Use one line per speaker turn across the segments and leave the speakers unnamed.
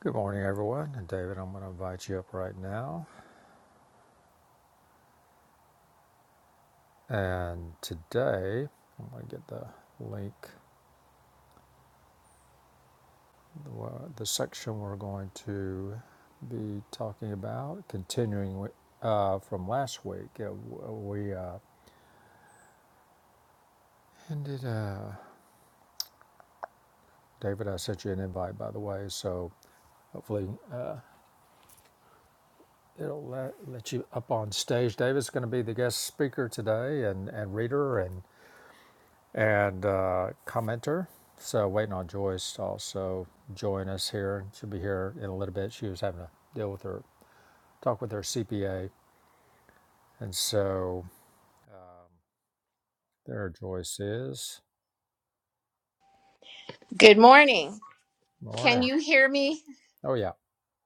Good morning, everyone. And David, I'm going to invite you up right now. And today, I'm going to get the link, the, uh, the section we're going to be talking about, continuing uh, from last week. Uh, we uh, ended, uh, David, I sent you an invite, by the way. So hopefully uh, it'll let, let you up on stage. David's going to be the guest speaker today and, and reader. And and uh, commenter. So waiting on Joyce to also join us here. She'll be here in a little bit. She was having to deal with her talk with her CPA, and so um, there Joyce is.
Good morning. Can
Morning.
you hear me?
Oh yeah.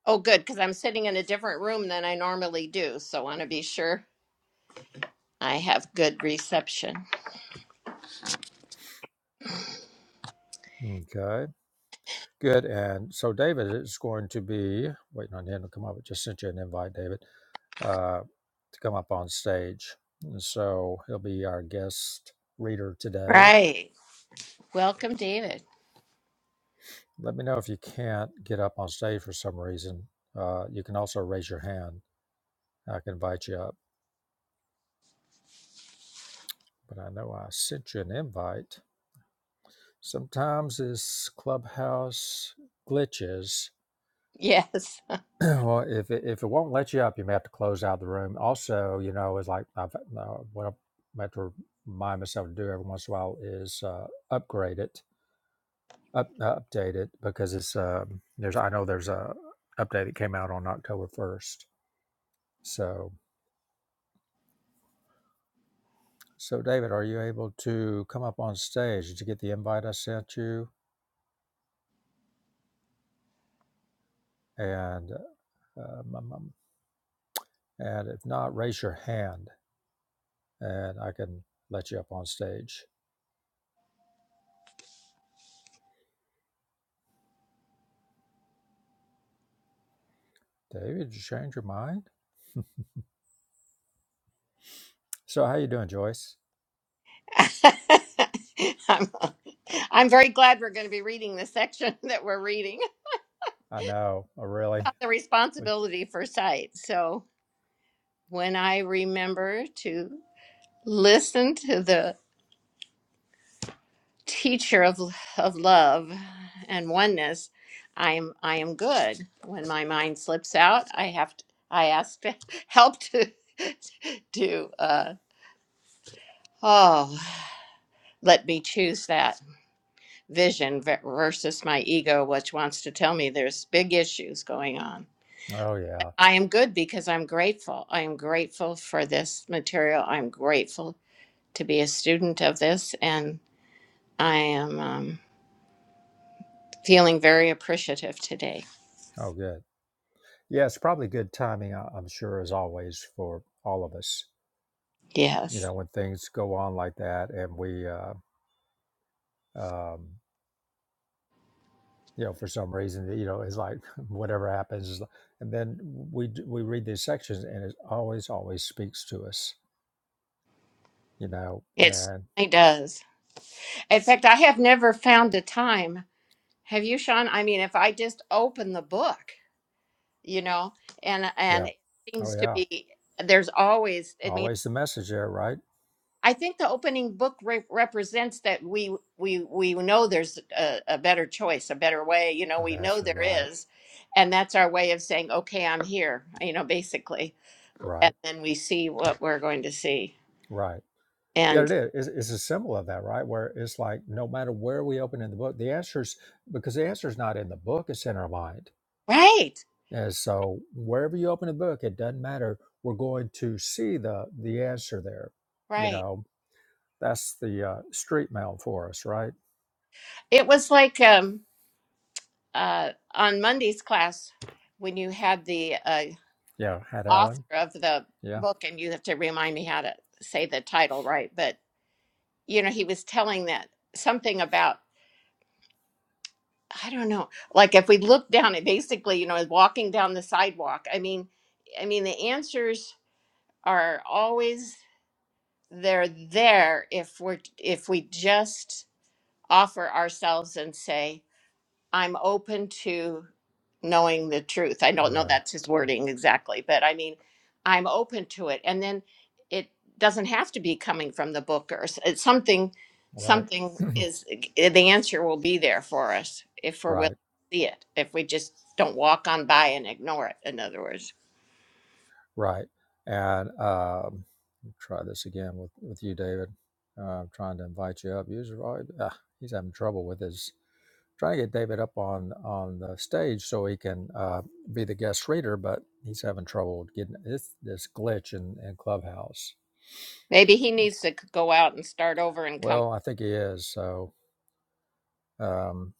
Oh, good, because I'm sitting in a different room than I normally do. So want to be sure I have good reception.
Okay. Good. And so David is going to be waiting on him to come up. I just sent you an invite, David, uh, to come up on stage. And so he'll be our guest reader today
Right. Welcome, David.
Let me know if you can't get up on stage for some reason. Uh, you can also raise your hand. I can invite you up, but I know I sent you an invite. Sometimes this clubhouse glitches.
Yes.
well, if it, if it won't let you up, you may have to close out the room. Also, you know, it's like I've, uh, what I have to remind myself to do every once in a while is uh, upgrade it, up, uh, update it, because it's um, there's I know there's a update that came out on October first. So So, David, are you able to come up on stage? Did you get the invite I sent you? And um, um, um, and if not, raise your hand, and I can let you up on stage. David, did you change your mind? So, how you doing, Joyce?
I'm, I'm very glad we're going to be reading the section that we're reading
I know, oh, really.
the
But-
responsibility for sight. So when I remember to listen to the teacher of of love and oneness i am i am good when my mind slips out i have to i ask to help to to uh oh let me choose that vision ver- versus my ego which wants to tell me there's big issues going on
Oh yeah,
i am good because i'm grateful i am grateful for this material i'm grateful to be a student of this and i am um, feeling very appreciative today
oh good. Yeah, it's probably good timing. I- I'm sure, as always, for all of us.
yes
You know, when things go on like that, and we uh, um, you know, for some reason, you know, it's like whatever happens. is like- And then we d- we read these sections, and it always always speaks to us, you know.
It
And
certainly does. In fact, I have never found a time. Have you, Sean? I mean, if I just open the book, you know, and
yeah,
and it
oh
seems to
yeah,
be there's always. I mean,
always the message there, right?
I think the opening book re- represents that we we we know there's a, a better choice, a better way. You know,
And
we know
answer,
there
right,
is, and that's our way of saying, okay, I'm here. You know, basically,
right,
and then we see what we're going to see.
right. Yeah, it
And
is. It's, it's a symbol of that, right? Where it's like no matter where we open in the book, the answer's because the answer's not in the book; it's in our mind.
right,
And so wherever you open the book, it doesn't matter. We're going to see the the answer there, you
right.
know That's the uh, street mail for us, right?
It was like um uh, on Monday's class when you had the uh,
Yeah, Hat
author
Allen.
of the
Yeah,
book, and you have to remind me how to say the title right, but you know, he was telling that something about, I don't know, like if we look down at basically, you know, walking down the sidewalk, I mean, I mean, the answers are always they're there if we're if we just offer ourselves and say I'm open to knowing the truth. I don't know
right,
that's his wording exactly, but I mean, I'm open to it. And then it doesn't have to be coming from the book or s- it's something,
right,
something is eh, the answer will be there for us if we're willing
right,
to see it, if we just don't walk on by and ignore it, in other words.
right. And um, try this again with, with you, David. Uh, I'm trying to invite you up. User, uh, he's having trouble with his trying to get David up on on the stage so he can uh, be the guest reader, but he's having trouble getting this this glitch in, in Clubhouse.
Maybe he needs to c- go out and start over and come.
Well, I think he is. So um,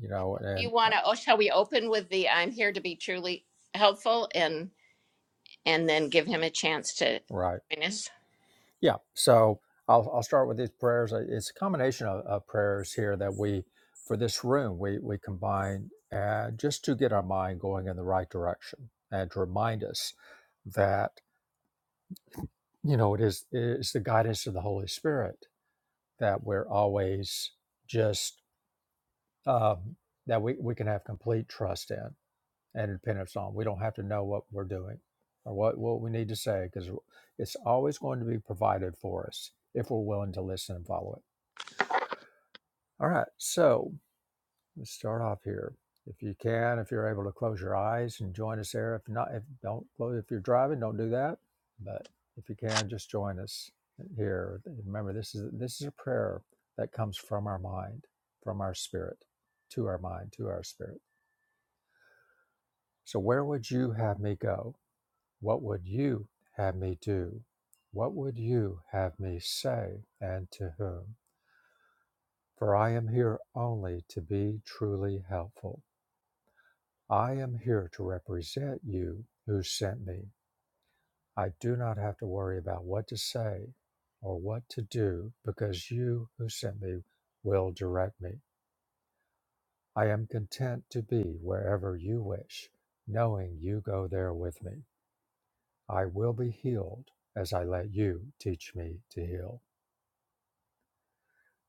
you know,
Do you
and uh,
want to? Oh, shall we open with the I'm here to be truly helpful? and? and then give him a chance to
right.
join us.
Yeah. So I'll, I'll start with these prayers. Uh, It's a combination of, of prayers here that we, for this room, we, we combine uh, just to get our mind going in the right direction and to remind us that, you know, it is, it is the guidance of the Holy Spirit that we're always just, um, that we, we can have complete trust in and dependence on. We don't have to know what we're doing or what, what we need to say because it's always going to be provided for us if we're willing to listen and follow it. All right, so let's start off here. If you can, if you're able to close your eyes and join us there. If not, if don't close, if you're driving, don't do that. But if you can, just join us here. Remember, this is this is a prayer that comes from our mind, from our spirit, to our mind, to our spirit. So, where would you have me go? What would you have me do? What would you have me say, and to whom? For I am here only to be truly helpful. I am here to represent you who sent me. I do not have to worry about what to say or what to do because you who sent me will direct me. I am content to be wherever you wish, knowing you go there with me. I will be healed as I let you teach me to heal.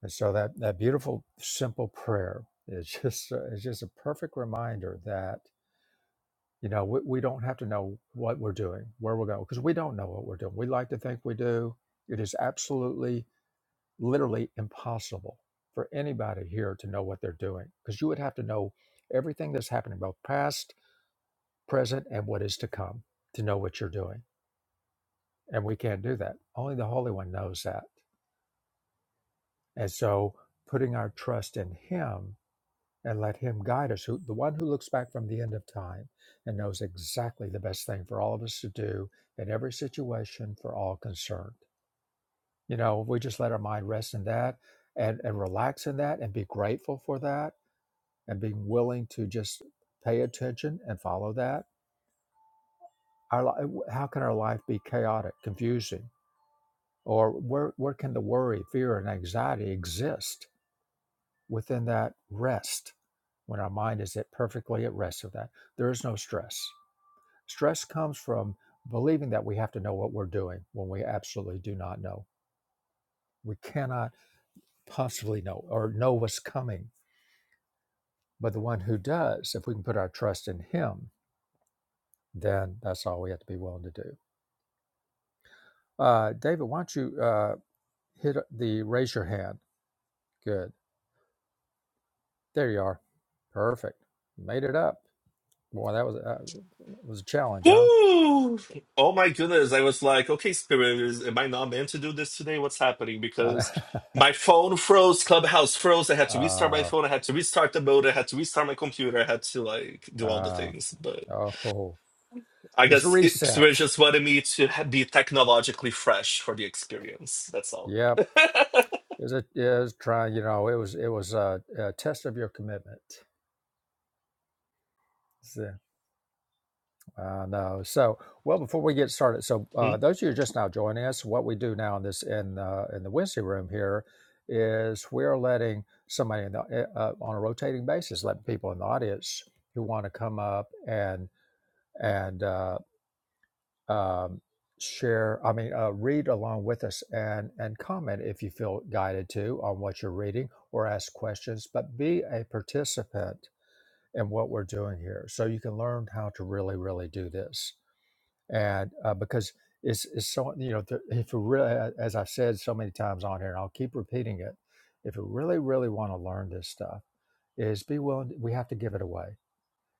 And so that, that beautiful, simple prayer is just, it's just a perfect reminder that. You know, we, we don't have to know what we're doing, where we're going, because we don't know what we're doing. We like to think we do. It is absolutely, literally impossible for anybody here to know what they're doing, because you would have to know everything that's happening, both past, present, and what is to come, to know what you're doing. And we can't do that. Only the Holy One knows that. And so putting our trust in Him and let him guide us, who, the one who looks back from the end of time and knows exactly the best thing for all of us to do in every situation for all concerned. You know, if we just let our mind rest in that and, and relax in that and be grateful for that and being willing to just pay attention and follow that. Our, li- how can our life be chaotic, confusing, or where, where can the worry, fear, and anxiety exist within that rest when our mind is at perfectly at rest of that? There is no stress Stress comes from believing that we have to know what we're doing when we absolutely do not know. We cannot possibly know or know what's coming. But the one who does, if we can put our trust in him, then that's all we have to be willing to do. Uh, David, why don't you uh, hit uh, the raise your hand? Good. There you are. Perfect. You made it up. Boy, that was, uh, was a challenge, huh?
Ooh. Oh my goodness. I was like, okay, Spirit, is, am I not meant to do this today? What's happening? Because my phone froze, Clubhouse froze. I had to restart my
uh,
phone. I had to restart the mode. I had to restart my computer. I had to like do all the
uh,
things. But
oh, oh.
I
it's a
guess it, Spirit
reset.
just wanted me to ha- be technologically fresh for the experience. That's all.
Yep It was a yeah, it was trying, you know, it was it was a, a test of your commitment. So, I know. So, well, before we get started, so
Hmm?
uh, those of you who are just now joining us, what we do now in this in uh, in the Wednesday room here is we're letting somebody in the, eh, uh, on a rotating basis, letting people in the audience who want to come up and and uh, um, share i mean uh, read along with us and and comment if you feel guided to on what you're reading or ask questions but be a participant in what we're doing here so you can learn how to really really do this and uh, because it's, it's so you know th- if you really as i've said so many times on here and i'll keep repeating it if you really really want to learn this stuff is be willing we have to give it away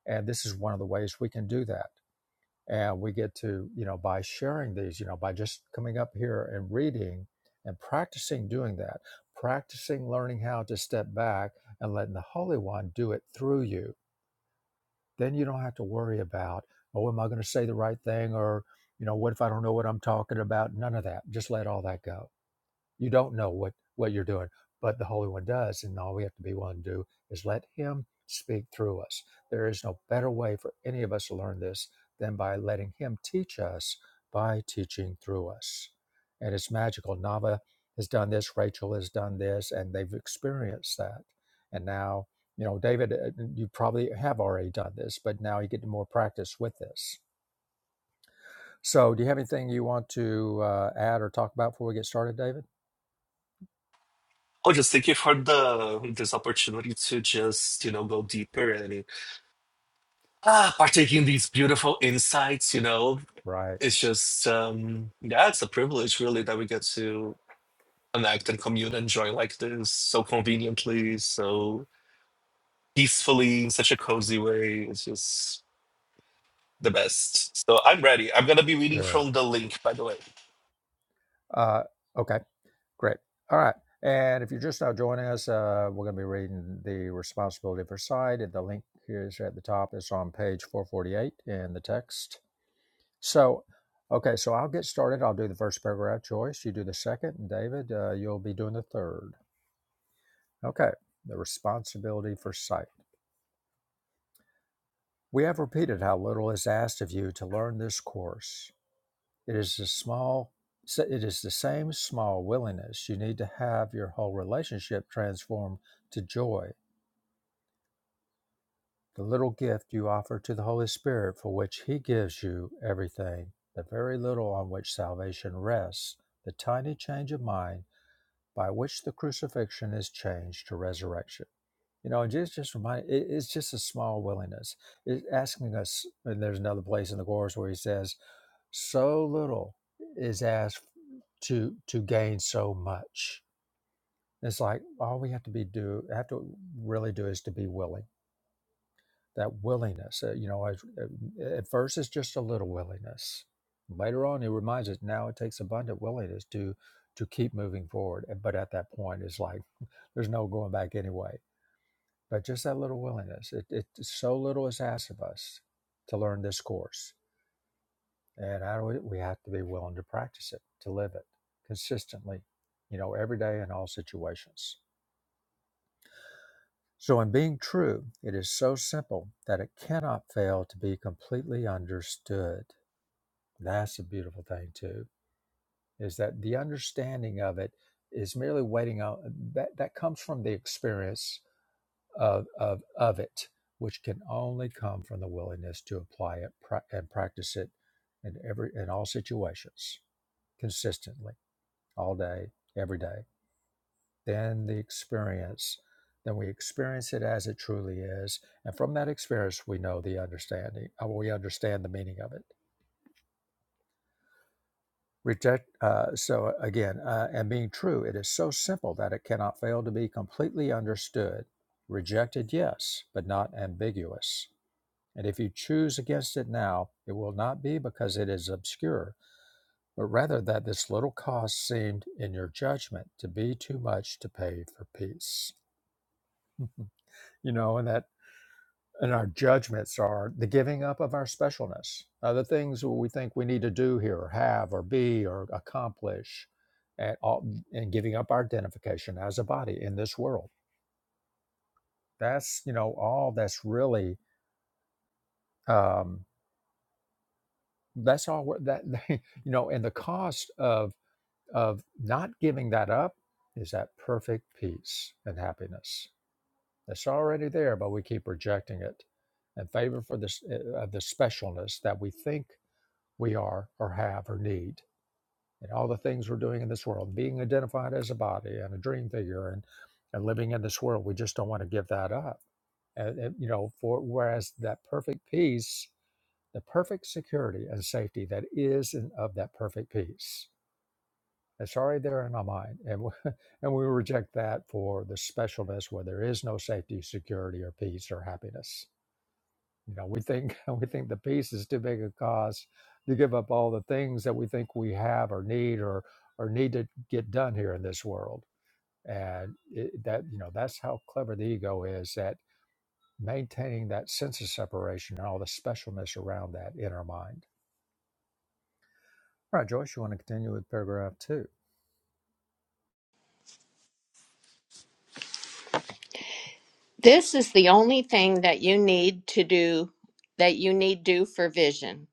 and this is one of the ways we can do that and we get to, you know, by sharing these, you know, by just coming up here and reading and practicing doing that, practicing learning how to step back and letting the Holy One do it through you. Then you don't have to worry about, oh, am I going to say the right thing? Or, you know, what if I don't know what I'm talking about? None of that. Just let all that go you don't know what, what you're doing, but the Holy One does. And all we have to be willing to do is let Him speak through us. There is no better way for any of us to learn this than by letting Him teach us by teaching through us. And it's magical. Nava has done this, Rachel has done this, and they've experienced that. And now, you know, David, uh, you probably have already done this, but now you get more practice with this. So, do you have anything you want to uh, add or talk about before we get started, David?
Oh, just thank you for the this opportunity to just you know go deeper and ah partake in these beautiful insights. You know,
Right.
it's just um yeah it's a privilege really that we get to connect and commune and join like this so conveniently so peacefully in such a cozy way it's just the best so i'm ready i'm gonna be reading
Good.
from the link by the way
Uh, okay, great. All right. And if you're just now joining us, uh, we're going to be reading the responsibility for sight. the link here is at the top. It's on page 448 in the text. So, okay, so I'll get started. I'll do the first paragraph, Joyce. You do the second. And David, uh, you'll be doing the third. Okay, the responsibility for sight. We have repeated how little is asked of you to learn this course. It is a small. so It is the same small willingness you need to have your whole relationship transformed to joy, the little gift you offer to the Holy Spirit, for which He gives you everything, the very little on which salvation rests, the tiny change of mind by which the crucifixion is changed to resurrection. You know, just just remind. it, it's just a small willingness. It's asking us, and there's another place in the Course where He says, So little is asked to to gain so much. It's like all we have to be do have to really do is to be willing. That willingness, uh, you know, as, uh, at first it's just a little willingness. Later on, it reminds us now it takes abundant willingness to to keep moving forward. And- But at that point, it's like there's no going back anyway. But just that little willingness, it, it so little is asked of us to learn this course And I, we have to be willing to practice it, to live it consistently, you know, every day in all situations. So, in being true, it is so simple that it cannot fail to be completely understood. That's a beautiful thing, too, is that the understanding of it is merely waiting on that, that comes from the experience of, of, of it, which can only come from the willingness to apply it pra- and practice it in every in all situations consistently. all day, every day. Then the experience, then we experience it as it truly is, and from that experience, we know the understanding. uh, We understand the meaning of it. Reject. Uh, so uh, again, uh, and being true, it is so simple that it cannot fail to be completely understood. Rejected, yes, but not ambiguous. And if you choose against it now, it will not be because it is obscure, but rather that this little cost seemed, in your judgment, to be too much to pay for peace. you know, and that and our judgments are the giving up of our specialness, uh, the things we think we need to do here, or have, or be, or accomplish, and all, and giving up our identification as a body in this world. That's you know all that's really um, that's all we're- that you know, and the cost of of not giving that up is that perfect peace and happiness That's already there, but we keep rejecting it in favor for this uh, of the specialness that we think we are or have or need. And all the things we're doing in this world, being identified as a body and a dream figure and, and living in this world, we just don't want to give that up. And, and, you know, for whereas that perfect peace, the perfect security and safety that is and of that perfect peace that's already there in our mind. And we, and we reject that for the specialness where there is no safety, security, or peace or happiness. You know, we think we think the peace is too big a cause to give up all the things that we think we have or need or or need to get done here in this world. And it, that you know, that's how clever the ego is at maintaining that sense of separation and all the specialness around that in our mind. All right, Joyce, you want to continue with paragraph two?
This is the only thing that you need to do that you need do for vision.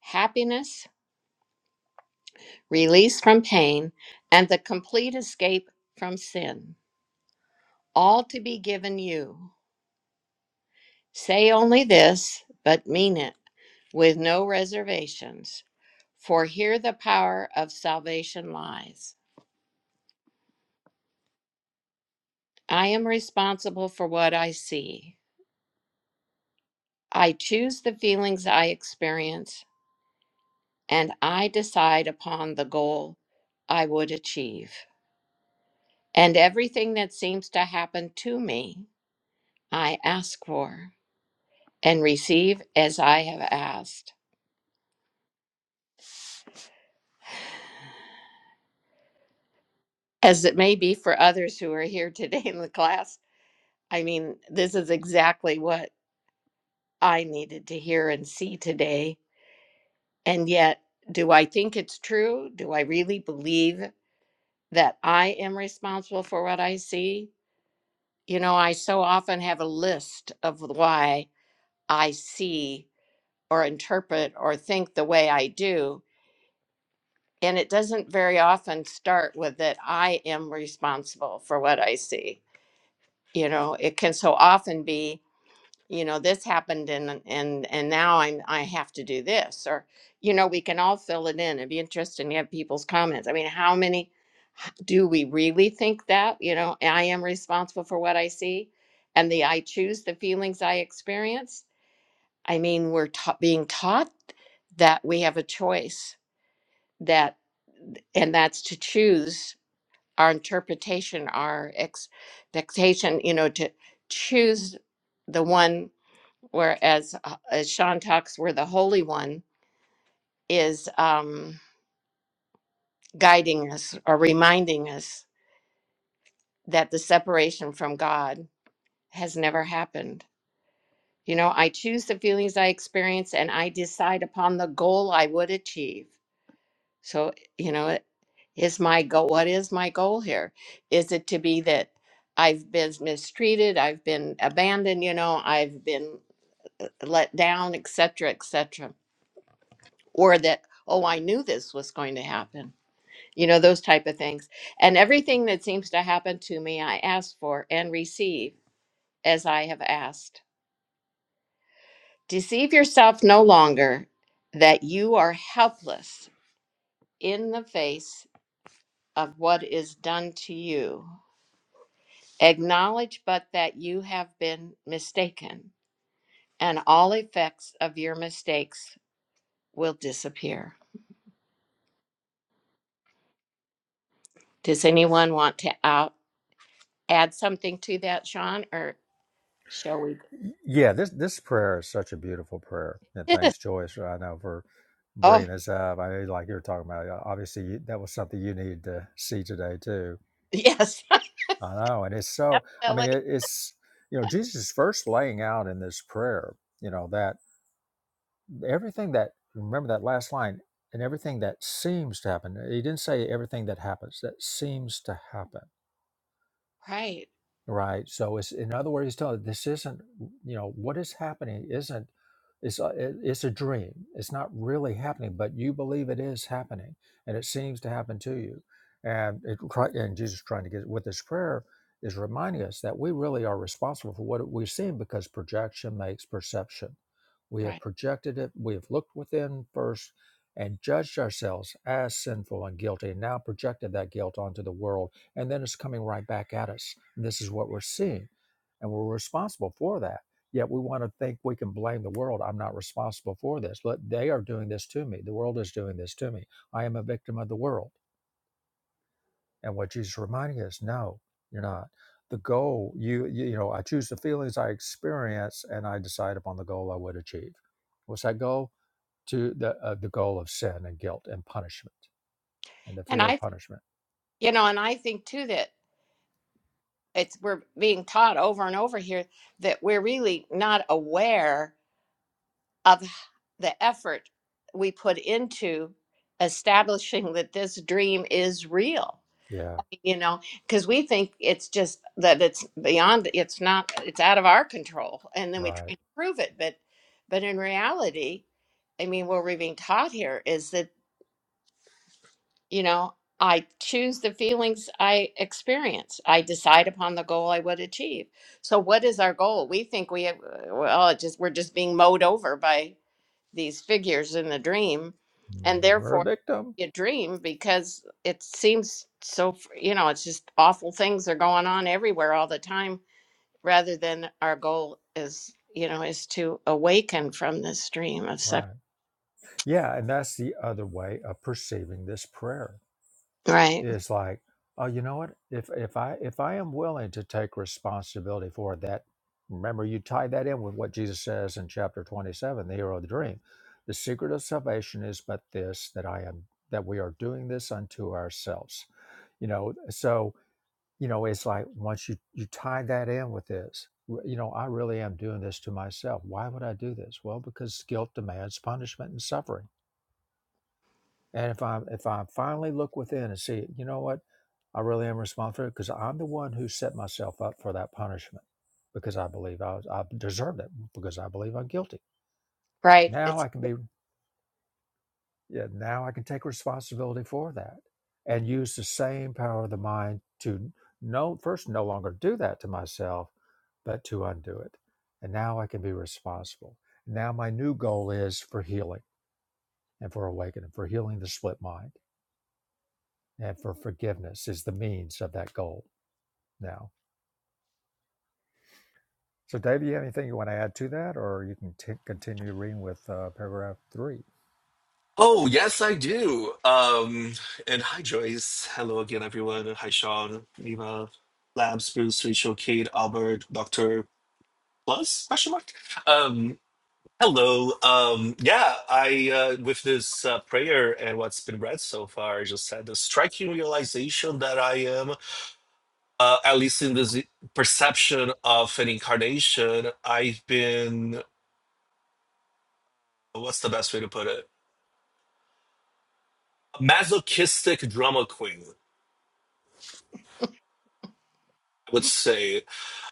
Happiness, release from pain, and the complete escape from sin. All to be given you. Say only this, but mean it with no reservations. For here the power of salvation lies. I am responsible for what I see. I choose the feelings I experience and I decide upon the goal I would achieve. And everything that seems to happen to me, I ask for and receive as I have asked. As it may be for others who are here today in the class, I mean, this is exactly what I needed to hear and see today. And yet, do I think it's true? Do I really believe that I am responsible for what I see? You know, I so often have a list of why I see or interpret or think the way I do. And it doesn't very often start with that I am responsible for what I see. You know, it can so often be you know this happened and and and now i'm i have to do this or you know we can all fill it in it'd be interesting to have people's comments i mean how many do we really think that you know i am responsible for what i see and the i choose the feelings i experience i mean we're ta- being taught that we have a choice that and that's to choose our interpretation our expectation you know to choose the one whereas uh, as Sean talks, where the Holy One is um, guiding us or reminding us that the separation from God has never happened. You know, I choose the feelings I experience and I decide upon the goal I would achieve. So, you know, it is my goal. What is my goal here? Is it to be that I've been mistreated, I've been abandoned, you know, I've been let down, etc., etc.? or that oh i knew this was going to happen you know those type of things and everything that seems to happen to me i ask for and receive as i have asked deceive yourself no longer that you are helpless in the face of what is done to you acknowledge but that you have been mistaken and all effects of your mistakes will disappear does anyone want to out add something to that sean or shall we
Yeah, this this prayer is such a beautiful prayer, and
Yes.
thanks, Joyce. I know for
Oh,
bringing this up. I mean, like you were talking about, uh, obviously you, that was something you needed to see today too.
yes,
I know, and it's so. I mean,
definitely.
it, it's you know Jesus is first laying out in this prayer, you know that everything that remember that last line and everything that seems to happen. He didn't say everything that happens that seems to happen
Right,
right so it's in other words he's telling this isn't you know what is happening isn't it's a, it- it's a dream it's not really happening but you believe it is happening and it seems to happen to you and it, Chri- and jesus trying to get with this prayer is reminding us that we really are responsible for what we've seen because projection makes perception we have
right.
projected it we have looked within first and judged ourselves as sinful and guilty and now projected that guilt onto the world and then it's coming right back at us. And this is what we're seeing, and we're responsible for that. Yet we want to think we can blame the world. I'm not responsible for this. But they are doing this to me. The world is doing this to me. I am a victim of the world. And what Jesus is reminding us, no, you're not. The goal, you you, you know, I choose the feelings I experience, and I decide upon the goal I would achieve. What's that goal? To the uh, the goal of sin and guilt and punishment and the
And I,
fear of
th-
punishment.
you know, and I think too that it's we're being taught over and over here that we're really not aware of h- the effort we put into establishing that this dream is real.
Yeah,
You know, because we think it's just that it's beyond, it's not, it's out of our control, and then we
right.
try to prove it. But, but in reality, I mean, what we're being taught here is that. You know, I choose the feelings I experience. I decide upon the goal I would achieve. So, what is our goal? We think we have, uh, well, it just we're just being mowed over by these figures in the dream, and
Mm, We're a
therefore
victim.
a dream because it seems so. f- You know, it's just awful things are going on everywhere all the time. Rather than our goal is, you know, is to awaken from this dream of separation.
Right. Yeah, and that's the other way of perceiving this prayer.
Right,
Is like, oh, you know what? If if I if I am willing to take responsibility for that, remember you tie that in with what Jesus says in chapter twenty-seven, the hero of the dream. The secret of salvation is but this that I am that we are doing this unto ourselves. You know, so you know, it's like once you you tie that in with this, w- you know, I really am doing this to myself. Why would I do this? Well, because guilt demands punishment and suffering and if I if I finally look within and see, you know what, I really am responsible because I'm the one who set myself up for that punishment because I believe I was, I deserved it because I believe I'm guilty.
right.
Now
It's
I can
yeah.
be yeah, now I can take responsibility for that and use the same power of the mind to no first no longer do that to myself, but to undo it. And now I can be responsible. Now my new goal is for healing and for awakening, for healing the split mind and for forgiveness is the means of that goal now. So, Dave, you have anything you want to add to that, or you can t- continue reading with uh, paragraph three?
oh yes i do um and hi joyce hello again everyone hi sean eva labs bruce rachel kate albert dr plus question mark Um. Hello. Um, yeah, I uh, with this uh, prayer and what's been read so far, I just had the striking realization that I am, uh, at least in this perception of an incarnation, I've been what's the best way to put it? Masochistic drama queen, I would say.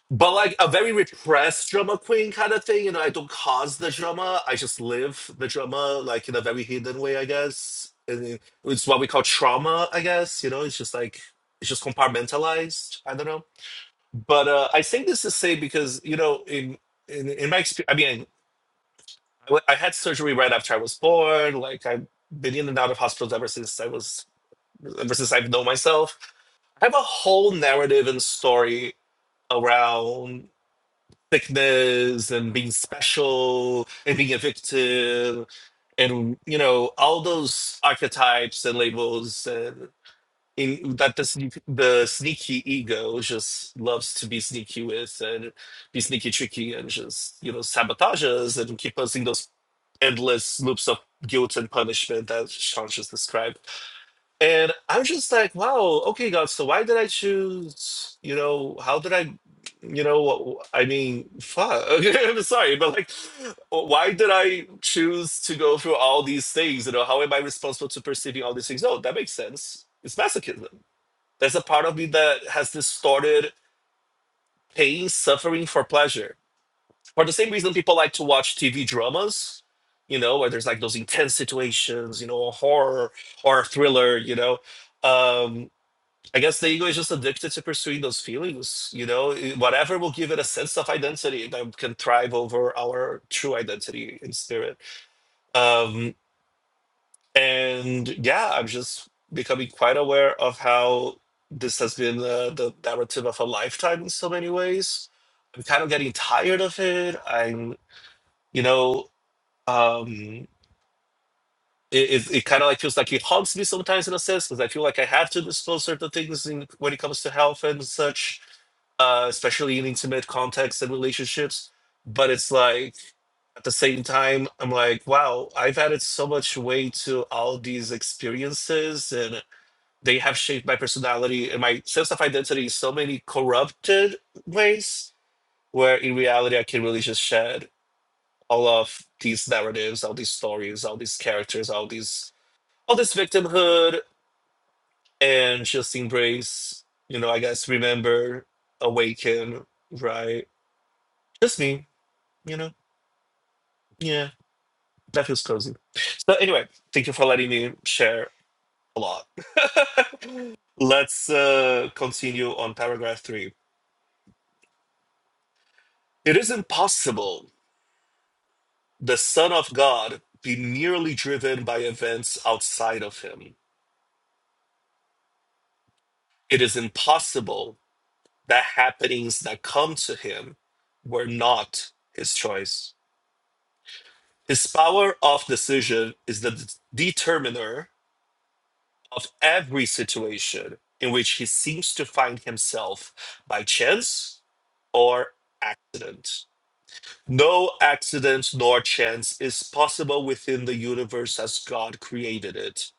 But like a very repressed drama queen kind of thing, you know, I don't cause the drama, I just live the drama like in a very hidden way, I guess. And it's what we call trauma, I guess, you know, it's just like it's just compartmentalized. I don't know. But uh I say this to say because, you know, in in, in my experience, I mean, I, w- I had surgery right after I was born, like I've been in and out of hospitals ever since I was ever since I've known myself. I have a whole narrative and story around sickness and being special and being a victim and you know all those archetypes and labels and in, that the, sneak, the sneaky ego just loves to be sneaky with and be sneaky tricky and just you know sabotage us and keep us in those endless loops of guilt and punishment that Sean just described and I'm just like, wow, okay, God, so why did I choose, you know, how did I, you know, what- I mean, fuck. I'm sorry, but like, why did I choose to go through all these things? You know, how am I responsible to perceiving all these things? No, that makes sense. It's masochism. There's a part of me that has distorted pain, suffering for pleasure. For the same reason people like to watch TV dramas, you know, where there's like those intense situations, you know, horror or thriller, you know. Um, I guess the ego is just addicted to pursuing those feelings. You know, whatever will give it a sense of identity that can thrive over our true identity in spirit. Um, and yeah, I'm just becoming quite aware of how this has been uh, the narrative of a lifetime in so many ways. I'm kind of getting tired of it. I'm, you know, um, it, it, it kind of like feels like it haunts me sometimes in a sense because I feel like I have to disclose certain things in, when it comes to health and such uh, especially in intimate contexts and relationships. But it's like at the same time, I'm like, wow, I've added so much weight to all these experiences, and they have shaped my personality and my sense of identity in so many corrupted ways. Where in reality, I can really just shed all of these narratives, all these stories, all these characters, all these all this victimhood, and just embrace. You know, I guess remember, awaken, right? Just me. You know? Yeah, that feels cozy. So anyway, thank you for letting me share a lot. Let's uh, continue on paragraph three. It is impossible the Son of God be merely driven by events outside of him. It is impossible that happenings that come to him were not his choice. His power of decision is the determiner of every situation in which he seems to find himself by chance or accident. No accident nor chance is possible within the universe as God created it,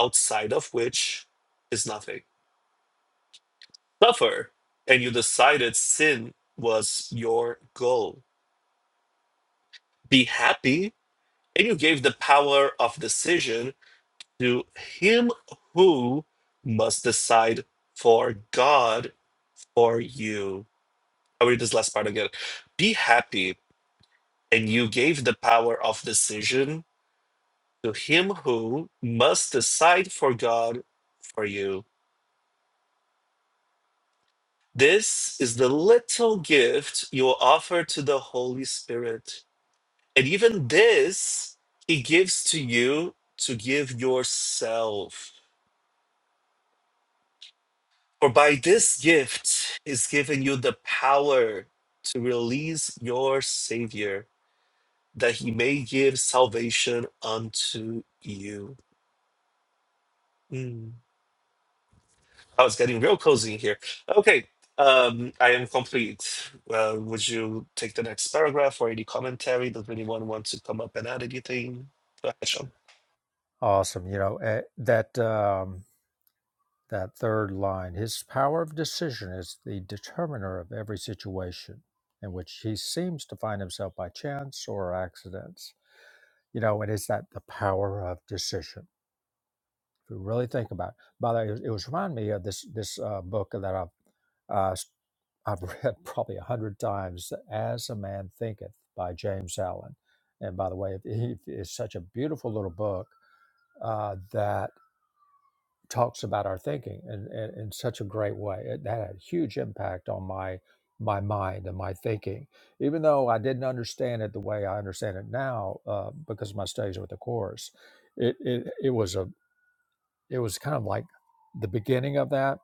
outside of which is nothing. Suffer, and you decided sin was your goal. Be happy, and you gave the power of decision to him who must decide for God for you. I'll read this last part again. Be happy, and you gave the power of decision to him who must decide for God for you. This is the little gift you offer to the Holy Spirit. And even this he gives to you to give yourself. For by this gift is given you the power to release your Savior that he may give salvation unto you. Mm. Oh, it's getting real cozy in here. Okay, um, I am complete. Uh, would you take the next paragraph or any commentary? Does anyone want to come up and add anything? Go ahead, Sean.
Awesome. You know eh, that um, that third line. His power of decision is the determiner of every situation in which he seems to find himself by chance or accidents. You know, and it's that the power of decision. If you really think about it. By the way, it was, it was reminding me of this this uh, book that I've uh, s- I've read probably a hundred times. As a Man Thinketh by James Allen. And by the way, it, it- it's such a beautiful little book uh, that talks about our thinking in, in, in such a great way. It had a huge impact on my my mind and my thinking, even though I didn't understand it the way I understand it now uh, because of my studies with the course. It, it it was a it was kind of like the beginning of that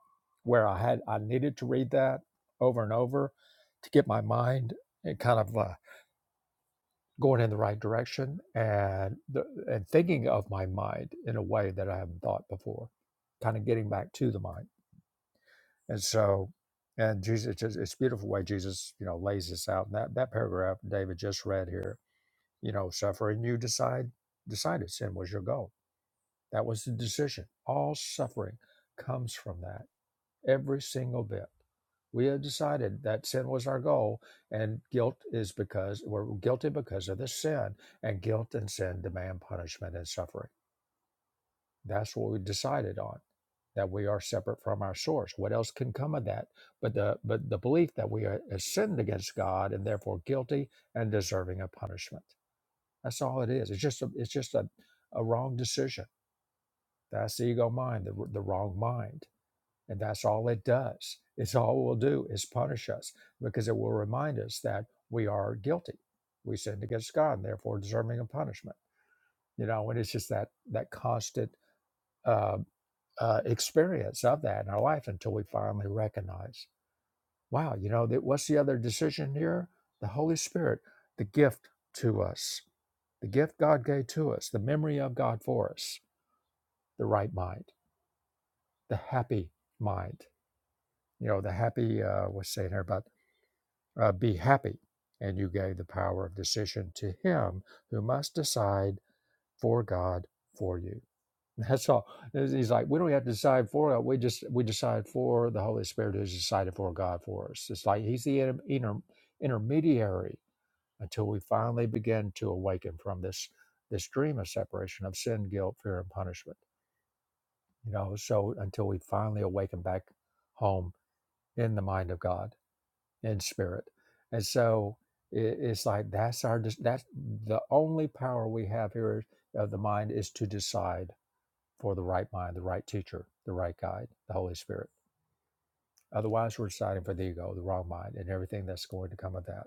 where i had i needed to read that over and over to get my mind and kind of uh, going in the right direction and the, and thinking of my mind in a way that i haven't thought before kind of getting back to the mind and so and jesus it's, it's a beautiful way jesus you know lays this out and that that paragraph david just read here you know suffering you decide decided sin was your goal that was the decision all suffering comes from that every single bit. We have decided that sin was our goal, and guilt is because we're guilty because of the sin, and guilt and sin demand punishment and suffering. That's what we decided on, that we are separate from our source. What else can come of that? But the but the belief that we are have sinned against God and therefore guilty and deserving of punishment. That's all it is. It's just a, it's just a, a wrong decision. That's the ego mind, the, the wrong mind. And that's all it does. It's all it will do is punish us because it will remind us that we are guilty. We sinned against God and therefore deserving of punishment. You know, and it's just that that constant uh, uh, experience of that in our life until we finally recognize, wow, you know, that what's the other decision here? The Holy Spirit, the gift to us, the gift God gave to us, the memory of God for us, the right mind, the happy mind. You know, the happy, uh, what's saying here about uh, be happy. And you gave the power of decision to him who must decide for God for you. That's all. He's like, we don't have to decide for God. We just we decide for the Holy Spirit who's decided for God for us. It's like he's the inter- inter- intermediary until we finally begin to awaken from this this dream of separation of sin, guilt, fear, and punishment. You know, so until we finally awaken back home in the mind of God in spirit. And so it, it's like that's our dis- that's the only power we have here of the mind is to decide for the right mind, the right teacher, the right guide, the Holy Spirit. Otherwise, we're deciding for the ego, the wrong mind, and everything that's going to come of that.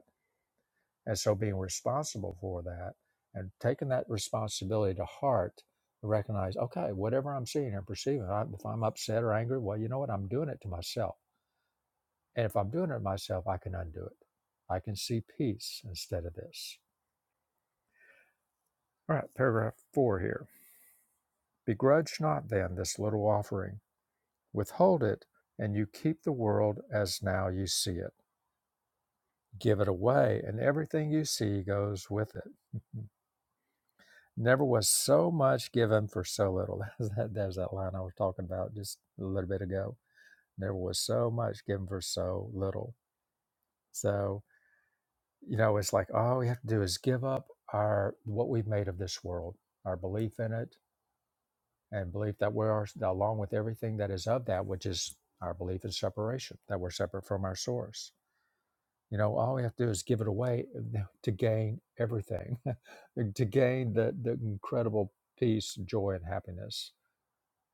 And so, being responsible for that and taking that responsibility to heart, recognize, okay, whatever I'm seeing and perceiving, I, if I'm upset or angry, well, you know what? I'm doing it to myself And if I'm doing it myself, I can undo it. I can see peace instead of this. All right, paragraph four here. Begrudge not then this little offering, withhold it, and you keep the world as now you see it. Give it away, and everything you see goes with it. Never was so much given for so little. There's that, there's that line I was talking about just a little bit ago. Never was so much given for so little. So you know it's like all we have to do is give up our what we've made of this world our belief in it and belief that we are along with everything that is of that which is our belief in separation that we're separate from our source you know all we have to do is give it away uh, to gain everything to gain the, the incredible peace joy and happiness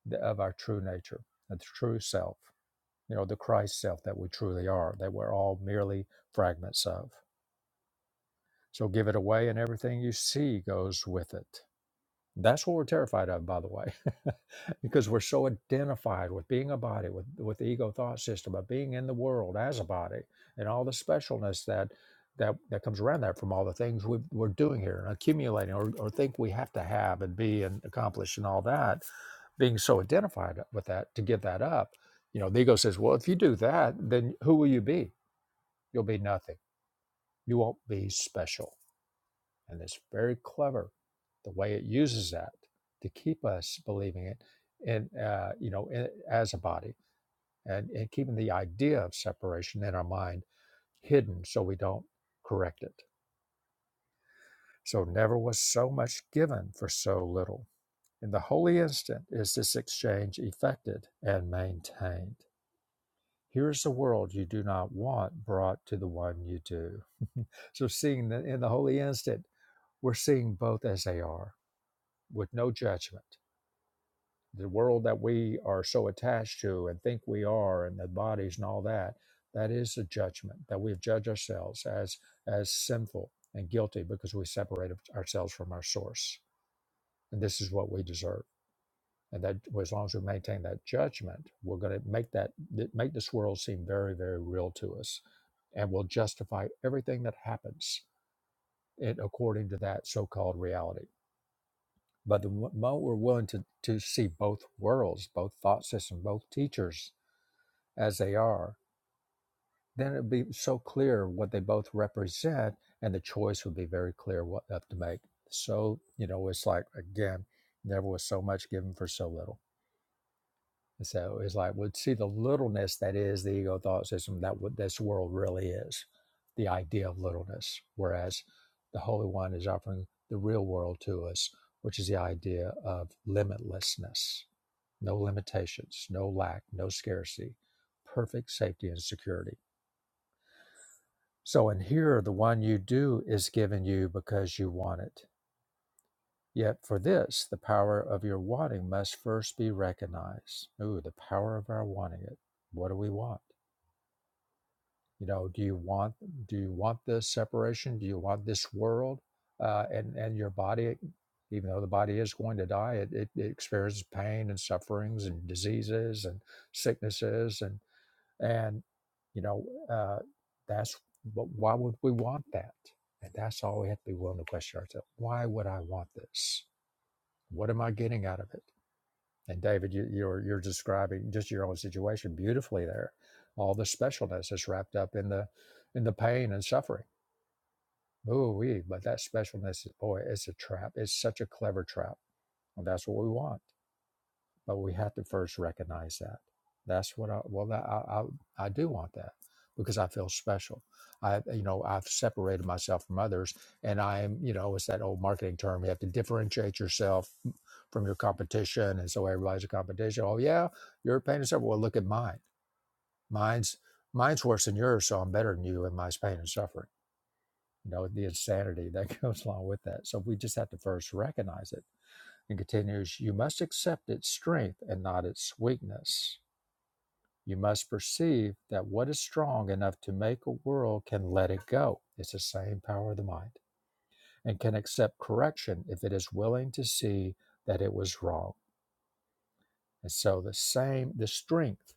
th- of our true nature the true self you know the christ self that we truly are that we're all merely fragments of So give it away, and everything you see goes with it. That's what we're terrified of, by the way, because we're so identified with being a body, with, with the ego thought system, of being in the world as a body, and all the specialness that that, that comes around that from all the things we, we're doing here and accumulating or, or think we have to have and be and accomplish and all that. Being so identified with that to give that up, you know, the ego says, well, if you do that, then who will you be? You'll be nothing. You won't be special and it's very clever the way it uses that to keep us believing it in, uh, you know, in, as a body and, and keeping the idea of separation in our mind hidden so we don't correct it. So never was so much given for so little. In the holy instant is this exchange effected and maintained. Here is the world you do not want brought to the one you do. so seeing the, in the holy instant, we're seeing both as they are with no judgment the world that we are so attached to and think we are and the bodies and all that that is a judgment that we've judged ourselves as as sinful and guilty because we separated ourselves from our source and this is what we deserve and that well, as long as we maintain that judgment we're going to make that make this world seem very very real to us and we'll justify everything that happens in, according to that so-called reality but the moment we're willing to, to see both worlds both thought systems both teachers as they are, then it'd be so clear what they both represent, and the choice would be very clear what up to make. So you know, it's like again, never was so much given for so little. And so it's like we would see the littleness that is the ego thought system that what this world really is, the idea of littleness. Whereas the Holy One is offering the real world to us, which is the idea of limitlessness, no limitations, no lack, no scarcity, perfect safety and security So in here, the one you do is given you because you want it. Yet for this, the power of your wanting must first be recognized. Ooh, the power of our wanting it. What do we want? You know, do you want do you want this separation? Do you want this world uh, and and your body? Even though the body is going to die, it, it, it experiences pain and sufferings and diseases and sicknesses and. And, you know, uh, that's but why would we want that? And that's all we have to be willing to question ourselves. Why would I want this? What am I getting out of it? And David, you, you're you're describing just your own situation beautifully there. All the specialness is wrapped up in the in the pain and suffering. Ooh, we, but that specialness is boy, it's a trap. It's such a clever trap. And that's what we want. but we have to first recognize that that's what i well that I, I i do want that because i feel special i you know i've separated myself from others and i am you know it's that old marketing term you have to differentiate yourself from your competition and so everybody's a competition oh yeah you're pain and suffering well look at mine mine's mine's worse than yours so i'm better than you in my pain and suffering you know the insanity that goes along with that so we just have to first recognize it he continues, You must accept its strength and not its weakness. You must perceive that what is strong enough to make a world can let it go. It's the same power of the mind and can accept correction if it is willing to see that it was wrong. And so the same, the strength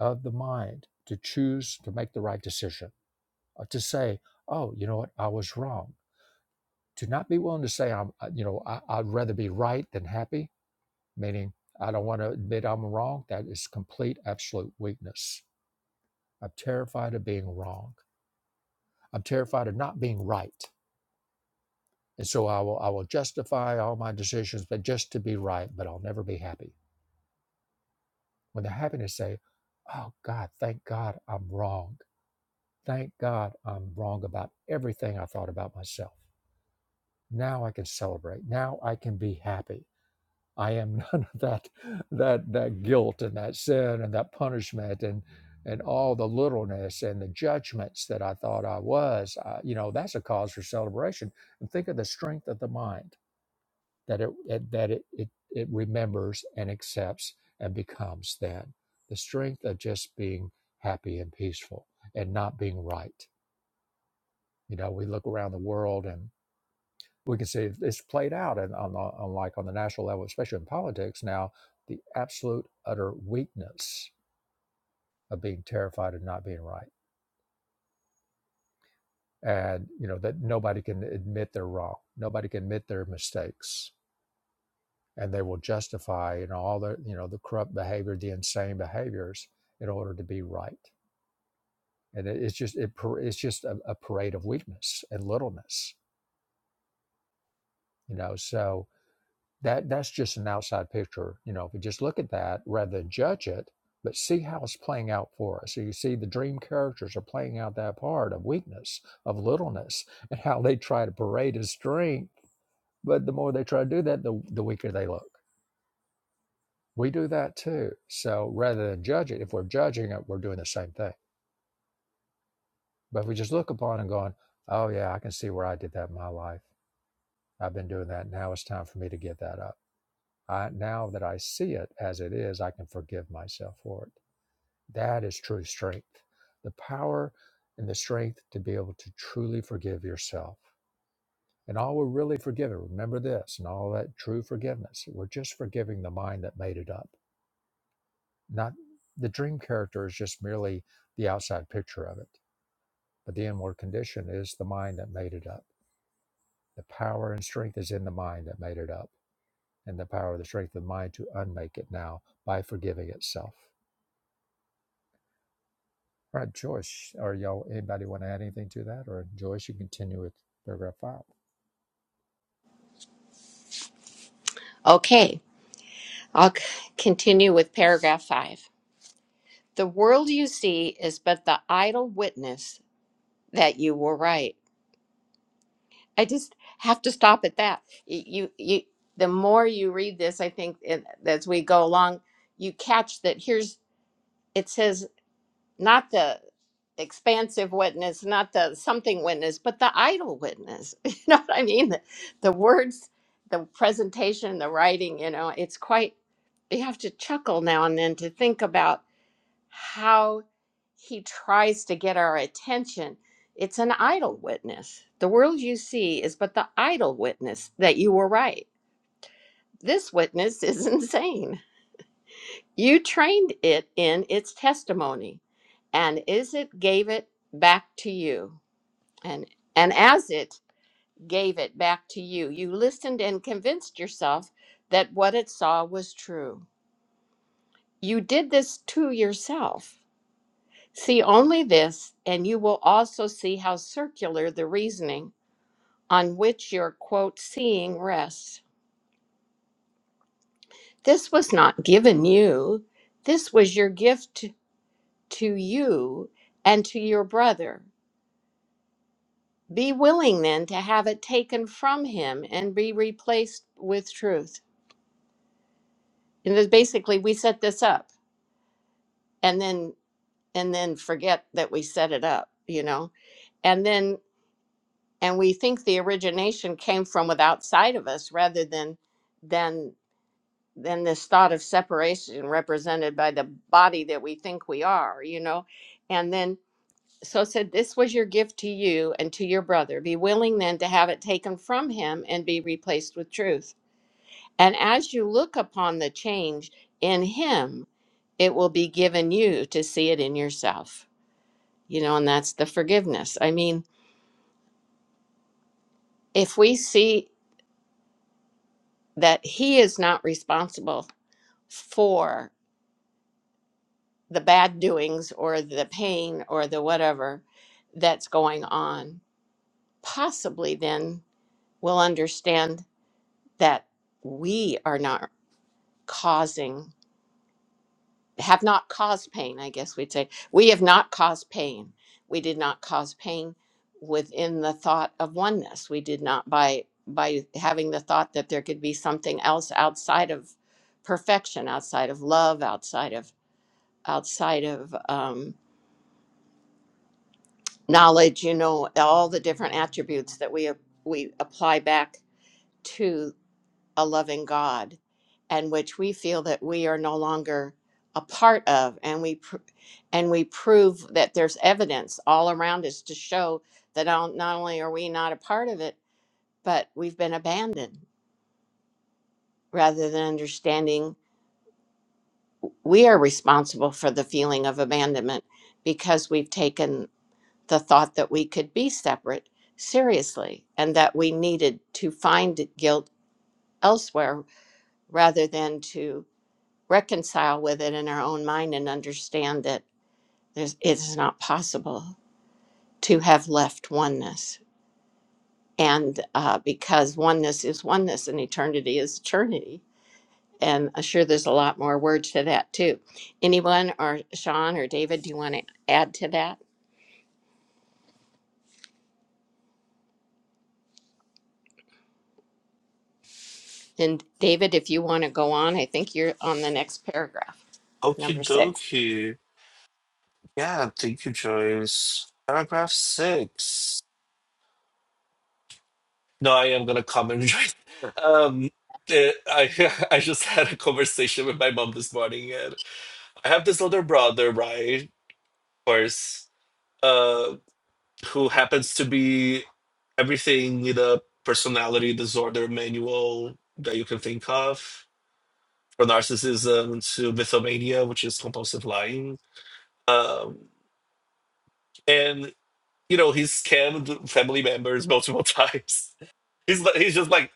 of the mind to choose to make the right decision, uh, to say, oh, you know what, I was wrong. To not be willing to say, I'm, uh, you know, I, I'd rather be right than happy meaning I don't want to admit I'm wrong. That is complete, absolute weakness. I'm terrified of being wrong. I'm terrified of not being right. And so I will, I will justify all my decisions, but just to be right, but I'll never be happy. When the happiness say, oh God, thank God I'm wrong. Thank God I'm wrong about everything I thought about myself. Now I can celebrate. Now I can be happy. I am none of that that that guilt and that sin and that punishment and and all the littleness and the judgments that I thought I was. I, you know, that's a cause for celebration. And think of the strength of the mind that it, it that it, it it remembers and accepts and becomes then the strength of just being happy and peaceful and not being right. You know, we look around the world and we can see it's played out and on, on like on the national level, especially in politics now, the absolute utter weakness of being terrified of not being right, and you know that nobody can admit they're wrong, nobody can admit their mistakes, and they will justify you know all the you know the corrupt behavior, the insane behaviors in order to be right, and it, it's just it, it's just a, a parade of weakness and littleness, you know so. That that's just an outside picture, you know. If we just look at that rather than judge it, but see how it's playing out for us. So you see, the dream characters are playing out that part of weakness, of littleness, and how they try to parade as strength. But the more they try to do that, the the weaker they look. We do that too. So rather than judge it, if we're judging it, we're doing the same thing. But if we just look upon and going, oh yeah, I can see where I did that in my life. I've been doing that. Now it's time for me to give that up I, now that I see it as it is, I can forgive myself for it. That is true strength. The power and the strength to be able to truly forgive yourself. And all we're really forgiving, remember this, and all that true forgiveness, we're just forgiving the mind that made it up. Not the dream character is just merely the outside picture of it, but the inward condition is the mind that made it up. The power and strength is in the mind that made it up, and the power and the strength of the mind to unmake it now by forgiving itself. All right, Joyce, or y'all, anybody want to add anything to that? Or Joyce, you continue with paragraph five.
okay. I'll c- continue with paragraph five. The world you see is but the idle witness that you were right. I just have to stop at that. Y- You, you, the more you read this, I think it, as we go along, you catch that here's it says not the expansive witness, not the something witness, but the idle witness. You know what I mean? The, the words, the presentation, the writing. You know, it's quite. You have to chuckle now and then to think about how he tries to get our attention. It's an idle witness. The world you see is but the idle witness that you were right. This witness is insane. You trained it in its testimony, and as it gave it back to you, and and as it gave it back to you, you listened and convinced yourself that what it saw was true. You did this to yourself. See only this, and you will also see how circular the reasoning on which your quote seeing rests. This was not given you, this was your gift to you and to your brother. Be willing then to have it taken from him and be replaced with truth. And this, basically, we set this up and then and then forget that we set it up, you know. And then and we think the origination came from with outside of us rather than than than this thought of separation represented by the body that we think we are you know and then so said this was your gift to you and to your brother be willing then to have it taken from him and be replaced with truth and as you look upon the change in him it will be given you to see it in yourself you know and that's the forgiveness i mean if we see that he is not responsible for the bad doings or the pain or the whatever that's going on, possibly then we'll understand that we are not causing, have not caused pain, I guess we'd say. We have not caused pain. We did not cause pain within the thought of oneness. We did not by by having the thought that there could be something else outside of perfection, outside of love, outside of outside of um, knowledge, you know, all the different attributes that we we apply back to a loving God, and which we feel that we are no longer a part of, and we pr- and we prove that there's evidence all around us to show that not not only are we not a part of it, but we've been abandoned. Rather than understanding, we are responsible for the feeling of abandonment because we've taken the thought that we could be separate seriously and that we needed to find guilt elsewhere rather than to reconcile with it in our own mind and understand that there's, it's not possible to have left oneness. And uh, because oneness is oneness and eternity is eternity. And I'm sure there's a lot more words to that too. Anyone or Sean or David, do you want to add to that? And David, if you want to go on, I think you're on the next paragraph. Number
Okie
six.
dokie. Yeah, thank you, Joyce. Paragraph six. No, I am gonna comment, Joyce. Um, eh, I I just had a conversation with my mom this morning, and I have this older brother, right? Of course. uh, who happens to be everything in a personality disorder manual that you can think of, from narcissism to mythomania, which is compulsive lying. Um, and you know, he's scammed family members multiple times. He's he's just like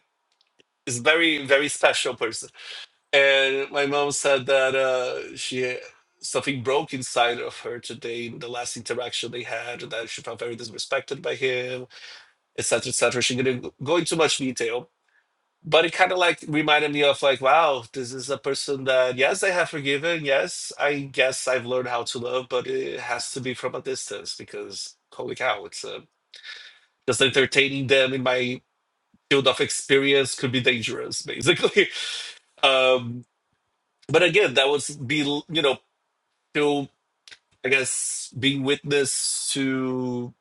he's very very special person. And my mom said that uh, she something broke inside of her today in the last interaction they had that she felt very disrespected by him etc., etc. She didn't go into much detail, but it kind of like reminded me of like, wow, this is a person that yes, I have forgiven. Yes, I guess I've learned how to love, but it has to be from a distance because holy cow, it's uh, just entertaining them in my field of experience could be dangerous, basically. Um, but again, that was be you know still I guess being witness to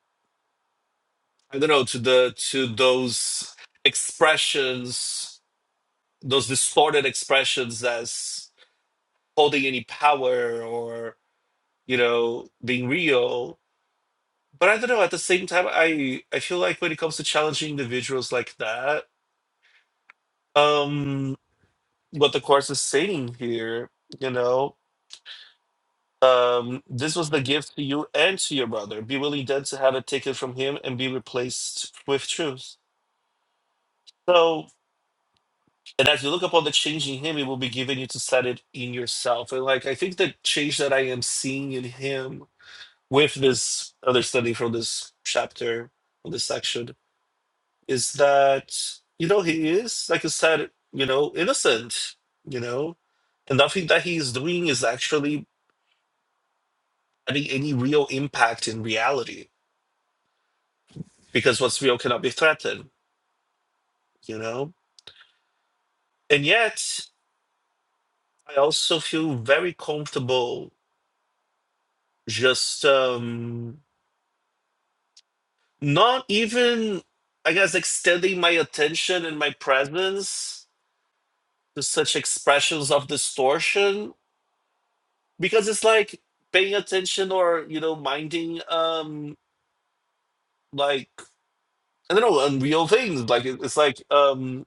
I don't know to the to those expressions those distorted expressions as holding any power or you know being real but i don't know at the same time i i feel like when it comes to challenging individuals like that um what the course is saying here you know um this was the gift to you and to your brother be willing then to have it taken from him and be replaced with truth so and as you look upon the change in him it will be given you to set it in yourself and like i think the change that i am seeing in him with this understanding from this chapter from this section is that you know he is like you said you know innocent you know and nothing that he is doing is actually having any real impact in reality because what's real cannot be threatened you know and yet i also feel very comfortable just um not even i guess extending my attention and my presence to such expressions of distortion because it's like paying attention or you know minding um like I don't know unreal things like it- it's like um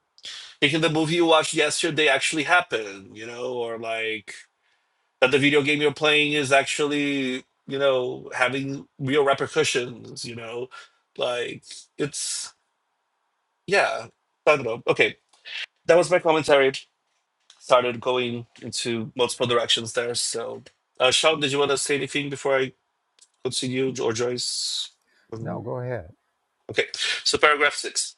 thinking the movie you watched yesterday actually happened you know or like that the video game you're playing is actually you know having real repercussions you know like it's yeah I don't know okay that was my commentary started going into multiple directions there. So, uh, Sean, did you want to say anything before I continue, or Joyce?
No,
Um,
go ahead.
okay, so paragraph six.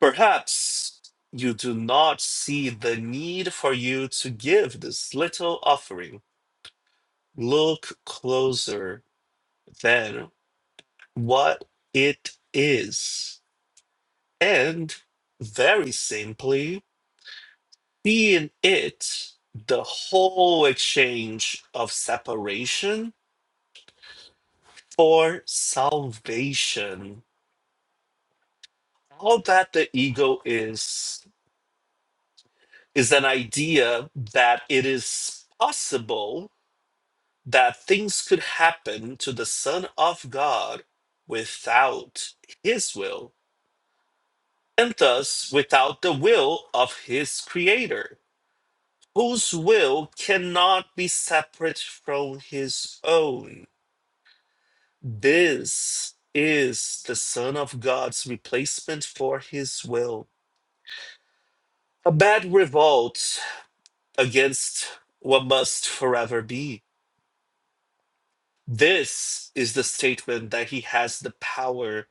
Perhaps you do not see the need for you to give this little offering. Look closer then what it is, and very simply, be in it the whole exchange of separation for salvation. All that the ego is, is an idea that it is possible that things could happen to the Son of God without his will, and thus without the will of his Creator, whose will cannot be separate from his own. This is the Son of God's replacement for his will A bad revolt against what must forever be. This is the statement that he has the power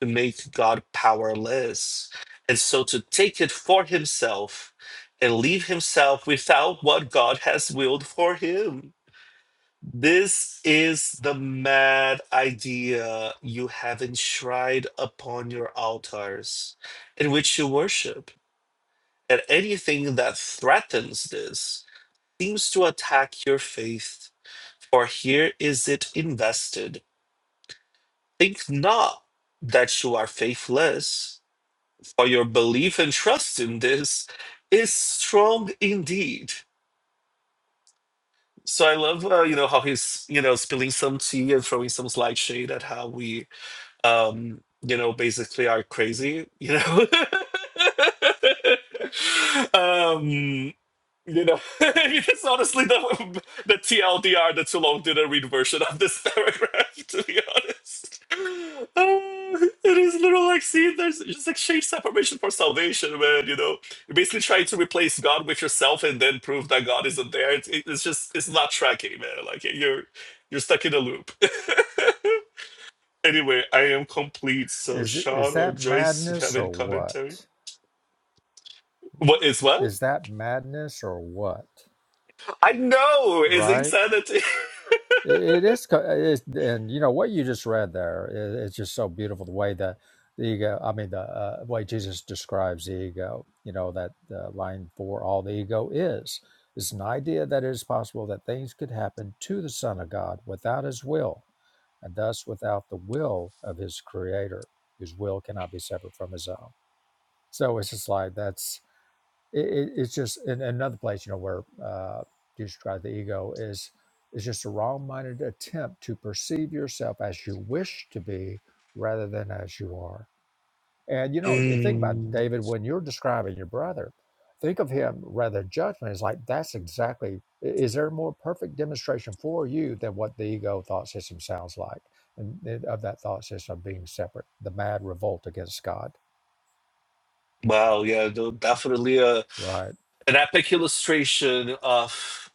to make God powerless, and so to take it for himself and leave himself without what God has willed for him. This is the mad idea you have enshrined upon your altars, in which you worship, and anything that threatens this seems to attack your faith, for here is it invested. Think not that you are faithless, for your belief and trust in this is strong indeed. So I love, uh, you know, how he's, you know, spilling some tea and throwing some slight shade at how we um, you know, basically are crazy, you know. um, you know, I mean, it's honestly the, the TLDR, the too long didn't read version of this paragraph, to be honest. Uh, it is literally like, see, there's just exchange separation for salvation, man, you know. You're basically trying to replace God with yourself and then prove that God isn't there. It's, it's just, it's not tracking, man. Like, you're, you're stuck in a loop. Anyway, I am complete. So,
Is is
Sean or
that
Joyce, if you have
madness or
any commentary,
what?
what is what?
Is that madness or what?
I know it's
Right?
insanity.
It is, co- it's, and you know what you just read there i- It's just so beautiful the way that the ego. I mean, the uh, way Jesus describes the ego. You know that uh, line for all the ego is is an idea that it is possible that things could happen to the Son of God without His will, and thus without the will of His Creator, whose will cannot be separate from His own. So it's just like that's it, it, it's just in another place, you know, where uh, Jesus Christ, the ego, is is just a wrong-minded attempt to perceive yourself as you wish to be rather than as you are. And you know, think about it,
Mm,
David when you're describing your brother. Think of him rather judgment is like that's exactly. i- Is there a more perfect demonstration for you than what the ego thought system sounds like, and th- of that thought system being separate, the mad revolt against God,
wow, yeah, no, definitely a
right?
an epic illustration of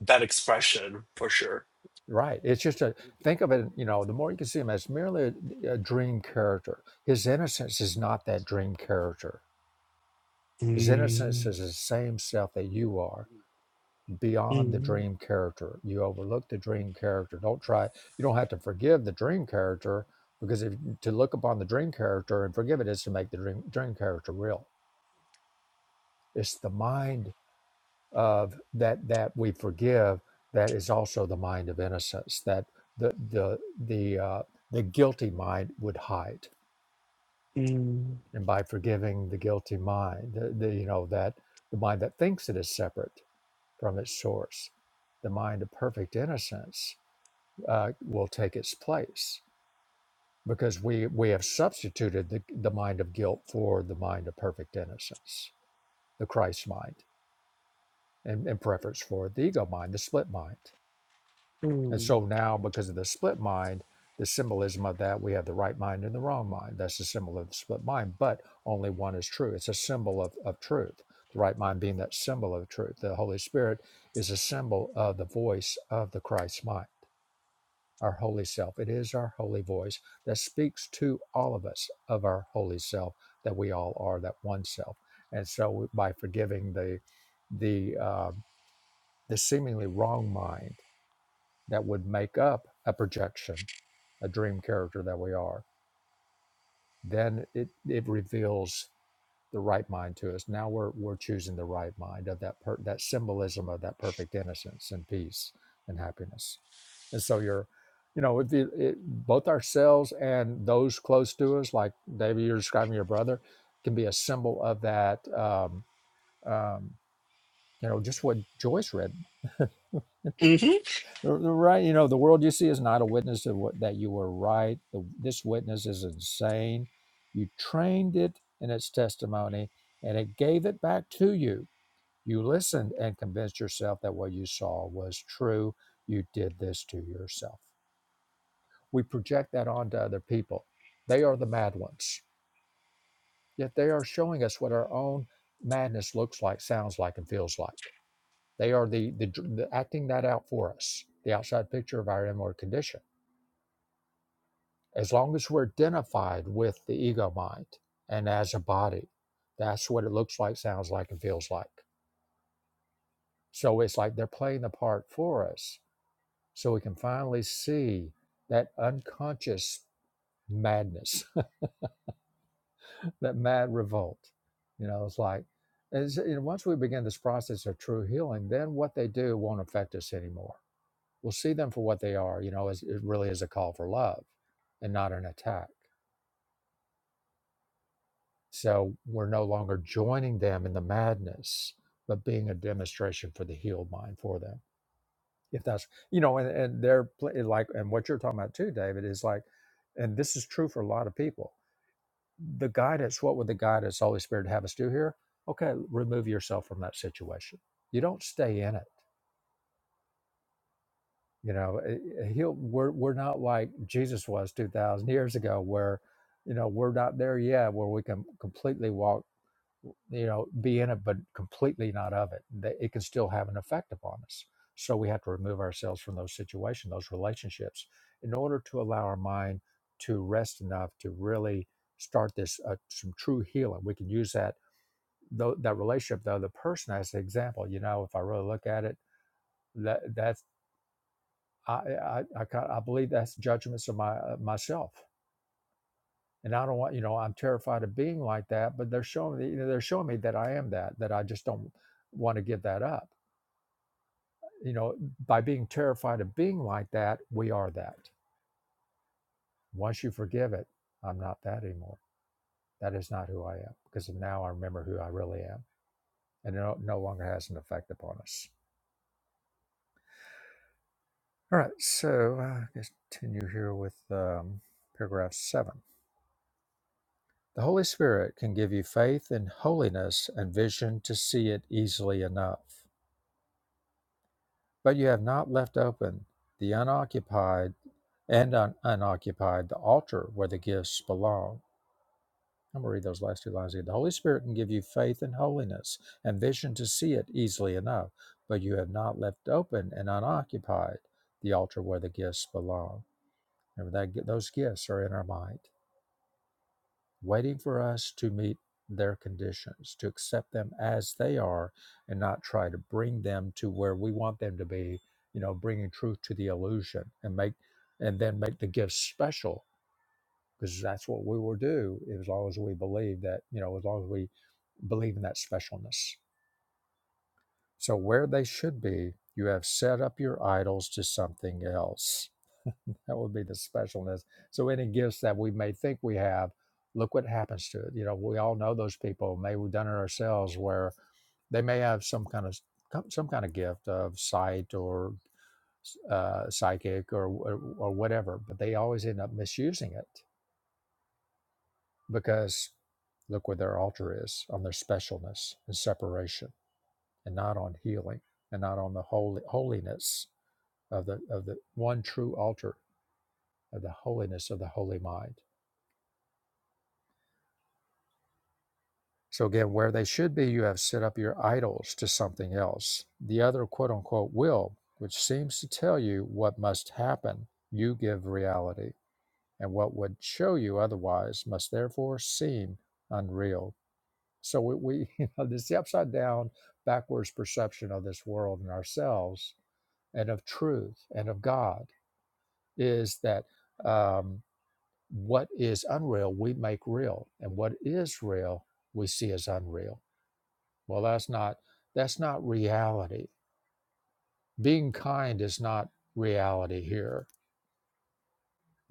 that expression for sure.
Right. It's just a think of it. You know, the more you can see him as merely a, a dream character, his innocence is not that dream character. His innocence
Mm,
is the same self that you are beyond the
mm,
dream character. You overlook the dream character. Don't try. You don't have to forgive the dream character because if to look upon the dream character and forgive it is to make the dream dream character real. It's the mind of that that we forgive that is also the mind of innocence that the the the uh, the guilty mind would hide
mm,
and by forgiving the guilty mind the, the you know that the mind that thinks it is separate from its source the mind of perfect innocence uh, will take its place because we we have substituted the, the mind of guilt for the mind of perfect innocence the christ mind in, in preference for the ego mind the split mind And
mm.
so now, because of the split mind, the symbolism of that, we have the right mind and the wrong mind. That's the symbol of the split mind, but only one is true. It's a symbol of, of truth. The right mind being that symbol of truth. The Holy Spirit is a symbol of the voice of the Christ mind, our holy self. It is our holy voice that speaks to all of us of our holy self, that we all are that one self. And so by forgiving the, the, uh, the seemingly wrong mind that would make up a projection a dream character that we are, then it it reveals the right mind to us. Now we're we're choosing the right mind of that per, that symbolism of that perfect innocence and peace and happiness. And so you're, you know, if it, it, both ourselves and those close to us, like David, you're describing your brother, can be a symbol of that. Um, um, you know, just what Joyce read
hmm
The- the Right, you know, the world you see is not a witness of what that you were right. The, this witness is insane. You trained it in its testimony, and it gave it back to you. You listened and convinced yourself that what you saw was true. You did this to yourself. We project that onto other people. They are the mad ones, yet they are showing us what our own madness looks like, sounds like, and feels like. They are the, the, the acting that out for us, the outside picture of our inward condition as long as we're identified with the ego mind and as a body, that's what it looks like, sounds like, and feels like. So it's like they're playing the part for us so we can finally see that unconscious madness, that mad revolt. You know, it's like, as, you know, once we begin this process of true healing, then what they do won't affect us anymore. We'll see them for what they are, you know, as, it really is a call for love and not an attack. So we're no longer joining them in the madness, but being a demonstration for the healed mind for them. If that's, you know, and, and they're pl- like, and what you're talking about too, David, is like, and this is true for a lot of people. The guidance, what would the guidance, Holy Spirit, have us do here? Okay, remove yourself from that situation. You don't stay in it. You know, Uh, he'll, we're, we're not like Jesus was 2,000 years ago, where, you know, we're not there yet, where we can completely walk you know, be in it, but completely not of it. That It can still have an effect upon us. So we have to remove ourselves from those situations, those relationships, in order to allow our mind to rest enough to really start this uh, some true healing. We can use that tho- that relationship, though the person as an example. You know, if I really look at it, that that's I I I, I believe that's judgments of my uh, myself. and I don't want you know I'm terrified of being like that. But they're showing me you know, they're showing me that I am that that I just don't want to give that up. You know, by being terrified of being like that, we are that. Once you forgive it, I'm not that anymore. That is not who I am because now I remember who I really am, and it no, no longer has an effect upon us. All right, so uh, let's continue here with um, paragraph seven. The Holy Spirit can give you faith in holiness and vision to see it easily enough. but you have not left open the unoccupied and un- unoccupied the altar where the gifts belong. I'm going to read those last two lines again. The Holy Spirit can give you faith and holiness and vision to see it easily enough, but you have not left open and unoccupied the altar where the gifts belong. Remember that those gifts are in our mind waiting for us to meet their conditions, to accept them as they are, and not try to bring them to where we want them to be, you know, bringing truth to the illusion and make and then make the gifts special because that's what we will do as long as we believe that, you know, as long as we believe in that specialness. So where they should be, you have set up your idols to something else that would be the specialness. So any gifts that we may think we have, look what happens to it. You know, we all know those people. Maybe we've done it ourselves, where they may have some kind of some kind of gift of sight or uh, psychic or or or whatever, but they always end up misusing it because look where their altar is on their specialness and separation, and not on healing, and not on the holy holiness of the of the one true altar of the holiness of the holy mind So again, where they should be, you have set up your idols to something else. The other quote unquote will, which seems to tell you what must happen, you give reality, and what would show you otherwise must therefore seem unreal. So we, we you know, this is the upside down, backwards perception of this world and ourselves and of truth and of God is that um, what is unreal we make real, and what is real we see as unreal well, that's not that's not reality. Being kind is not reality here.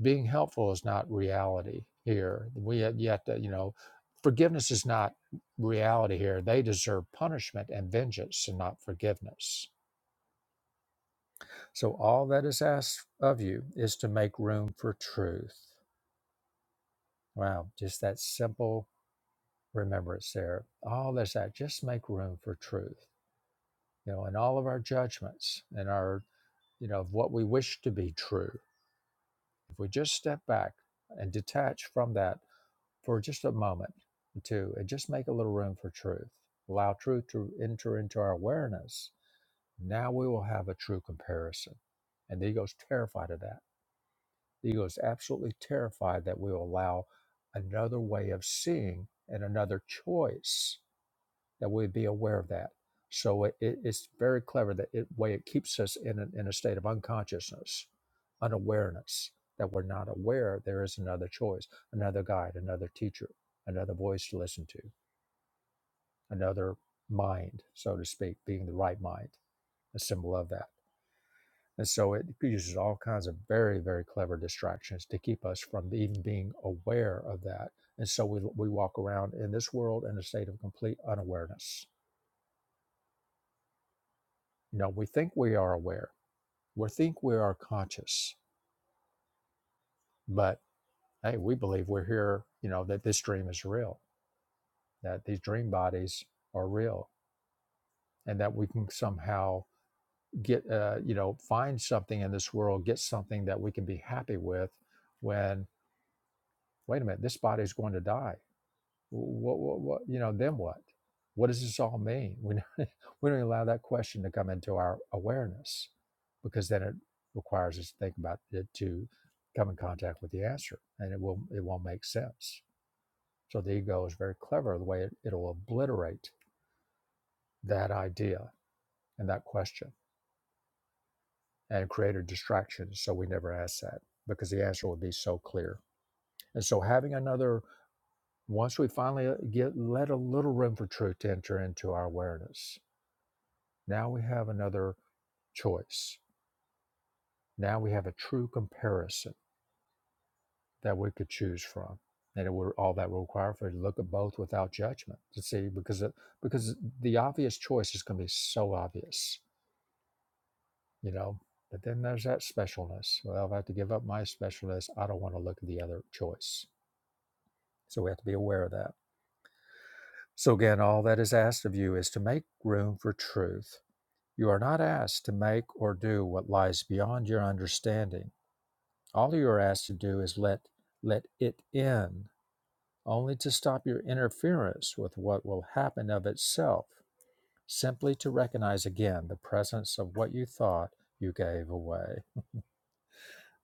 Being helpful is not reality here. We have yet to, you know, forgiveness is not reality here. They deserve punishment and vengeance and not forgiveness. So all that is asked of you is to make room for truth. Wow, just that simple remembrance there. All that's that, just make room for truth. You know, in all of our judgments and our, you know, of what we wish to be true If we just step back and detach from that for just a moment or two and just make a little room for truth, allow truth to enter into our awareness, now we will have a true comparison. And the ego's terrified of that. The ego is absolutely terrified that we will allow another way of seeing and another choice that we be aware of that. So it, it, it's very clever that it way it keeps us in a, in a state of unconsciousness, unawareness that we're not aware there is another choice, another guide, another teacher, another voice to listen to, another mind, so to speak, being the right mind, a symbol of that. And so it uses all kinds of very very clever distractions to keep us from even being aware of that. And so we we walk around in this world in a state of complete unawareness. You know, we think we are aware We think we are conscious, but hey, we believe we're here, you know, that this dream is real, that these dream bodies are real, and that we can somehow get, uh, you know, find something in this world, get something that we can be happy with when, wait a minute, this body is going to die. What, what, what, you know, then what? What does this all mean? We, We don't allow that question to come into our awareness because then it requires us to think about it to come in contact with the answer and it will it won't make sense. So the ego is very clever the way it, it'll obliterate that idea and that question and create a distraction so we never ask that because the answer would be so clear. And so having another once we finally uh, get let a little room for truth to enter into our awareness, now we have another choice. Now we have a true comparison that we could choose from. And it would all that will require for you to look at both without judgment to see because it, because the obvious choice is going to be so obvious, you know. But then there's that specialness. Well, if I have to give up my specialness, I don't want to look at the other choice. So we have to be aware of that. So again, all that is asked of you is to make room for truth. You are not asked to make or do what lies beyond your understanding. All you are asked to do is let let it in only to stop your interference with what will happen of itself, simply to recognize again the presence of what you thought you gave away.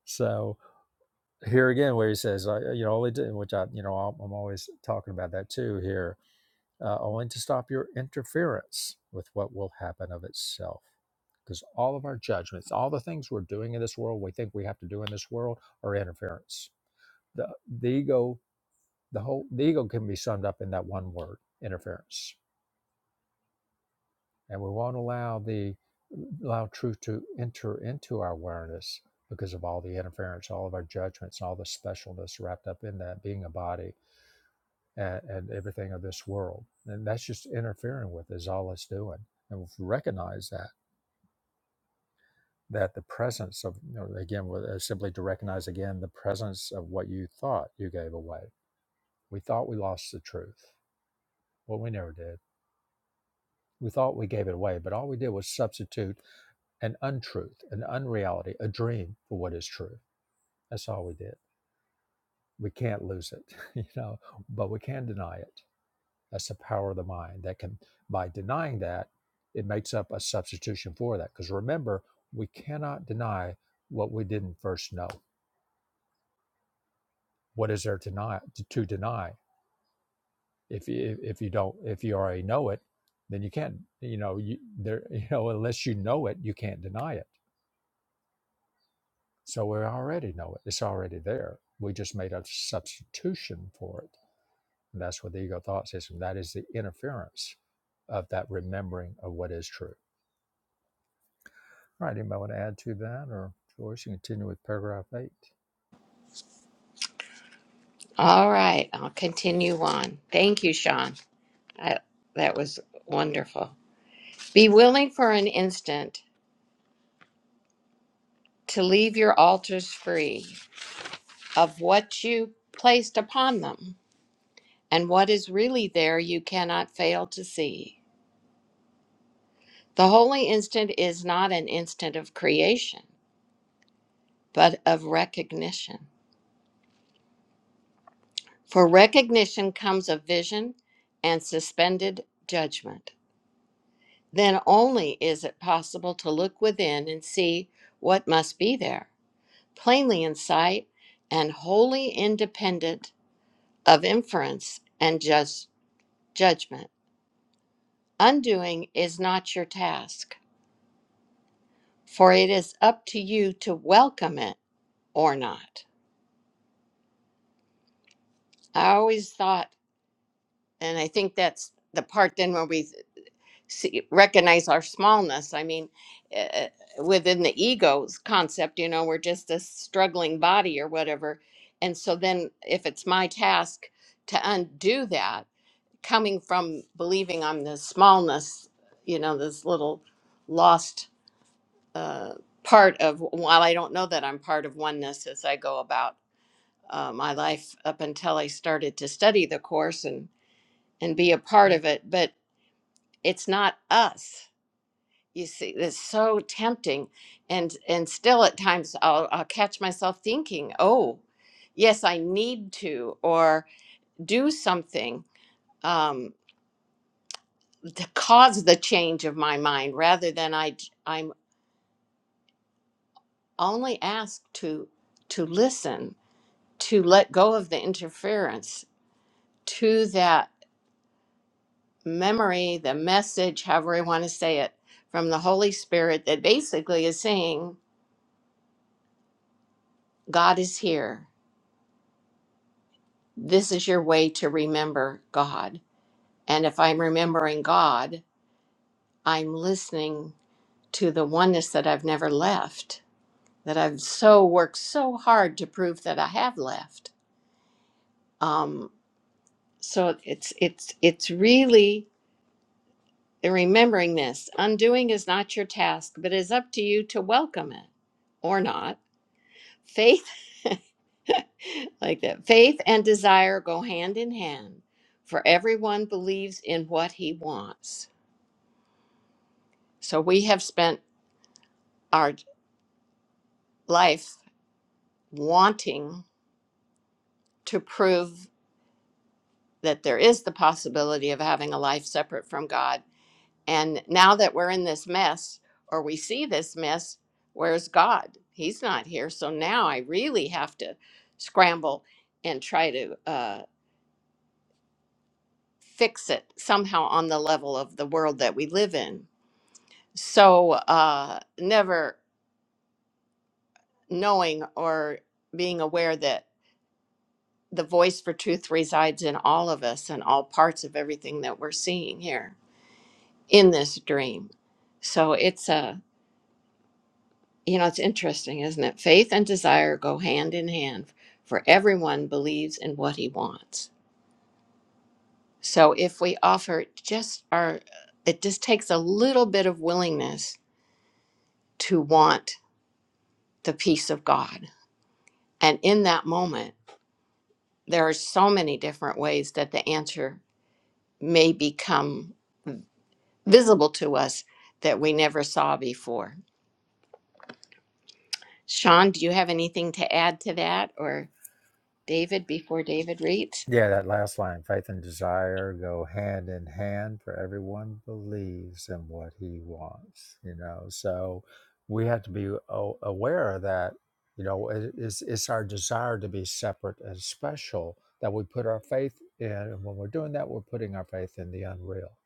So here again, where he says, uh, you know, only to, which I, you know, I'm I'm always talking about that too here, uh, only to stop your interference with what will happen of itself. Because all of our judgments, all the things we're doing in this world, we think we have to do in this world, are interference. The, the ego, the whole, the ego can be summed up in that one word, interference and we won't allow the allow truth to enter into our awareness because of all the interference, all of our judgments, all the specialness wrapped up in that being a body and, and everything of this world. And that's just interfering with is all it's doing. And if we recognize that that the presence of you know, again with- uh, simply to recognize again the presence of what you thought you gave away. We thought we lost the truth. Well, we never did. We thought we gave it away, but all we did was substitute an untruth, an unreality, a dream for what is true. That's all we did. We can't lose it, you know, but we can deny it. That's the power of the mind that can, by denying that, it makes up a substitution for that. Because remember, we cannot deny what we didn't first know. What is there to deny? To, to deny? If you if you don't if you already know it, then you can't. You know, you there. You know, unless you know it, you can't deny it So we already know it. It's already there. We just made a substitution for it. And that's what the ego thought system, that is the interference of that remembering of what is true. All right, anybody want to add to that or Joyce, you continue with paragraph eight?
All right, I'll continue on. Thank you, Sean. I, that was wonderful. Be willing for an instant to leave your altars free of what you placed upon them, and what is really there you cannot fail to see. The holy instant is not an instant of creation, but of recognition. For recognition comes a vision and suspended judgment. then only is it possible to look within and see what must be there, plainly in sight and wholly independent of inference and jus- judgment. Undoing is not your task, for it is up to you to welcome it or not. I always thought, and I think that's the part then where we see, recognize our smallness. I mean, uh, within the ego's concept, you know, we're just a struggling body or whatever. And so then, if it's my task to undo that, coming from believing I'm the smallness, you know, this little lost uh, part of, while I don't know that I'm part of oneness as I go about uh, my life up until I started to study the Course and, and be a part of it, but it's not us you see it's so tempting and and still at times I'll, I'll catch myself thinking oh yes i need to or do something um, to cause the change of my mind rather than i j- i'm only asked to to listen to let go of the interference to that memory the message however you want to say it from the holy spirit that basically is saying god is here this is your way to remember God. And if I'm remembering God, I'm listening to the oneness that I've never left, that I've so worked so hard to prove that I have left. Um, so it's it's it's really remembering this. Undoing is not your task, but is up to you to welcome it or not. Faith like that. Faith and desire go hand in hand, for everyone believes in what he wants. So we have spent our life wanting to prove that there is the possibility of having a life separate from God. And now that we're in this mess, or we see this mess, where's God? He's not here. So now I really have to scramble and try to uh, fix it somehow on the level of the world that we live in. So uh, never knowing or being aware that. the voice for truth resides in all of us and all parts of everything that we're seeing here in this dream. So it's a, you know, it's interesting, isn't it? Faith and desire go hand in hand, for everyone believes in what he wants. So if we offer just our, it just takes a little bit of willingness to want the peace of God. And in that moment, there are so many different ways that the answer may become visible to us that we never saw before. Sean, do you have anything to add to that or David before David reads?
Yeah, that last line, faith and desire go hand in hand, for everyone believes in what he wants, you know. So we have to be a- aware that, you know, it- it's, it's our desire to be separate and special that we put our faith in. And when we're doing that, we're putting our faith in the unreal.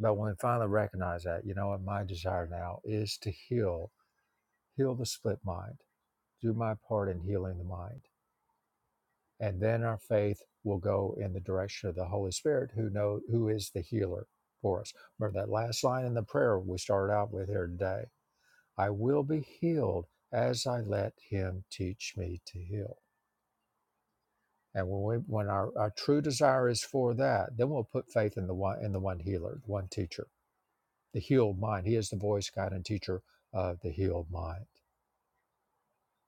But when we finally recognize that, you know what, my desire now is to heal, heal the split mind, do my part in healing the mind and then our faith will go in the direction of the Holy Spirit, who know who is the healer for us. Remember that last line in the prayer we started out with here today. I will be healed as I let Him teach me to heal. And when we, when our, our true desire is for that, then we'll put faith in the one in the one healer, the one teacher, the healed mind. He is the voice, guide, and teacher of the healed mind.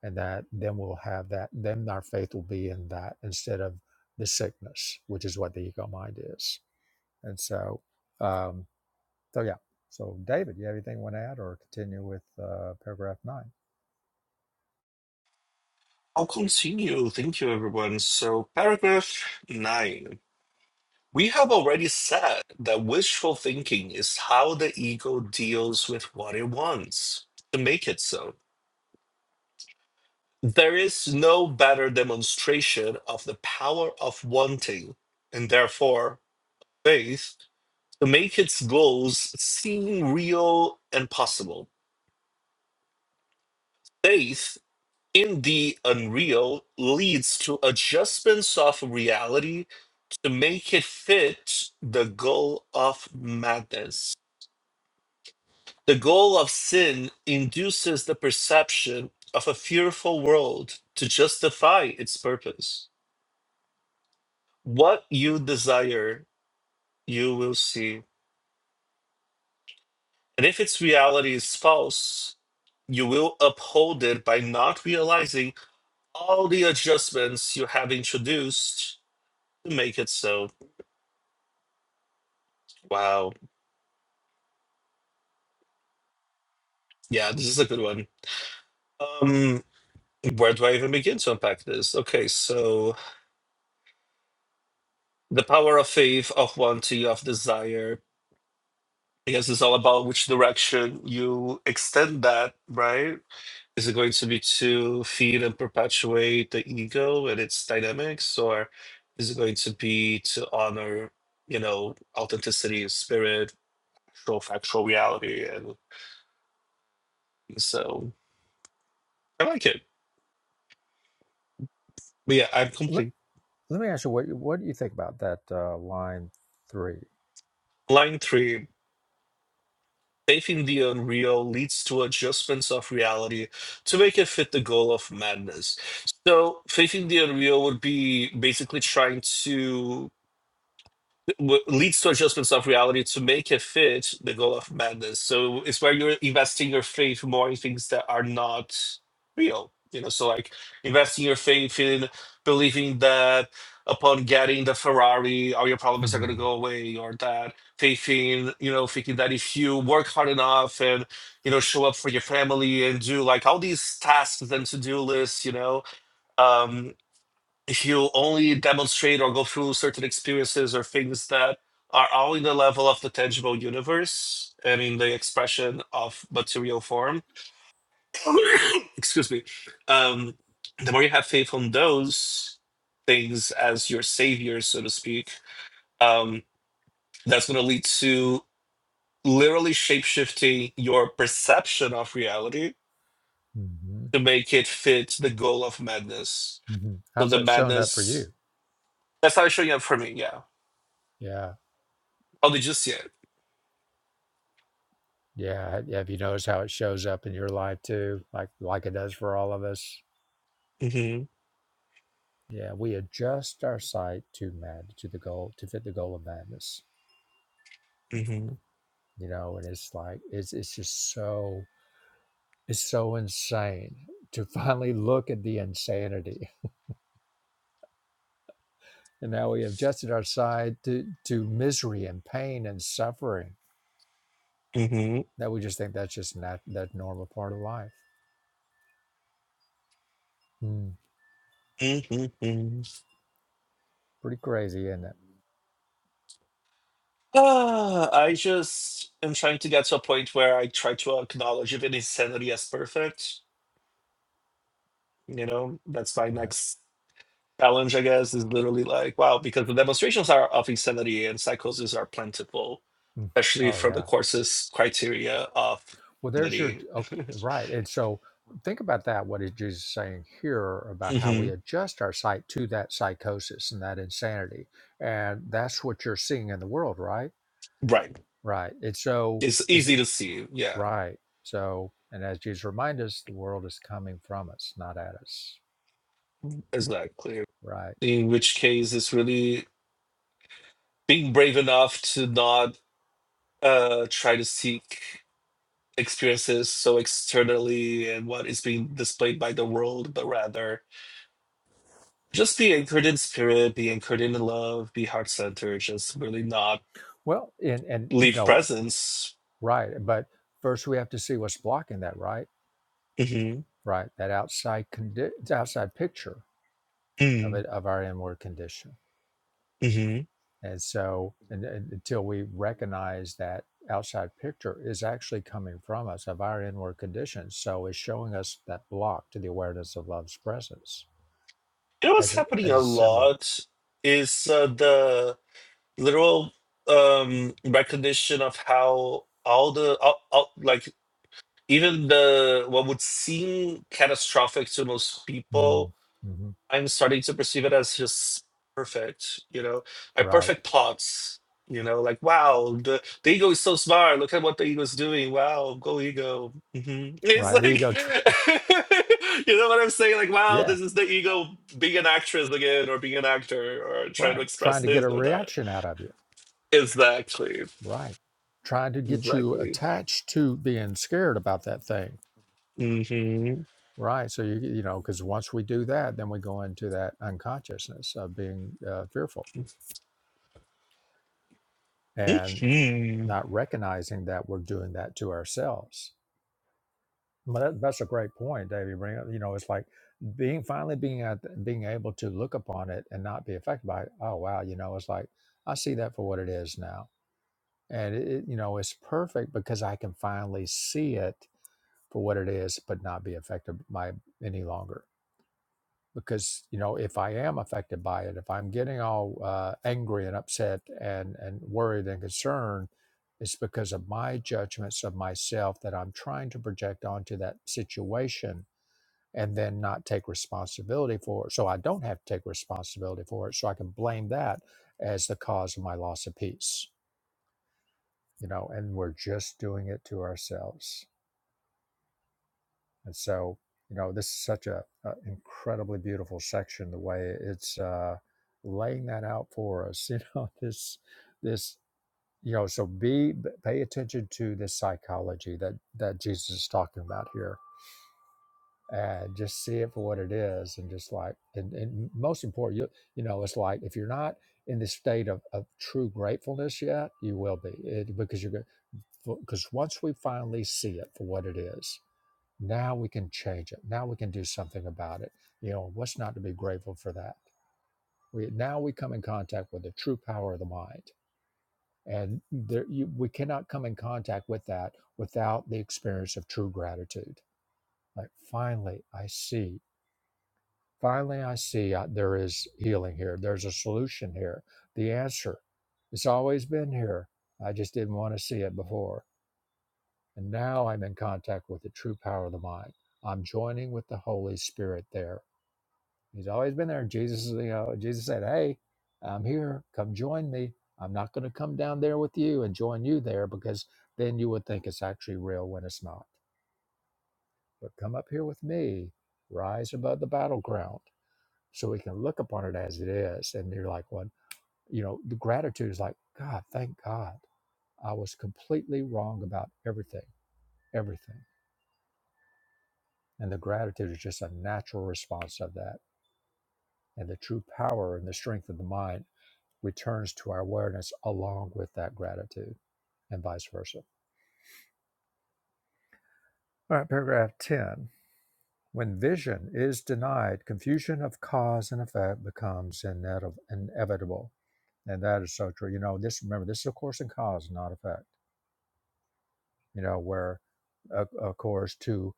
And that then we'll have that. Then our faith will be in that instead of the sickness, which is what the ego mind is. And so, um, so yeah. So, David, you have anything you want to add or continue with uh, paragraph nine?
I'll continue. Thank you, everyone. So, paragraph nine. We have already said that wishful thinking is how the ego deals with what it wants to make it so. There is no better demonstration of the power of wanting and therefore faith to make its goals seem real and possible. Faith in the unreal leads to adjustments of reality to make it fit the goal of madness. The goal of sin induces the perception of a fearful world to justify its purpose. What you desire, you will see. And if its reality is false, you will uphold it by not realizing all the adjustments you have introduced to make it so. Wow. Yeah, this is a good one. Um, where do I even begin to unpack this? Okay, so the power of faith, of wanting, of desire. I guess it's all about which direction you extend that, right? Is it going to be to feed and perpetuate the ego and its dynamics, or is it going to be to honor, you know, authenticity, spirit, actual factual reality? And so I like it. But yeah, I'm
Let,
complete.
let me ask you, what, what do you think about that uh, line 3
Line three. Faith in the unreal leads to adjustments of reality to make it fit the goal of madness. So, faith in the unreal would be basically trying to w- leads to adjustments of reality to make it fit the goal of madness. So it's where you're investing your faith more in things that are not real. You know, so like investing your faith in believing that upon getting the Ferrari, all your problems are going
Mm-hmm.
to go away, or that faith in, you know, thinking that if you work hard enough and, you know, show up for your family and do like all these tasks and to do lists, you know, Um, he'll only demonstrate or go through certain experiences or things that are all in the level of the tangible universe and in the expression of material form. Excuse me. Um, the more you have faith on those things as your savior, so to speak, um, that's going to lead to literally shapeshifting your perception of reality
Mm-hmm.
to make it fit the goal of madness.
Mm-hmm.
So
How's
the
that shown up for
madness,
you?
that's how it's showing up for me. Yeah.
Yeah.
Oh, did you see it?
Yeah. have you noticed how it shows up in your life too? Like, like it does for all of us?
Mm-hmm.
Yeah. We adjust our sight to mad, to the goal, to fit the goal of madness,
Mm-hmm.
you know, and it's like, it's, it's just so Is so insane to finally look at the insanity. And now we have adjusted our side to, to misery and pain and suffering
Mm-hmm.
that we just think that's just not that normal part of life. Mm,
Mm-hmm.
pretty crazy, isn't it?
Ah, I just am trying to get to a point where I try to acknowledge even insanity as perfect. You know, that's my
Right.
next challenge, I guess, is literally like, wow, because the demonstrations are of insanity and psychosis are plentiful,
Mm.
especially
Oh,
from the
yeah.
course's criteria of
Well, there's your,
insanity.
okay, right. And so think about that, what is Jesus saying here about how
hmm
we adjust our sight to that psychosis and that insanity. And that's what you're seeing in the world, right?
Right.
Right. And so,
It's
is it?
easy to see. Yeah,
Right. So, and as Jesus reminds us, the world is coming from us, not at us.
exactly.
Right.
In which case, it's really being brave enough to not uh, try to seek experiences so externally and what is being displayed by the world, but rather just be anchored in spirit, be anchored in love, be heart centered, just really not
Well, and and you
leave
know,
presence.
right. But first, we have to see what's blocking that. Right.
hmm
Right. That outside condi- outside picture of
mm
it of our inward condition.
hmm You
And so, and, and until we recognize that outside picture is actually coming from us of our inward condition, so it's showing us that block to the awareness of love's presence
know what's
as a
happening
as
a
a symbol.
lot is uh, the literal um, recognition of how all the all, all, like even the what would seem catastrophic to most
Mm,
people
Mm-hmm.
I'm starting to perceive it as just perfect, you know, like
Right.
perfect plots, you know, like wow, the, the ego is so smart. Look at what the ego is doing. Wow, go ego. hmm It's
right? The
like,
ego, tr-
you know what I'm saying? Like, wow,
yeah,
this is the ego being an actress again, or being an actor, or trying to
right.
express
Trying to get a
this or that.
reaction out of you,
Exactly.
right? Trying to get you
Exactly.
attached to being scared about that thing,
hmm
right? So you you know, because once we do that, then we go into that unconsciousness of being uh, fearful and
hmm
not recognizing that we're doing that to ourselves. But that, that's a great point, David. You bring up. You know, it's like being finally being at, being able to look upon it and not be affected by it. Oh wow, you know, it's like I see that for what it is now and it, you know it's perfect because i can finally see it for what it is but not be affected by any longer because you know if i am affected by it if i'm getting all uh, angry and upset and and worried and concerned it's because of my judgments of myself that i'm trying to project onto that situation and then not take responsibility for it so i don't have to take responsibility for it so i can blame that as the cause of my loss of peace you know, and we're just doing it to ourselves. And so, you know, this is such a, a incredibly beautiful section. The way it's uh, laying that out for us, you know, this this you know, so be pay attention to this psychology that that Jesus is talking about here, and just see it for what it is, and just like, and, and most important, you you know, it's like if you're not in the state of, of true gratefulness yet, you will be it, because you're. because once we finally see it for what it is, now we can change it. Now we can do something about it. You know, what's not to be grateful for that? We now we come in contact with the true power of the mind, and there you, we cannot come in contact with that without the experience of true gratitude. Like finally, I see. Finally, I see uh, there is healing here. There's a solution here. The answer, it's always been here. I just didn't want to see it before And now I'm in contact with the true power of the mind. I'm joining with the Holy Spirit there. He's always been there. Jesus, you know, Jesus said, Hey, I'm here. Come join me. I'm not going to come down there with you and join you there because then you would think it's actually real when it's not. But come up here with me, rise above the battleground so we can look upon it as it is. And you're like, what? You know, the gratitude is like, God, thank God. I was completely wrong about everything, everything And the gratitude is just a natural response of that. And the true power and the strength of the mind returns to our awareness along with that gratitude and vice versa. All right, paragraph 10. When vision is denied, confusion of cause and effect becomes inedi- inevitable. And that is so true. You know, this, remember, this is a course in cause, not effect, you know, where, of course, to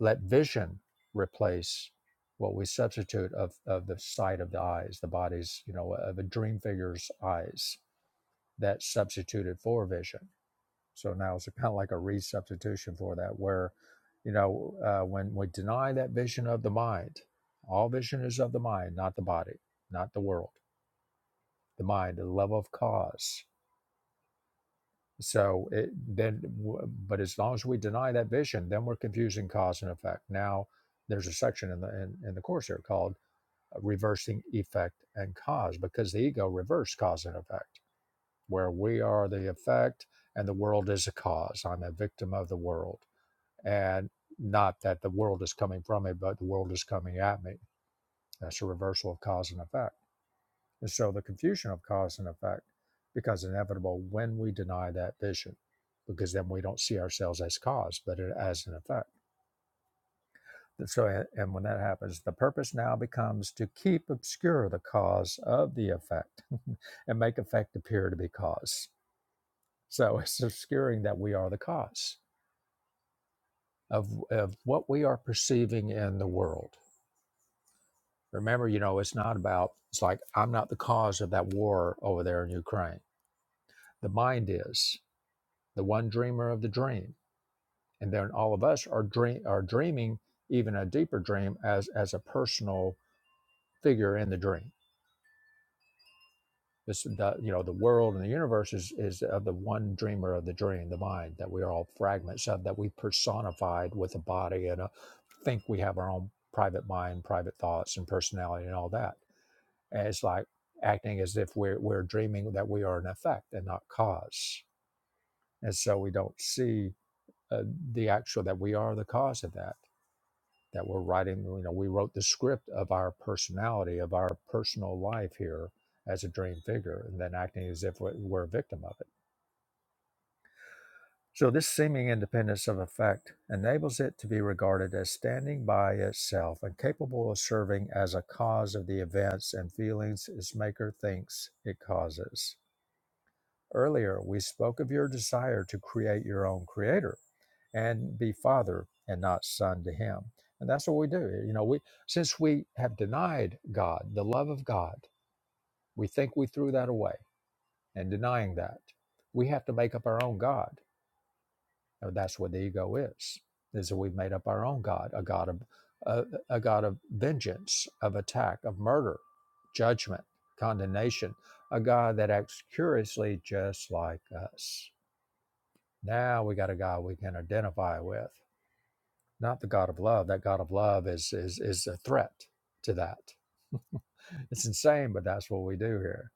let vision replace what we substitute of, of the sight of the eyes, the body's, you know, of a dream figure's eyes that's substituted for vision. So now it's kind of like a resubstitution for that, where, you know, uh, when we deny that vision of the mind, all vision is of the mind, not the body, not the world, the mind, the love of cause. So it, then, w- but as long as we deny that vision, then we're confusing cause and effect. Now, there's a section in the in, in the course here called uh, reversing effect and cause because the ego reversed cause and effect, where we are the effect and the world is a cause. I'm a victim of the world, and not that the world is coming from me, but the world is coming at me. That's a reversal of cause and effect and show the confusion of cause and effect becomes inevitable when we deny that vision because then we don't see ourselves as cause but as an effect so and when that happens the purpose now becomes to keep obscure the cause of the effect and make effect appear to be cause so it's obscuring that we are the cause of, of what we are perceiving in the world remember you know it's not about it's like i'm not the cause of that war over there in ukraine the mind is the one dreamer of the dream. And then all of us are dream are dreaming even a deeper dream as as a personal figure in the dream. This the you know the world and the universe is is of the one dreamer of the dream, the mind that we are all fragments of that we personified with a body and a, think we have our own private mind, private thoughts and personality and all that. And it's like acting as if we're we're dreaming that we are an effect and not cause, and so we don't see uh, the actual that we are the cause of that that we're writing, you know, we wrote the script of our personality, of our personal life here as a dream figure, and then acting as if we're we're a victim of it. So, this seeming independence of effect enables it to be regarded as standing by itself and capable of serving as a cause of the events and feelings its maker thinks it causes. Earlier, we spoke of your desire to create your own creator and be father and not son to him. And that's what we do. You know, we since we have denied God, the love of God, we think we threw that away. And denying that, we have to make up our own God. And that's what the ego is. Is that we've made up our own God, a God of a, a God of vengeance, of attack, of murder, judgment, condemnation, a God that acts curiously just like us Now we got a God we can identify with, not the God of love. That God of love is is is a threat to that. It's insane, but that's what we do here.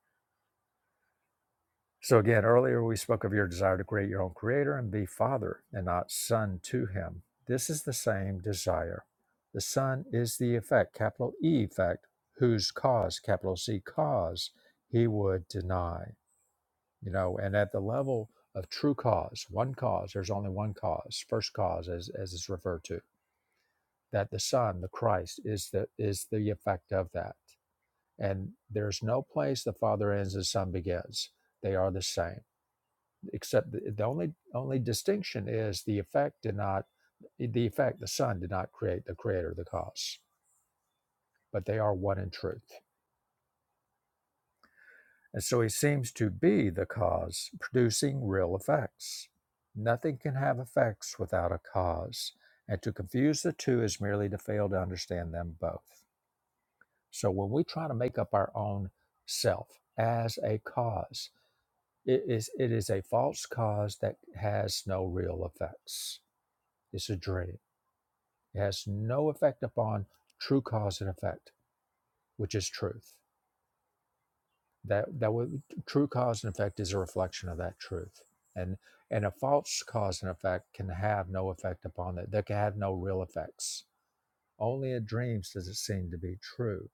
So again, earlier we spoke of your desire to create your own creator and be father and not son to him. This is the same desire. The son is the effect, capital E effect, whose cause, capital C cause, he would deny. you know and at the level of true cause one cause there's only one cause first cause as as is referred to that the son the christ is the is the effect of that and there's no place the father ends the son begins they are the same except the, the only only distinction is the effect did not the effect the son did not create the creator the cause but they are one in truth And so he seems to be the cause, producing real effects. Nothing can have effects without a cause. And to confuse the two is merely to fail to understand them both. So when we try to make up our own self as a cause, it is, it is a false cause that has no real effects. It's a dream. It has no effect upon true cause and effect, which is truth. that that would true cause and effect is a reflection of that truth and and a false cause and effect can have no effect upon it They can have no real effects only in dreams does it seem to be true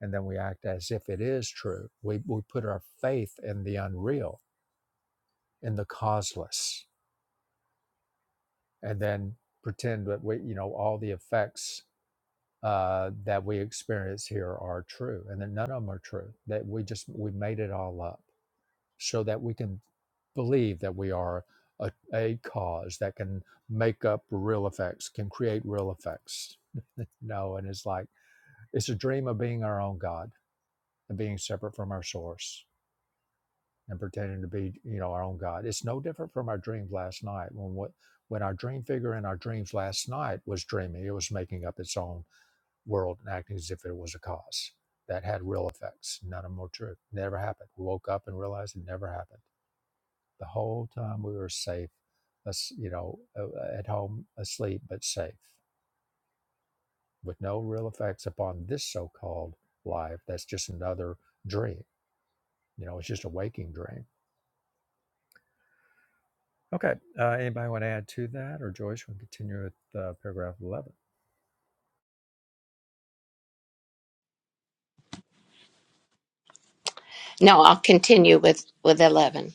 and then we act as if it is true we, we put our faith in the unreal in the causeless and then pretend that we you know all the effects uh, that we experience here are true and that none of them are true that we just we made it all up so that we can believe that we are a, a cause that can make up real effects, can create real effects. no, and it's like it's a dream of being our own God and being separate from our source and pretending to be, you know, our own God. It's no different from our dreams last night when what when our dream figure in our dreams last night was dreaming, it was making up its own world and acting as if it was a cause that had real effects. None of them were true. Never happened. We woke up and realized it never happened. The whole time we were safe, you know, uh, at home, asleep, but safe, with no real effects upon this so called life that's just another dream. You know, it's just a waking dream. Okay. Uh, anybody want to add to that, or Joyce, we can continue with uh, paragraph 11?
No, I'll continue with with 11.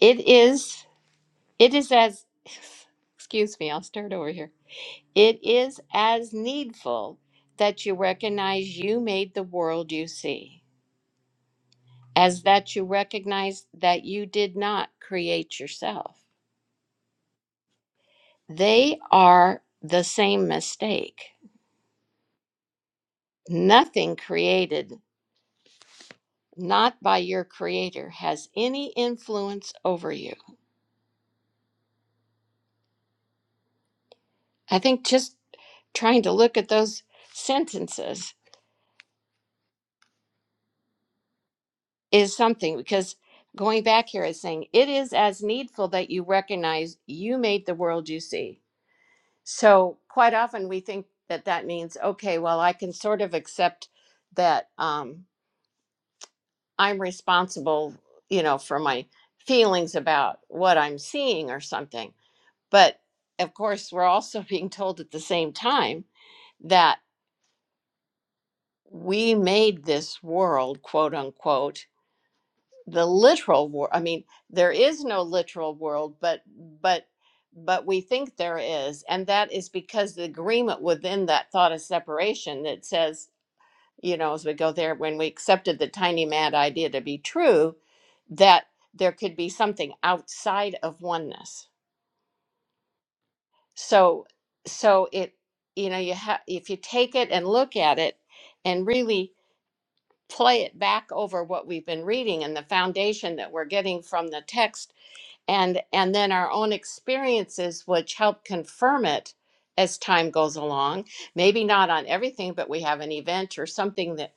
It is it is as excuse me, I'll start over here. It is as needful that you recognize you made the world you see as that you recognize that you did not create yourself. They are the same mistake nothing created not by your creator, has any influence over you. I think just trying to look at those sentences is something because going back here is saying it is as needful that you recognize you made the world you see. So quite often we think that that means okay, well I can sort of accept that um, I'm responsible, you know, for my feelings about what I'm seeing or something But of course, we're also being told at the same time that we made this world, quote unquote, the literal world. I mean, there is no literal world, but but but we think there is, and that is because the agreement within that thought of separation that says, you know, as we go there, when we accepted the tiny mad idea to be true, that there could be something outside of oneness So, so it, you know, you have, if you take it and look at it and really play it back over what we've been reading and the foundation that we're getting from the text and and then our own experiences which help confirm it as time goes along maybe not on everything but we have an event or something that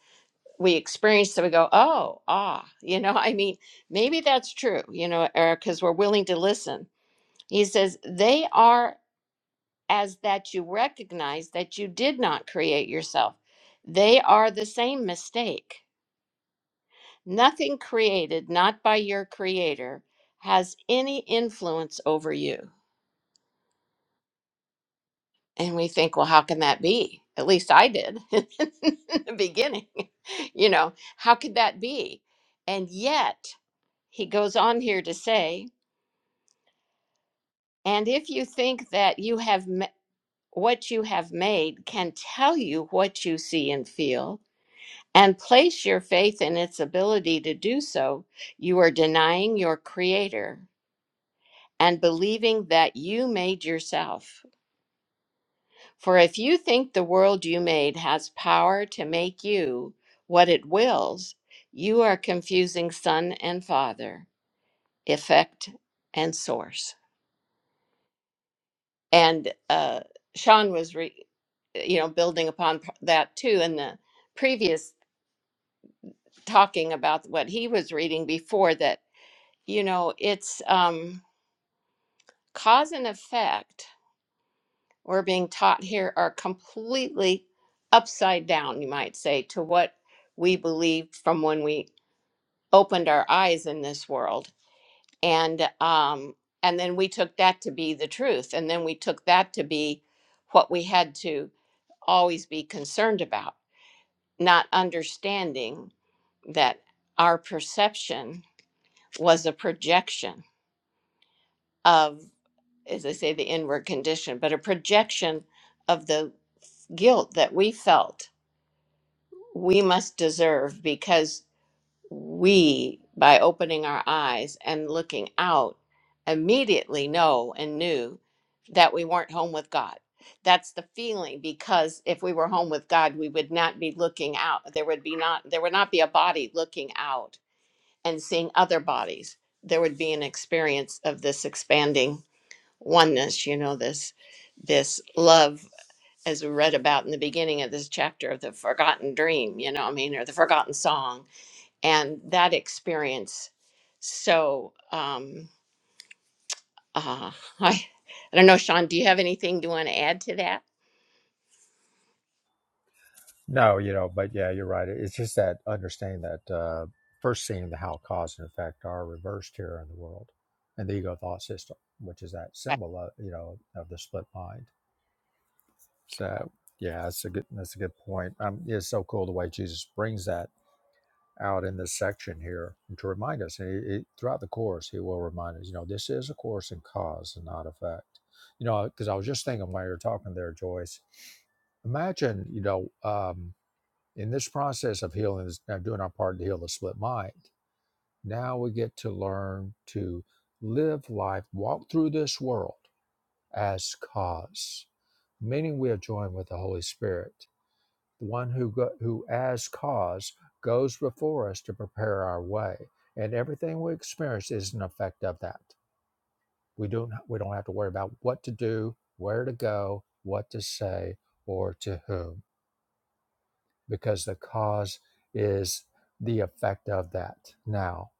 we experience that we go oh ah you know i mean maybe that's true you know eric because we're willing to listen he says they are as that you recognize that you did not create yourself. They are the same mistake. Nothing created not by your creator has any influence over you. And we think, well, how can that be? At least I did in the beginning. You know, how could that be? And yet, he goes on here to say, and if you think that you have m- what you have made can tell you what you see and feel, and place your faith in its ability to do so, you are denying your Creator and believing that you made yourself. For if you think the world you made has power to make you what it wills, you are confusing Son and Father, effect and source. And uh, Sean was, re- you know, building upon p- that too in the previous talking about what he was reading before that you know, it's um, cause and effect we're being taught here are completely upside down, you might say, to what we believed from when we opened our eyes in this world. And um, and then we took that to be the truth, and then we took that to be what we had to always be concerned about, not understanding that our perception was a projection of. as I say, the inward condition, but a projection of the guilt that we felt we must deserve because we, by opening our eyes and looking out, immediately know and knew that we weren't home with God. That's the feeling because if we were home with God, we would not be looking out. There would be not there would not be a body looking out and seeing other bodies. There would be an experience of this expanding oneness you know this this love as we read about in the beginning of this chapter of the forgotten dream you know i mean or the forgotten song and that experience so um uh i i don't know sean do you have anything you want to add to that
No, you know, but yeah, you're right. It's just that understanding that uh, first seeing the how cause and effect are reversed here in the world, and the ego thought system, which is that
Right.
symbol of you know of the split mind. So yeah, that's a good that's a good point. Um, yeah, it's so cool the way Jesus brings that out in this section here to remind us. And he, he, throughout the course, he will remind us. You know, this is a course in cause and not effect. You know, because I was just thinking while you were talking there, Joyce. Imagine, you know, um, in this process of healing, this- of doing our part to heal the split mind. Now we get to learn to live life, walk through this world as cause, meaning we are joined with the Holy Spirit the one who, go, who as cause goes before us to prepare our way. And everything we experience is an effect of that. We don't, we don't have to worry about what to do, where to go, what to say, or to whom, because the cause is the effect of that now.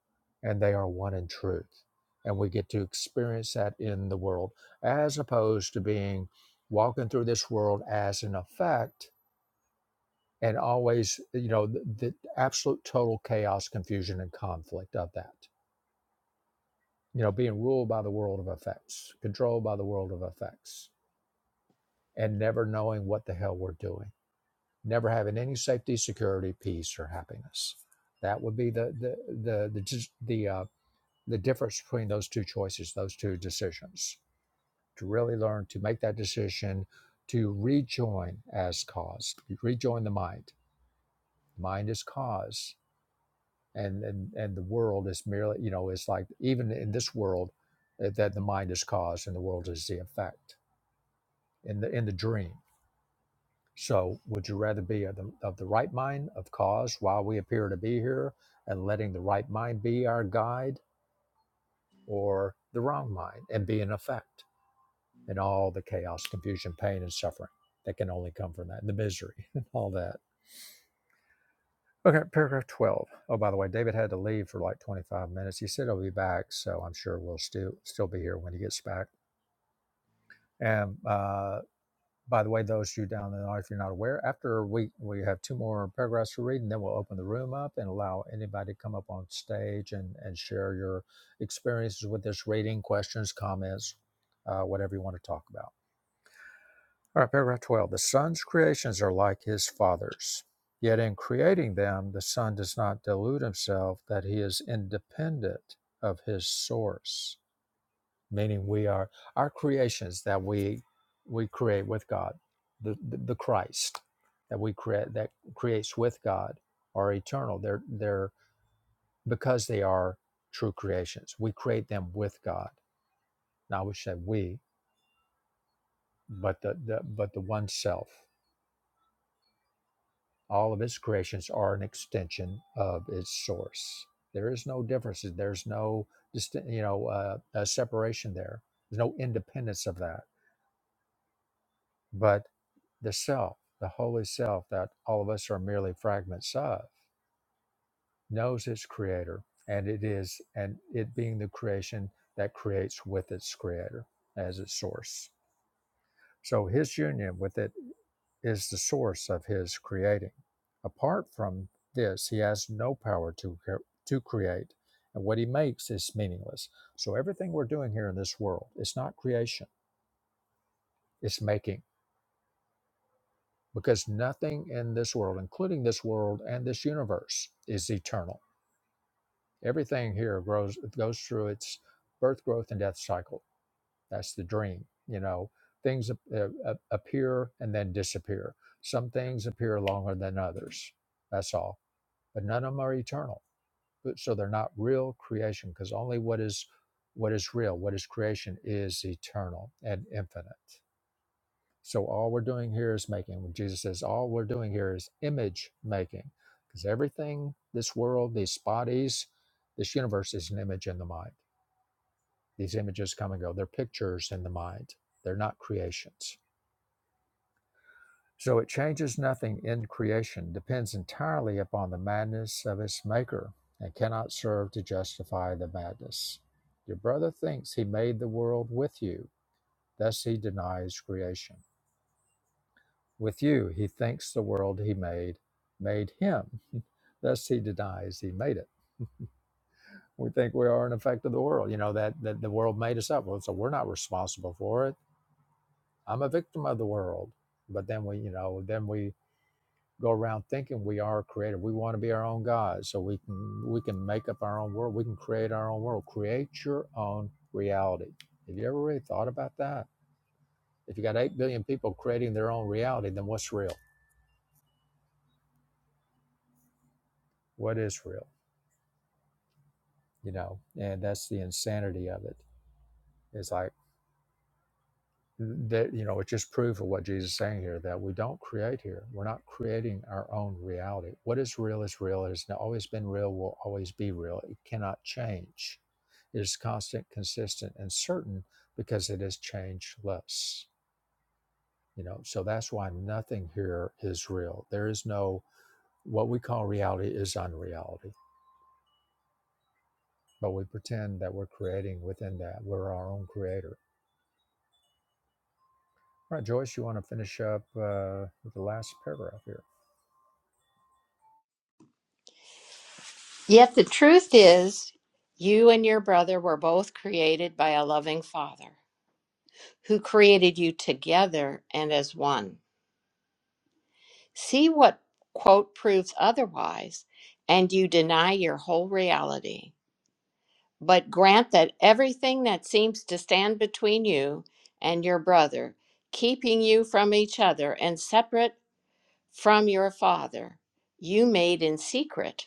And they are one in truth. And we get to experience that in the world, as opposed to being walking through this world as an effect and always you know the, the absolute total chaos confusion and conflict of that you know being ruled by the world of effects controlled by the world of effects and never knowing what the hell we're doing never having any safety security peace or happiness that would be the the the the the, uh, the difference between those two choices those two decisions to really learn to make that decision to rejoin as cause rejoin the mind mind is cause and and and the world is merely you know it's like even in this world uh, that the mind is cause and the world is the effect in the in the dream so would you rather be of the, of the right mind of cause while we appear to be here and letting the right mind be our guide or the wrong mind and be an effect in all the chaos confusion pain and suffering that can only come from that and the misery and all that Okay, paragraph 12. Oh, by the way, David had to leave for like 25 minutes. He said he'll be back, so I'm sure we'll still still be here when he gets back. And uh, by the way, those of you down in the audience, if you're not aware, after we we have two more paragraphs to read, and then we'll open the room up and allow anybody to come up on stage and, and share your experiences with this reading, questions, comments, uh, whatever you want to talk about. All right, paragraph 12. The Son's creations are like his Father's. Yet in creating them, the Son does not delude himself that he is independent of his source, meaning we are our creations that we we create with God, the, the, the Christ that we create that creates with God are eternal. They're they're because they are true creations. We create them with God. Now we say we, but the, the but the one self. All of its creations are an extension of its source. There is no differences. There's no distin- you know uh, uh separation there. There's no independence of that. But the self, the holy self that all of us are merely fragments of, knows its creator, and it is and it being the creation that creates with its creator as its source. So his union with it is the source of his creating. Apart from this, he has no power to, to create, and what he makes is meaningless. So, everything we're doing here in this world, it's not creation, it's making, because nothing in this world, including this world and this universe, is eternal. Everything here grows, goes through its birth, growth, and death cycle. That's the dream, you know. Things ap- uh, uh, appear and then disappear. Some things appear longer than others. That's all but none of them are eternal. But- So they're not real creation because only what is what is real, what is creation, is eternal and infinite. So all we're doing here is making. When Jesus says, all we're doing here is image making, because everything, this world, these bodies, this universe is an image in the mind. These images come and go. They're pictures in the mind. They're not creations. So it changes nothing in creation, depends entirely upon the madness of its maker, and cannot serve to justify the madness. Your brother thinks he made the world with you, thus he denies creation. With you, he thinks the world he made made him, thus he denies he made it. We think we are an effect of the world, you know, that, that the world made us up. Well, so we're not responsible for it. I'm a victim of the world. But then we, you know, then we go around thinking we are creative. We want to be our own God, so we can we can make up our own world. We can create our own world. Create your own reality. Have you ever really thought about that? If you got eight billion people creating their own reality, then what's real? What is real? You know, and that's the insanity of it. It's like that you know it just proves what jesus is saying here that we don't create here we're not creating our own reality what is real is real it has always been real will always be real it cannot change it is constant consistent and certain because it is changeless you know so that's why nothing here is real there is no what we call reality is unreality but we pretend that we're creating within that we're our own creator. All right, Joyce, you want to finish up uh, with the last paragraph here?
yet the truth is you and your brother were both created by a loving father who created you together and as one See what quote proves otherwise, and you deny your whole reality. But grant that everything that seems to stand between you and your brother, keeping you from each other and separate from your father, you made in secret,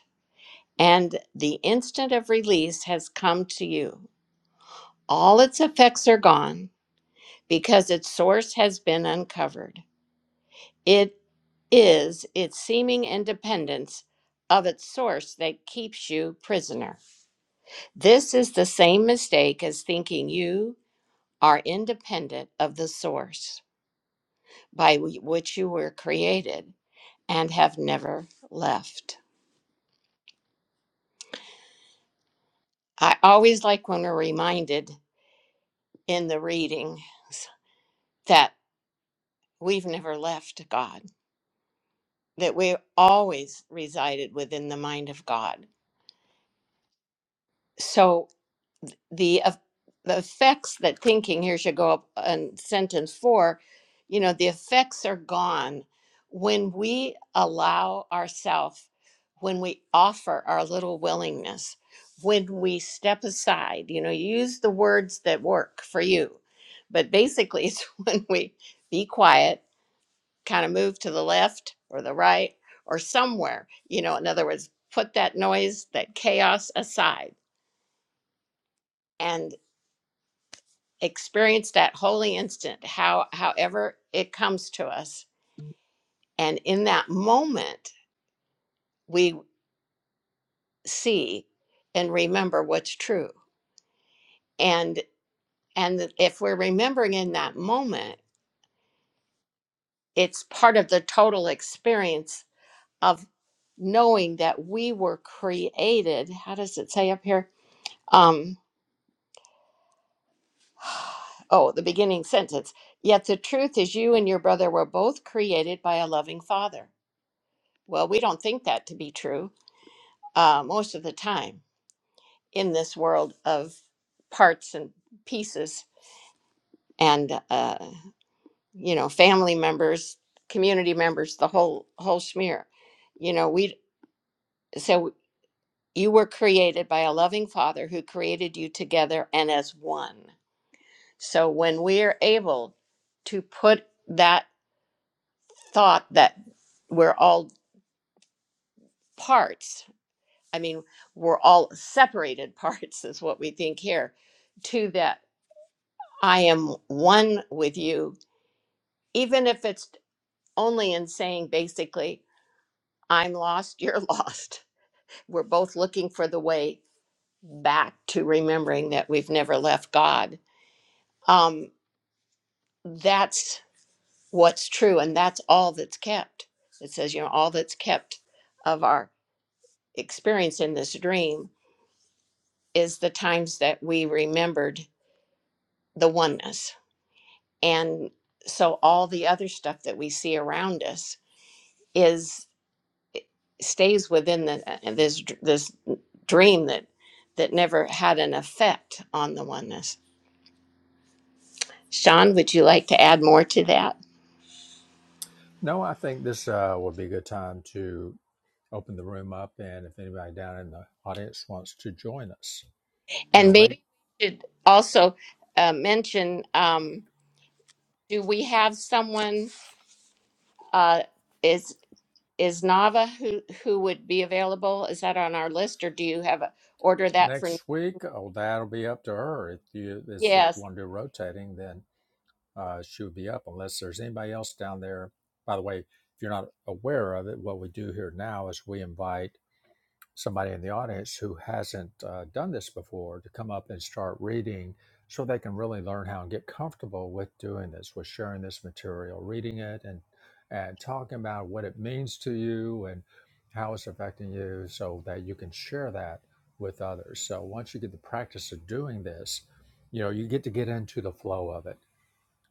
and the instant of release has come to you. All its effects are gone because its source has been uncovered. It. is its seeming independence of its source that keeps you prisoner. This is the same mistake as thinking you are independent of the source by wh- which you were created and have never left. I always like when we're reminded in the readings that we've never left God, that we always resided within the mind of God. So the eff- the effects that thinking here should go up in sentence four you know the effects are gone when we allow ourselves when we offer our little willingness when we step aside you know use the words that work for you but basically it's when we be quiet kind of move to the left or the right or somewhere you know in other words put that noise that chaos aside and. experience that holy instant how however it comes to us and in that moment we see and remember what's true and and if we're remembering in that moment it's part of the total experience of knowing that we were created how does it say up here um oh the beginning sentence yet the truth is you and your brother were both created by a loving father well we don't think that to be true uh, most of the time in this world of parts and pieces and uh, you know family members community members the whole whole smear you know we so you were created by a loving father who created you together and as one so when we're able to put that thought that we're all parts i mean we're all separated parts is what we think here to that. I am one with you, even if it's only in saying basically, I'm lost, you're lost. We're both looking for the way back to remembering that we've never left God. Um, that's what's true, and that's all that's kept. It says, you know, all that's kept of our experience in this dream is the times that we remembered the oneness. And so all the other stuff that we see around us is stays within the uh, uh, this this dream that that never had an effect on the oneness. Sean, would you like to add more to that?
No, I think this uh, would be a good time to open the room up, and if anybody down in the audience wants to join us, you know,
And
right
maybe we should also uh, mention: um, Do we have someone? Uh, is is Nava who who would be available? Is that on our list, or do you have a order that for?
next week, oh, that'll be up to her. If you, this, if
Yes,
you want to do rotating, then uh, she would be up unless there's anybody else down there. By the way, if you're not aware of it, what we do here now is we invite somebody in the audience who hasn't uh, done this before to come up and start reading so they can really learn how and get comfortable with doing this, with sharing this material, reading it and and talking about what it means to you and how it's affecting you so that you can share that with others. So once you get the practice of doing this, you know, you get to get into the flow of it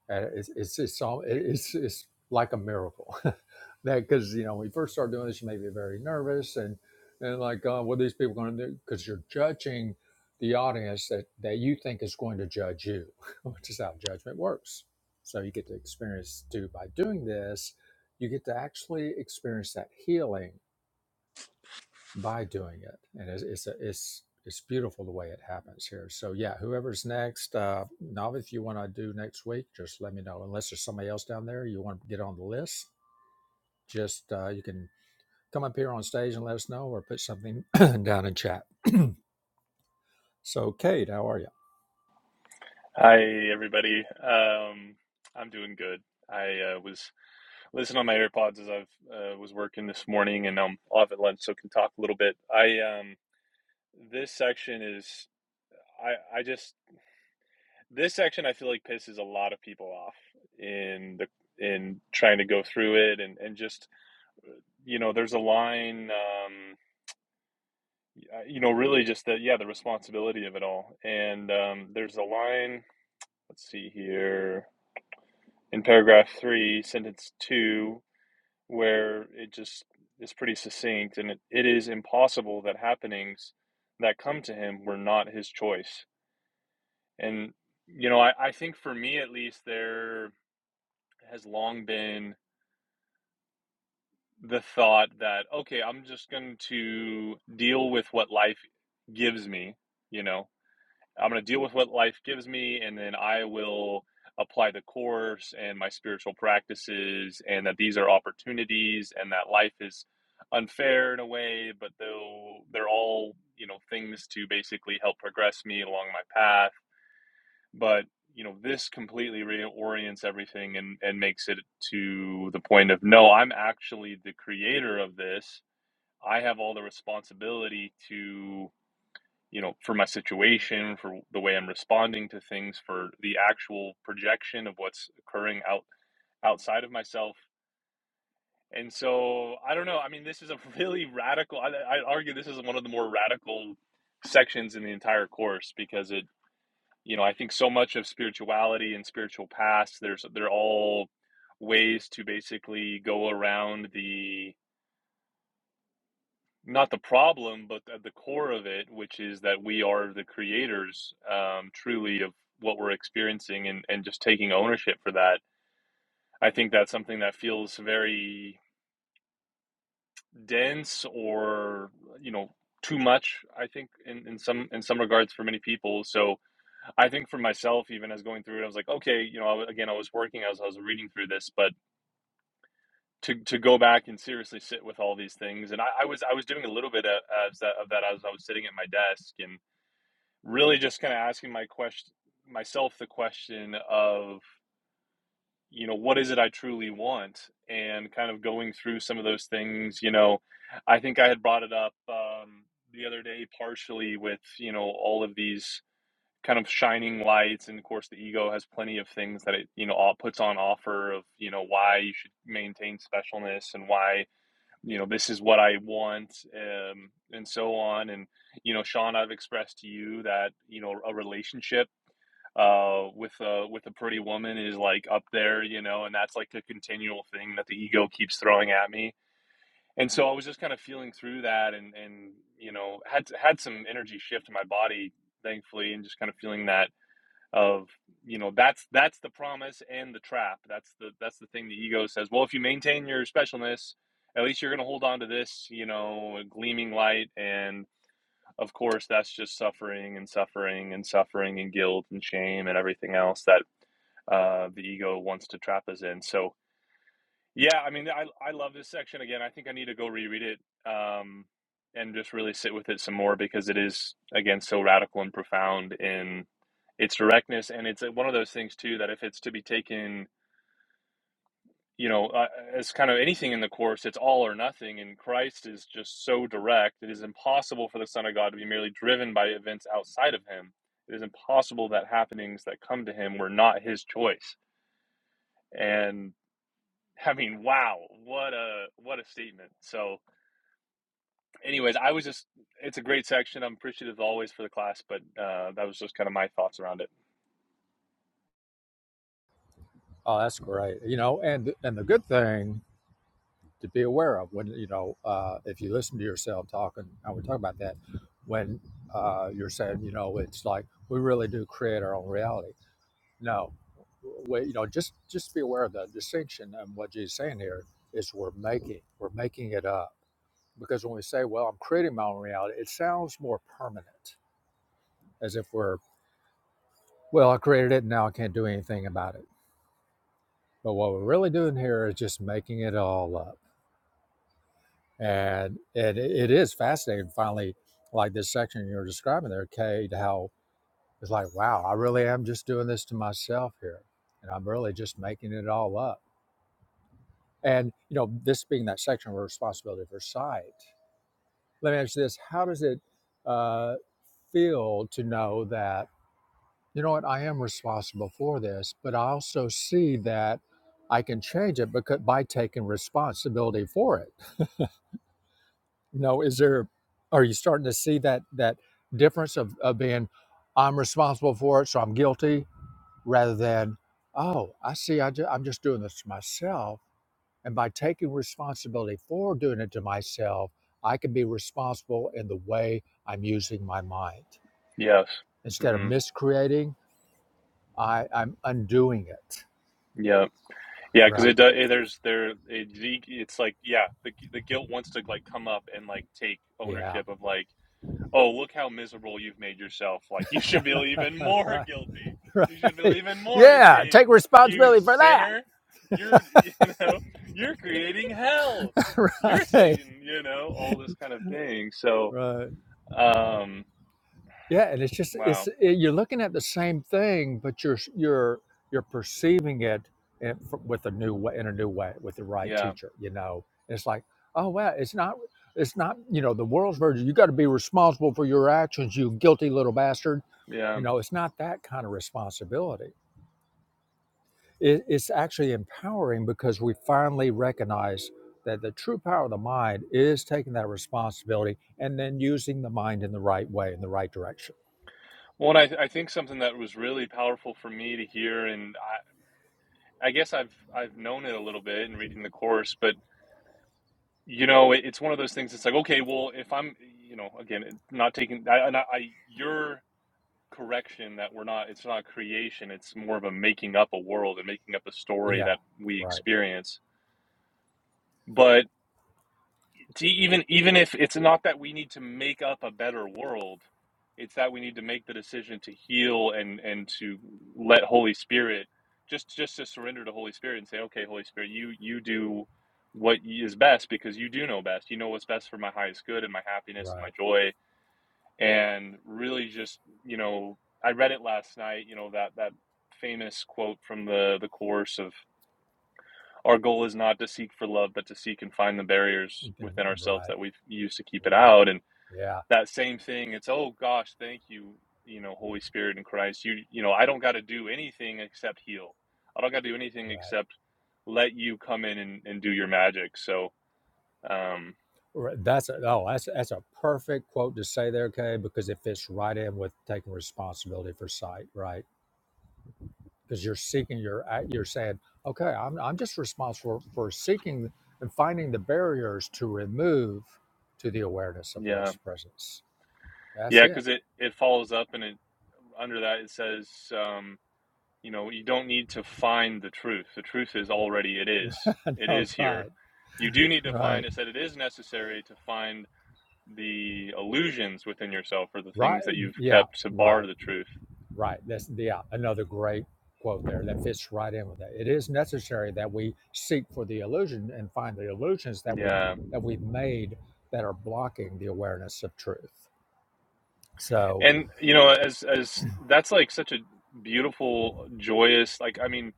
and it's it's it's all it's it's like a miracle that because you know when you first start doing this you may be very nervous and and like uh, what are these people going to do because you're judging the audience that that you think is going to judge you which is how judgment works so you get to experience too by doing this you get to actually experience that healing by doing it. And it's it's, a, it's it's beautiful the way it happens here. So yeah, whoever's next, uh, Navi, if you want to do next week, just let me know. Unless there's somebody else down there you want to get on the list, just uh, you can come up here on stage and let us know, or put something down in chat. So Kate, how are you?
Hi, everybody. Um, I'm doing good. I uh, was listening on my AirPods as i uh, was working this morning, and I'm off at lunch, so can talk a little bit. I um, this section is I I just this section I feel like pisses a lot of people off in the in trying to go through it, and and just you know, there's a line. Um, you know, really just the yeah, the responsibility of it all, and um, there's a line. Let's see here in paragraph three, sentence two, where it just is pretty succinct and it, it is impossible that happenings that come to him were not his choice. And, you know, I, I think for me at least, there has long been the thought that, okay, I'm just going to deal with what life gives me, you know, I'm going to deal with what life gives me, and then I will apply the course and my spiritual practices, and that these are opportunities, and that life is unfair in a way, but though they're all, you know, things to basically help progress me along my path. But, you know, this completely reorients everything and, and makes it to the point of no, I'm actually the creator of this. I have all the responsibility to you know, for my situation, for the way I'm responding to things, for the actual projection of what's occurring out outside of myself. And so I don't know. I mean, this is a really radical. I, I argue this is one of the more radical sections in the entire course because it, you know, I think so much of spirituality and spiritual paths. There's they're all ways to basically go around the not the problem, but at the core of it, which is that we are the creators um, truly of what we're experiencing and, and just taking ownership for that. I think that's something that feels very dense or, you know, too much, I think, in, in some in some regards for many people. So I think for myself, even as going through it, I was like, okay, you know, I, again, I was working as I was reading through this, but to, to go back and seriously sit with all these things. And I, I was I was doing a little bit of, of of that as I was sitting at my desk and really just kind of asking my question myself the question of you know what is it i truly want and kind of going through some of those things you know i think i had brought it up um, the other day partially with you know all of these kind of shining lights and of course the ego has plenty of things that it you know all puts on offer of you know why you should maintain specialness and why you know this is what i want um, and so on and you know sean i've expressed to you that you know a relationship uh with a with a pretty woman is like up there you know and that's like the continual thing that the ego keeps throwing at me and so i was just kind of feeling through that and and you know had had some energy shift in my body thankfully and just kind of feeling that of you know that's that's the promise and the trap that's the that's the thing the ego says well if you maintain your specialness at least you're going to hold on to this you know gleaming light and of course that's just suffering and suffering and suffering and guilt and shame and everything else that uh, the ego wants to trap us in. So yeah, I mean, I I love this section again. I think I need to go reread it um, and just really sit with it some more because it is again so radical and profound in its directness, and it's uh, one of those things too that if it's to be taken. You know, uh, as kind of anything in the course, it's all or nothing, and Christ is just so direct. It is impossible for the Son of God to be merely driven by events outside of Him. It is impossible that happenings that come to Him were not His choice and. I mean, wow, what a what a statement. So, anyways, I was just it's a great section. I'm appreciative always for the class, but uh, that was just kind of my thoughts around it.
Oh, that's great. You know, and and the good thing to be aware of when you know uh, if you listen to yourself talking, I would talk about that when uh, you're saying you know it's like we really do create our own reality No, we, you know, just just be aware of the distinction and what Jesus is saying here is we're making we're making it up because when we say, "Well, I'm creating my own reality," it sounds more permanent, as if we're, "Well, I created it, and now I can't do anything about it." But what we're really doing here is just making it all up, and and it, it is fascinating. Finally, like this section you were describing there, Cade, how it's like, "Wow, I really am just doing this to myself here, and I'm really just making it all up." And you know, this being that section of responsibility for sight. Let me ask you this: How does it uh, feel to know that you know what I am responsible for this, but I also see that I can change it because by taking responsibility for it. You know, is there? Are you starting to see that that difference of, of being I'm responsible for it, so I'm guilty, rather than oh, I see, I ju- I'm just doing this to myself And by taking responsibility for doing it to myself, I can be responsible in the way I'm using my mind.
Yes.
Instead of
hmm
miscreating, I, I'm undoing it.
Yeah. Yeah. Because
Right.
it does. it, There's there. It, it's like yeah. The the guilt wants to like come up and like take
Yeah.
ownership of like oh, look how miserable you've made yourself. Like, you should feel even more
right.
guilty. You should feel
Right.
even more
Yeah.
ashamed.
Take
You
responsibility for that.
sinner. You're, you know, you're creating hell. You're
right.
Satan, you know, all this kind of thing. So,
Right.
um,
Yeah, and it's just it's
wow.
it, you're looking at the same thing, but you're you're you're perceiving it in, fr- with a new way, in a new way, with the right
Yeah.
teacher. You know, And it's like, oh well, it's not it's not you know the world's version. You got to be responsible for your actions, you guilty little bastard.
Yeah.
You know, it's not that kind of responsibility. It, it's actually empowering because we finally recognize that the true power of the mind is taking that responsibility and then using the mind in the right way, in the right direction
Well, and I, I think something that was really powerful for me to hear, and I, I guess I've, I've known it a little bit in reading the course, but you know it, it's one of those things it's like okay well if i'm you know again not taking i and i, I you're correction that we're not it's not creation it's more of a making up a world and making up a story
Yeah.
that we
Right.
experience but to e, even even if it's not that we need to make up a better world it's that we need to make the decision to heal and and to let holy spirit just just to surrender to holy spirit and say okay holy spirit you you do what is best because you do know best you know what's best for my highest good and my happiness and my
Right.
joy and really just you know i read it last night you know that that famous quote from the the course of our goal is not to seek for love but to seek and find the barriers
You can-
within ourselves
Right.
that we've used to keep it
Right.
out and
Yeah.
that same thing it's oh gosh thank you you know holy spirit and christ you you know i don't got to do anything except heal i don't got to do anything
Right.
except let you come in and, and do your magic so um
Right. That's a, oh, that's that's a perfect quote to say there, Kay, because it fits right in with taking responsibility for sight, right? Because you're seeking your act- you're saying, okay, I'm I'm just responsible for seeking and finding the barriers to remove to the awareness of
yeah
love's presence. That's
yeah
it.
because it it follows up and it under that it says um, You know, you don't need to find the truth. The truth is already it is. It
no,
is here.
right.
You do need to
Right.
find is that it is necessary to find the illusions within yourself or the
Right.
things that you've
Yeah.
kept to bar
Right.
the truth.
Right. That's the yeah, another great quote there that fits right in with that. It is necessary that we seek for the illusion and find the illusions that we
Yeah.
that we've made that are blocking the awareness of truth. So
And you know, as as that's like such a beautiful, joyous, like I mean,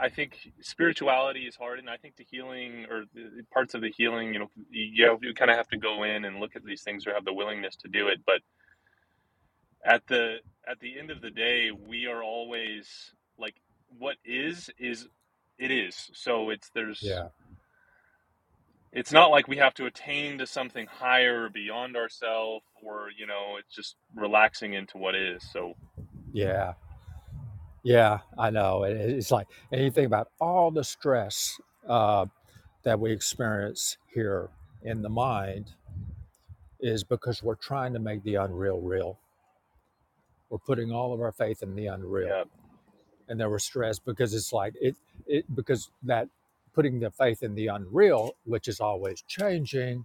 I think spirituality is hard and I think the healing or the parts of the healing, you know, you, you kind of have to go in and look at these things or have the willingness to do it, but at the at the end of the day we are always like what is is it is so it's there's
yeah,
it's not like we have to attain to something higher or beyond ourselves or you know it's just relaxing into what is so
yeah, yeah. I know. It, it's like and you think about all the stress uh, that we experience here in the mind is because we're trying to make the unreal real. We're putting all of our faith in the unreal
yeah
and they were stressed because it's like it it because that putting the faith in the unreal which is always changing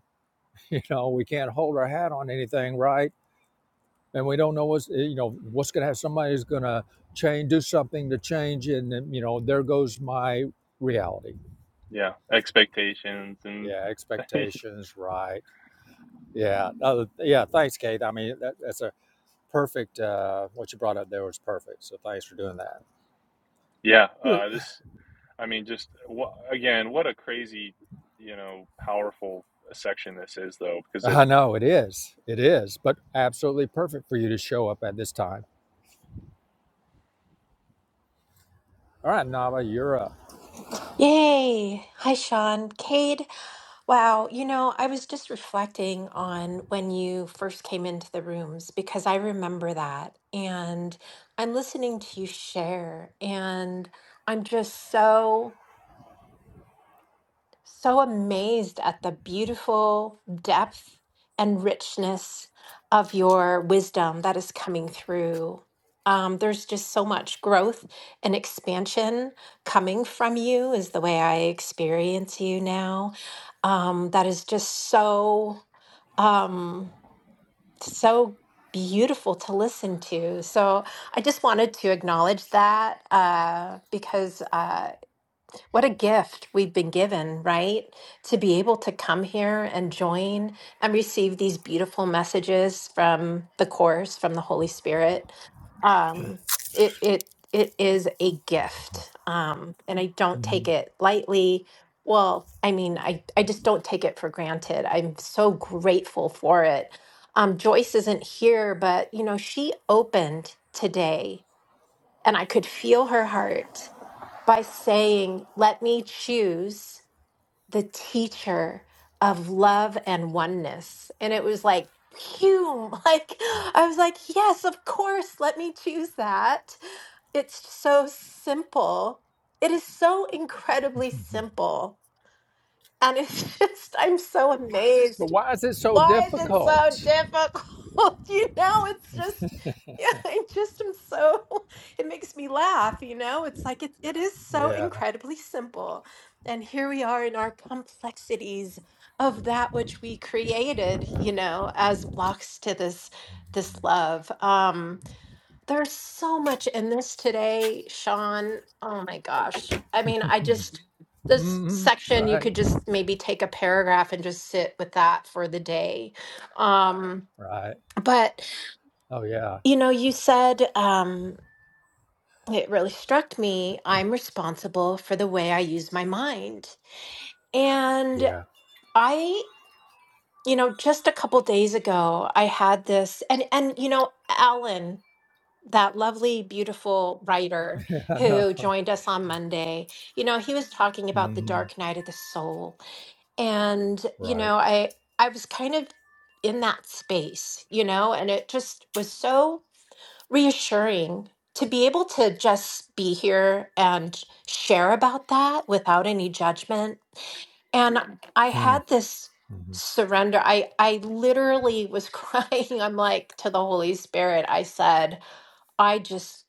you know we can't hold our hat on anything right and we don't know what's eh, you know what's gonna have somebody's gonna change do something to change and then, you know there goes my reality
yeah expectations and
yeah expectations right yeah uh, yeah thanks kate i mean that, that's a perfect uh what you brought up there was perfect so thanks for doing that
yeah uh this i mean just wha again what a crazy you know powerful section this is though because it
I know it is. It is, but absolutely perfect for you to show up at this time. All right, Nava, you're up.
Yay! Hi, Sean. Cade, wow, you know, I was just reflecting on when you first came into the rooms because I remember that. And I'm listening to you share, and I'm just so so amazed at the beautiful depth and richness of your wisdom that is coming through. Um, there's just so much growth and expansion coming from you, is the way I experience you now. Um, that is just so, um, so beautiful to listen to. So I just wanted to acknowledge that uh, because. uh, what a gift we've been given, right? To be able to come here and join and receive these beautiful messages from the Course, from the Holy Spirit. Um, it, it, it is a gift. Um, and I don't take
Mhm.
it lightly. Well, I mean, I, I just don't take it for granted. I'm so grateful for it. Um, Joyce isn't here, but you know, she opened today and I could feel her heart by saying, Let me choose the teacher of love and oneness. And it was like, Phew, like I was like, Yes, of course, let me choose that. It's so simple. It is so incredibly simple. And it's just, I'm so amazed.
But why is it so
Why is it so
difficult?
difficult? You know, it's just, yeah, I just am so, it makes me laugh, you know? It's like it, it is so
Yeah.
incredibly simple. And here we are in our complexities of that which we created, you know, as blocks to this this love. Um, there's so much in this today, Sean. Oh my gosh. I mean, I just, this
hmm
section, you
Right.
could just maybe take a paragraph and just sit with that for the day. Um,
Right.
but,
Oh yeah.
you know, you said, um, it really struck me. I'm responsible for the way I use my mind. And
Yeah.
I, you know, just a couple days ago, I had this, and, and, you know, Alan. that lovely, beautiful writer
Yeah. I know.
who joined us on Monday, you know, he was talking about the
hmm
dark night of the soul. And, you
Right.
know, I I was kind of in that space, you know, and it just was so reassuring to be able to just be here and share about that without any judgment. And I
Hmm.
had this
hmm
surrender. I I literally was crying. I'm like to the Holy Spirit. I said, I just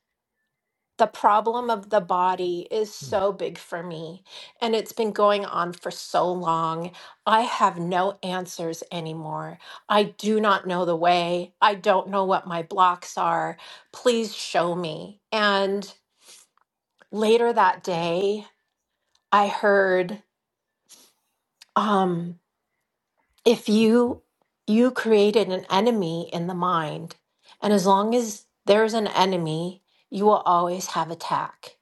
the problem of the body is
Hmm.
so big for me and it's been going on for so long. I have no answers anymore. I do not know the way. I don't know what my blocks are. Please show me. And later that day, I heard um if you you created an enemy in the mind and as long as there's an enemy, you will always have attack.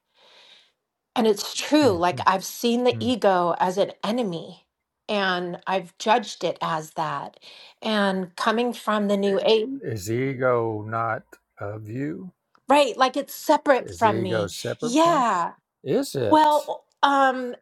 And it's true.
Hmm.
Like I've seen the
Hmm.
ego as an enemy and I've judged it as that. And coming from the new age,
Is the ego not of you?
right? Like it's separate
Is the
from
ego
me.
separate from?
Yeah.
Is it?
Well, um,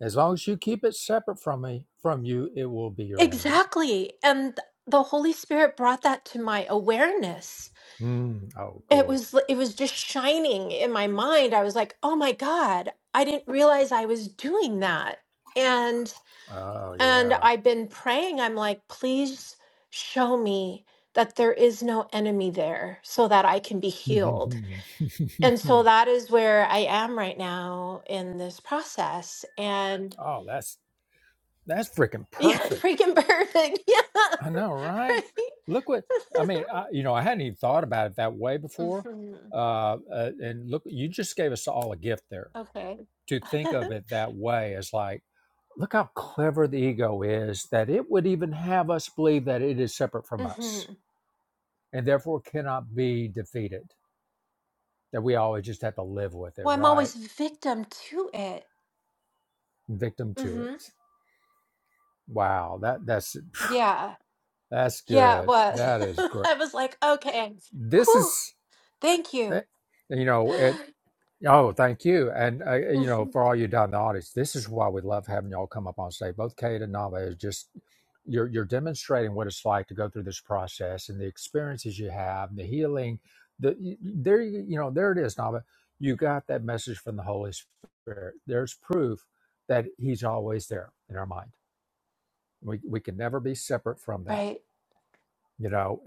As long as you keep it separate from me, from you, it will be your enemy.
exactly. And the Holy Spirit brought that to my awareness.
Mm. Oh,
It
cool.
was l- it was just shining in my mind. I was like, "Oh my God, I didn't realize I was doing that."
Oh,
And
yeah.
I've been praying, I'm like, please show me that there is no enemy there so that I can be healed. And so that is where I am right now in this process. And
oh, that's that's freaking
yeah,
perfect.
freaking perfect. Yeah.
I know, right?
Right.
Look what I mean. I, you know, I hadn't even thought about it that way before.
hmm
Uh, uh, and look, you just gave us all a gift there
Okay.
to think of it that way. As like, look how clever the ego is that it would even have us believe that it is separate from
hmm
us and therefore cannot be defeated. That we always just have to live with it,
Well, I'm
right?
always victim to it.
Victim to
hmm
it. Wow, that that's
Yeah.
that's
Yeah.
good.
What?
That is great.
I was like, okay.
This
Whew.
is,
Thank
eh,
you.
you know, it. Oh, thank you, and uh, you know, for all you down in the audience, this is why we love having y'all come up on stage. Both Kate and Nava is just you're you're demonstrating what it's like to go through this process and the experiences you have, the healing. The y- y- there, you you know, there it is, Nava. You got that message from the Holy Spirit. There's proof that He's always there in our mind. We we can never be separate from that
Right.
you know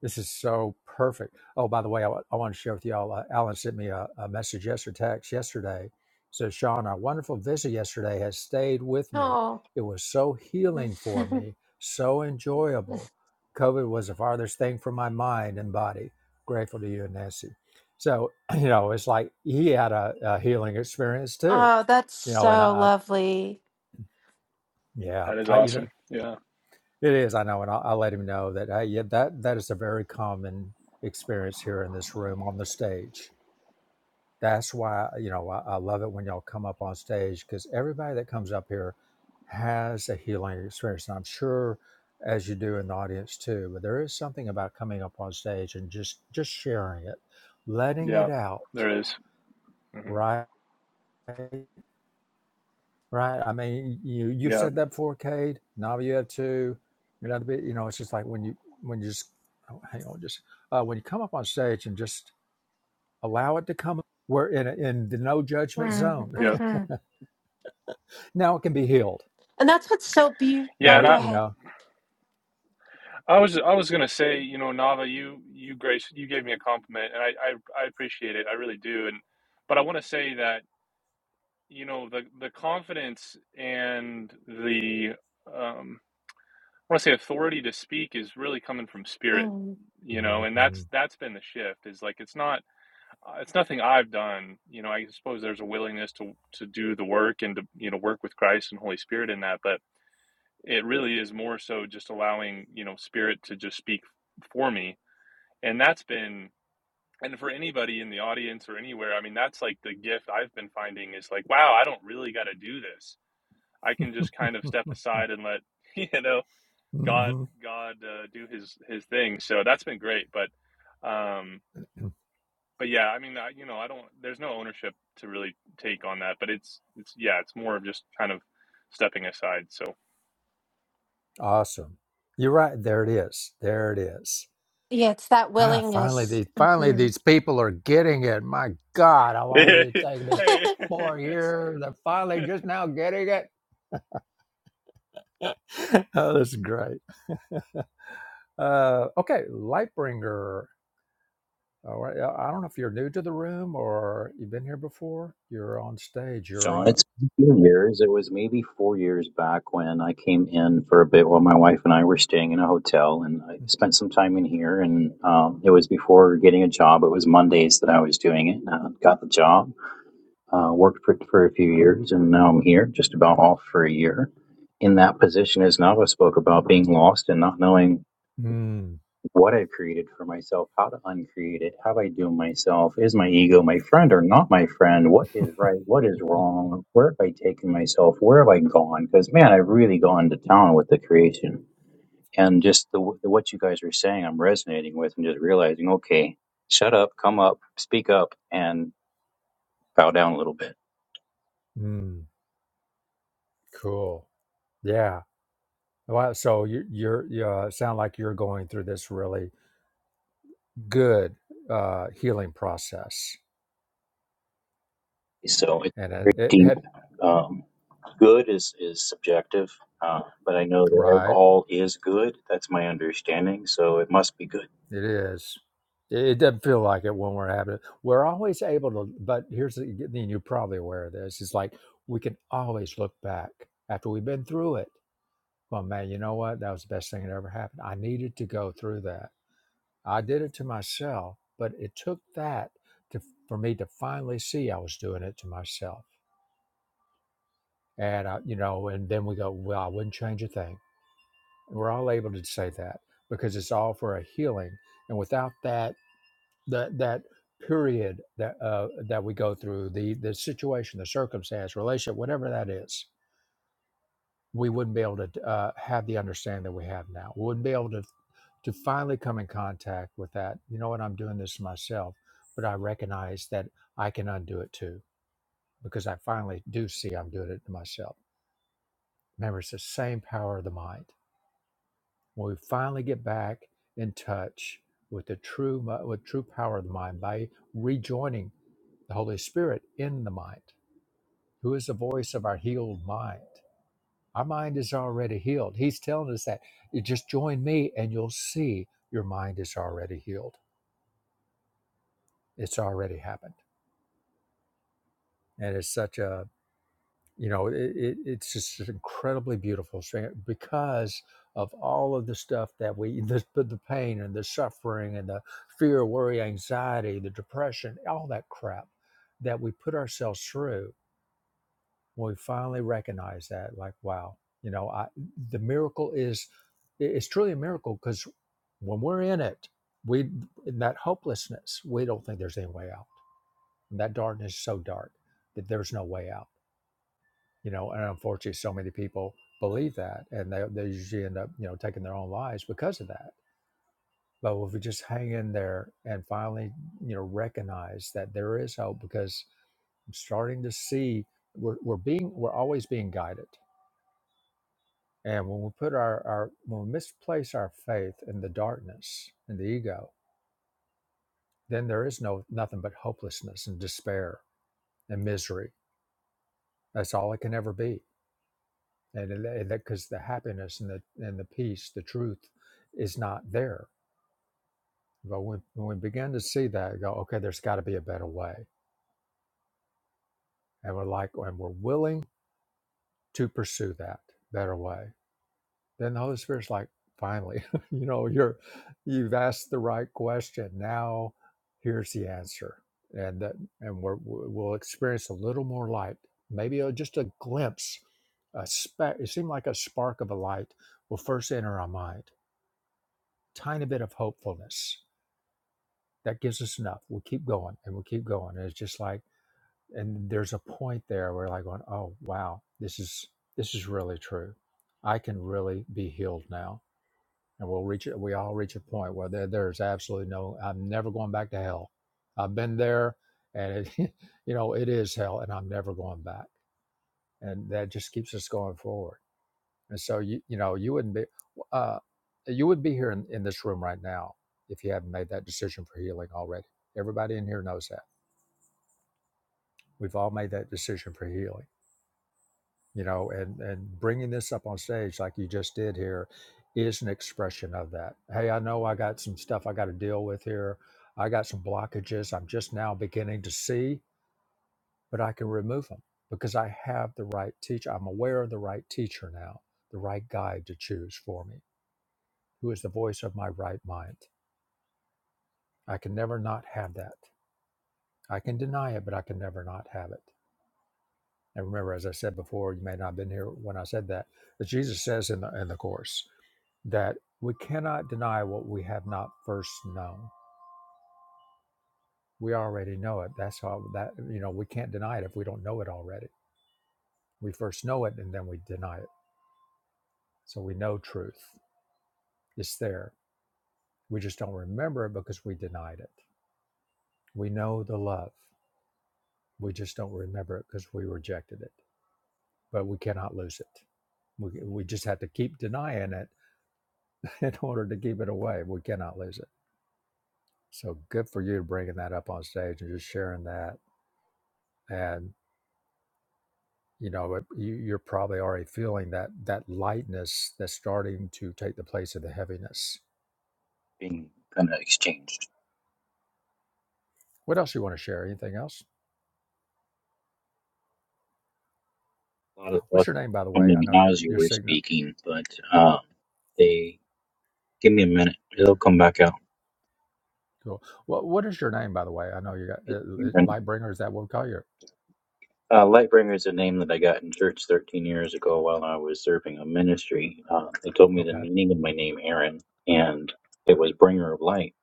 This is so perfect. Oh, by the way, I, wa- I want to share with y'all. Uh, Alan sent me a, a message yesterday, text yesterday. Says Sean, our wonderful visit yesterday has stayed with me.
Oh.
It was so healing for me, so enjoyable. COVID was the farthest thing from my mind and body. Grateful to you and Nancy. So you know, it's like he had a, a healing experience too.
oh, that's
You know, and I,
so
I
lovely.
yeah,
that is
I you know,
awesome yeah
it is, I know, and I'll, I'll let him know that. Hey, yeah, that that is a very common experience here in this room on the stage. That's why you know I, I love it when y'all come up on stage because everybody that comes up here has a healing experience, and I'm sure as you do in the audience too. But there is something about coming up on stage and just just sharing it, letting it
yeah
out,
there is. Mhm.
right? right? I mean, you you
yeah
said that before, Cade. Now you have two. You're bit, you know. It's just like when you when you just oh, hang on, just uh, when you come up on stage and just allow it to come. We're in a, in the no judgment zone.
yeah.
Mm-hmm.
Now it can be healed.
And that's what's so beautiful.
Then
Yeah,
Oh,
and
we,
go
I,
you
ahead.
know,
I was I was gonna say, you know, Nava, you you grace you gave me a compliment, and I I, I appreciate it, I really do. And but I want to say that you know the the confidence and the um, I want to say authority to speak is really coming from spirit,
Mm.
you know,
Mhm.
and that's that's been the shift. Is like it's not uh, it's nothing I've done, you know. I suppose there's a willingness to to do the work and to you know work with Christ and Holy Spirit in that, but it really is more so just allowing you know spirit to just speak for me and that's been and for anybody in the audience or anywhere i mean that's like the gift i've been finding is like wow i don't really got to do this i can just kind of step aside and let you know god
Mhm.
god uh, do his his thing so that's been great but um but yeah i mean I, you know i don't there's no ownership to really take on that but it's it's yeah it's more of just kind of stepping aside so
awesome. You're right. There it is. There it is.
Yeah, it's that
Ah, finally,
willingness.
these finally
hmm
these people are getting it. My God, how long did it take me?
hey
Four years. They're finally just now getting it. oh, that's great. Uh, okay, Lightbringer. All right. uh, I don't know if you're new to the room or you've been here before. You're on stage.
Sean,
You're up.
it's been a few years. It was maybe four years back when I came in for a bit while my wife and I were staying in a hotel, and I spent some time in here. And um, it was before getting a job. It was Mondays that I was doing it. And I got the job, uh, worked for for a few years, and now I'm here, just about off for a year. In that position, as Nava spoke about being lost and not knowing
Mm,
what I've created for myself, how to uncreate it, how I do myself, is my ego my friend or not my friend, what is right, what is wrong, where have I taken myself, where have I gone? Because man, I've really gone to town with the creation, and just the, the what you guys are saying, I'm resonating with, and just realizing, okay, shut up, come up, speak up, and bow down a little bit.
mm, cool. Yeah. Well, so you, you're you uh, sound like you're going through this really good uh, healing process,
So it's
and it,
very
it
deep.
had
Um, good is is subjective, uh, but I know that
right.
all is good. That's my understanding, so it must be good.
It is. It it doesn't feel like it when we're having it. We're always able to, but here's the thing you're probably aware of this. It's like we can always look back after we've been through it. Well, man, you know what? That was the best thing that ever happened. I needed to go through that. I did it to myself, but it took that to, for me to finally see I was doing it to myself. And, I, you know, and then we go, well, I wouldn't change a thing. We're all able to say that because it's all for a healing. And without that, that that period that uh, that we go through, the the situation, the circumstance, relationship, whatever that is, we wouldn't be able to uh, have the understanding that we have now. We wouldn't be able to to finally come in contact with that. You know what? I'm doing this to myself, but I recognize that I can undo it too because I finally do see I'm doing it to myself. Remember, it's the same power of the mind. When we finally get back in touch with the true mi- with true power of the mind by rejoining the Holy Spirit in the mind, who is the voice of our healed mind. Our mind is already healed. He's telling us that you just join me and you'll see your mind is already healed. It's already happened. And it's such a, you know, it, it, it's just an incredibly beautiful thing because of all of the stuff that we, the, the the pain and the suffering and the fear, worry, anxiety, the depression, all that crap that we put ourselves through when we finally recognize that like wow you know i the miracle is it's truly a miracle because when we're in it we in that hopelessness we don't think there's any way out and that darkness is so dark that there's no way out you know and unfortunately so many people believe that and they, they usually end up you know taking their own lives because of that but if we just hang in there and finally you know recognize that there is hope because i'm starting to see we're, we're being we're always being guided And when we put our, our when we misplace our faith in the darkness in the ego, then there is no nothing but hopelessness and despair and misery. That's all it can ever be. And because the happiness and the and the peace, the truth, is not there. But when, when we begin to see that, we go, okay, there's got to be a better way, and we're like, and we're willing to pursue that better way Then the Holy Spirit's like, finally, you know, you're you've asked the right question. Now here's the answer. And that and we're, we'll experience a little more light, maybe a, just a glimpse, a speck. It seemed like a spark of a light will first enter our mind. Tiny bit of hopefulness that gives us enough. We'll keep going and we'll keep going. And it's just like, and there's a point there where like going, oh wow, this is this is really true. I can really be healed now and we'll reach it. We all reach a point where there, there's absolutely no. I'm never going back to hell. I've been there, and it, you know it is hell, and I'm never going back. And that just keeps us going forward. And so you you know you wouldn't be, uh, you would be here in, in this room right now if you haven't made that decision for healing already. Everybody in here knows that. We've all made that decision for healing. you know and and bringing this up on stage like you just did here is an expression of that hey i know i got some stuff i got to deal with here i got some blockages i'm just now beginning to see but i can remove them because i have the right teacher i'm aware of the right teacher now the right guide to choose for me who is the voice of my right mind i can never not have that i can deny it but i can never not have it and remember as i said before you may not have been here when i said that but jesus says in the in the course that we cannot deny what we have not first known. We already know it. That's how that you know we can't deny it if we don't know it already. We first know it and then we deny it. So we know truth. It's there. We just don't remember it because we denied it. We know the love. We just don't remember it because we rejected it. But we cannot lose it. We, we just have to keep denying it in order to keep it away. We cannot lose it. So good for you bringing that up on stage and just sharing that. and. you know it, you, you're probably already feeling that that lightness that's starting to take the place of the heaviness
Being kind of exchanged.
what else you want to share anything else
A lot of
what's
thoughts
your name by the way i
coming in
know
now
your
as you
your
were
signal
speaking, but um, they give me a minute; it'll come back out.
Cool. what, what is your name by the way i know you got uh,
It's
uh,
different.
lightbringer is that what we call you
Uh, Lightbringer is a name that I got in church 13 years ago while I was serving a ministry. Uh, they told me the
okay
meaning of my name, Aaron, and it was bringer of light,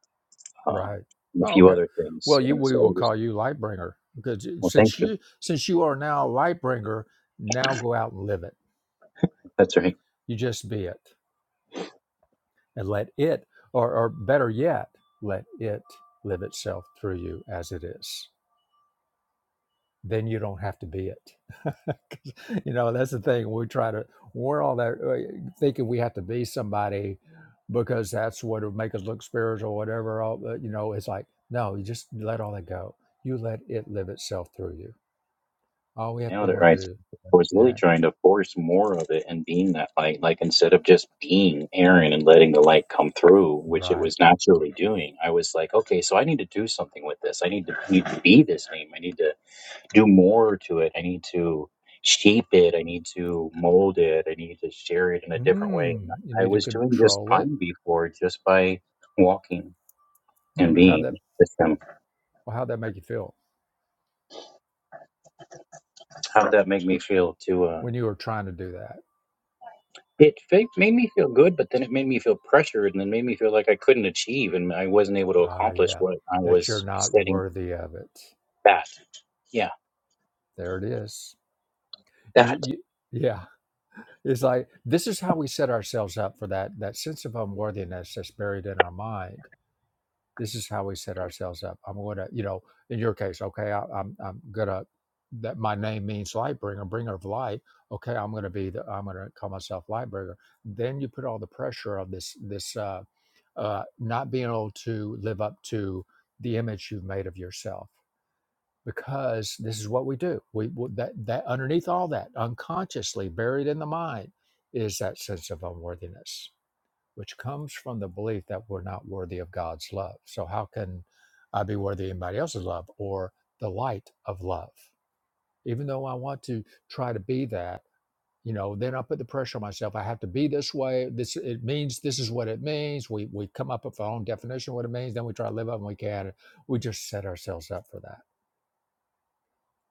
um,
right
and a
oh
few
okay
other things.
well you
And
we
so
will
I just,
call you lightbringer because you-
well, thank
since
you.
you since you are now lightbringer now go out and live it
That's right.
you just be it and let it or, or better yet let it live itself through you as it is then you don't have to be it. 'Cause, you know, that's the thing. We try to, we're all that uh, thinking we have to be somebody because that's what would make us look spiritual, whatever. All, uh, you know, it's like, no, you just let all that go. You let it live itself through you. All we have to be
Nailed it
one to
right.
do.
I was really
Yeah,
trying to force more of it and being that light, like instead of just being Aaron and letting the light come through, which it
right.
was naturally doing. I was like, okay, so I need to do something with this. I need to need to be this name. I need to do more to it. I need to shape it. I need to mold it. I need to share it in a different way.
Hmm.
And
You
I I
need to
was doing just
control it.
fine before, just by walking and
Hmm. How
being
that,
with
well,
them.
how'd that make you feel
How would that make me feel to? uh,
when you were trying to do that?
It fa- made me feel good, but then it made me feel pressured, and then made me feel like I couldn't achieve, and I wasn't able to
Ah,
accomplish
yeah,
what I
that you're
was
not
setting
worthy of it.
that. Yeah,
There it is you,
that.
you yeah it's like this is how we set ourselves up for that that sense of unworthiness that's buried in our mind this is how we set ourselves up i'm gonna you know in your case okay I, i'm i'm gonna that my name means light bringer bringer of light okay i'm gonna be the i'm gonna call myself light bringer then you put all the pressure of this this uh uh not being able to live up to the image you've made of yourself because this is what we do. We that that underneath all that, unconsciously buried in the mind, is that sense of unworthiness, which comes from the belief that we're not worthy of God's love. So how can I be worthy of anybody else's love or the light of love? Even though I want to try to be that, you know, then I put the pressure on myself. I have to be this way. This it means this is what it means. We we come up with our own definition of what it means, then we try to live up and we can. not We just set ourselves up for that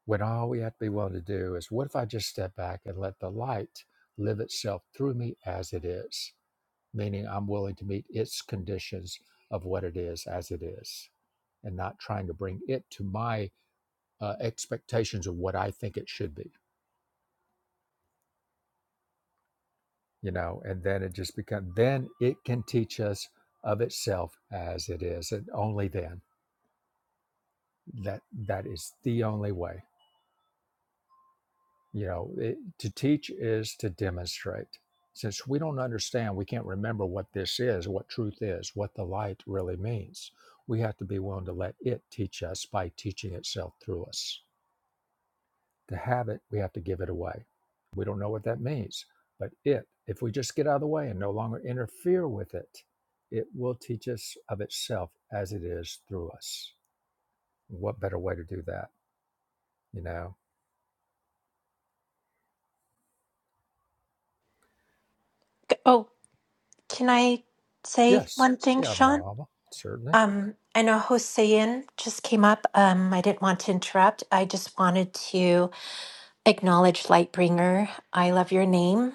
when all we have to be willing to do is what if I just step back and let the light live itself through me as it is, meaning I'm willing to meet its conditions of what it is as it is, and not trying to bring it to my uh, expectations of what I think it should be, you know, and then it just becomes, then it can teach us of itself as it is, and only then that that is the only way you know it, to teach is to demonstrate since we don't understand we can't remember what this is what truth is what the light really means we have to be willing to let it teach us by teaching itself through us to have it we have to give it away we don't know what that means but it if we just get out of the way and no longer interfere with it it will teach us of itself as it is through us what better way to do that you know
oh, can I say
yes
one thing,
yeah
Sean?
Nava, certainly
Um, I know Hossein just came up. Um, I didn't want to interrupt. I just wanted to acknowledge Lightbringer. I love your name.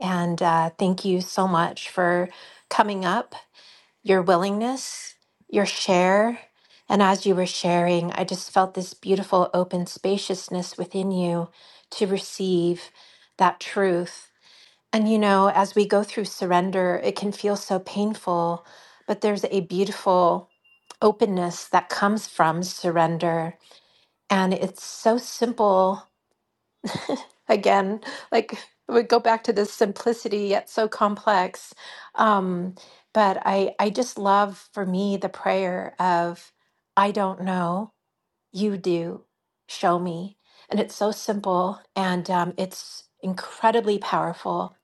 And uh, thank you so much for coming up your willingness, your share. And as you were sharing, I just felt this beautiful open spaciousness within you to receive that truth. And you know, as we go through surrender, it can feel so painful, but there's a beautiful openness that comes from surrender. And it's so simple again like we go back to this simplicity yet so complex um but i i just love for me the prayer of i don't know you do show me and it's so simple and um, it's incredibly powerful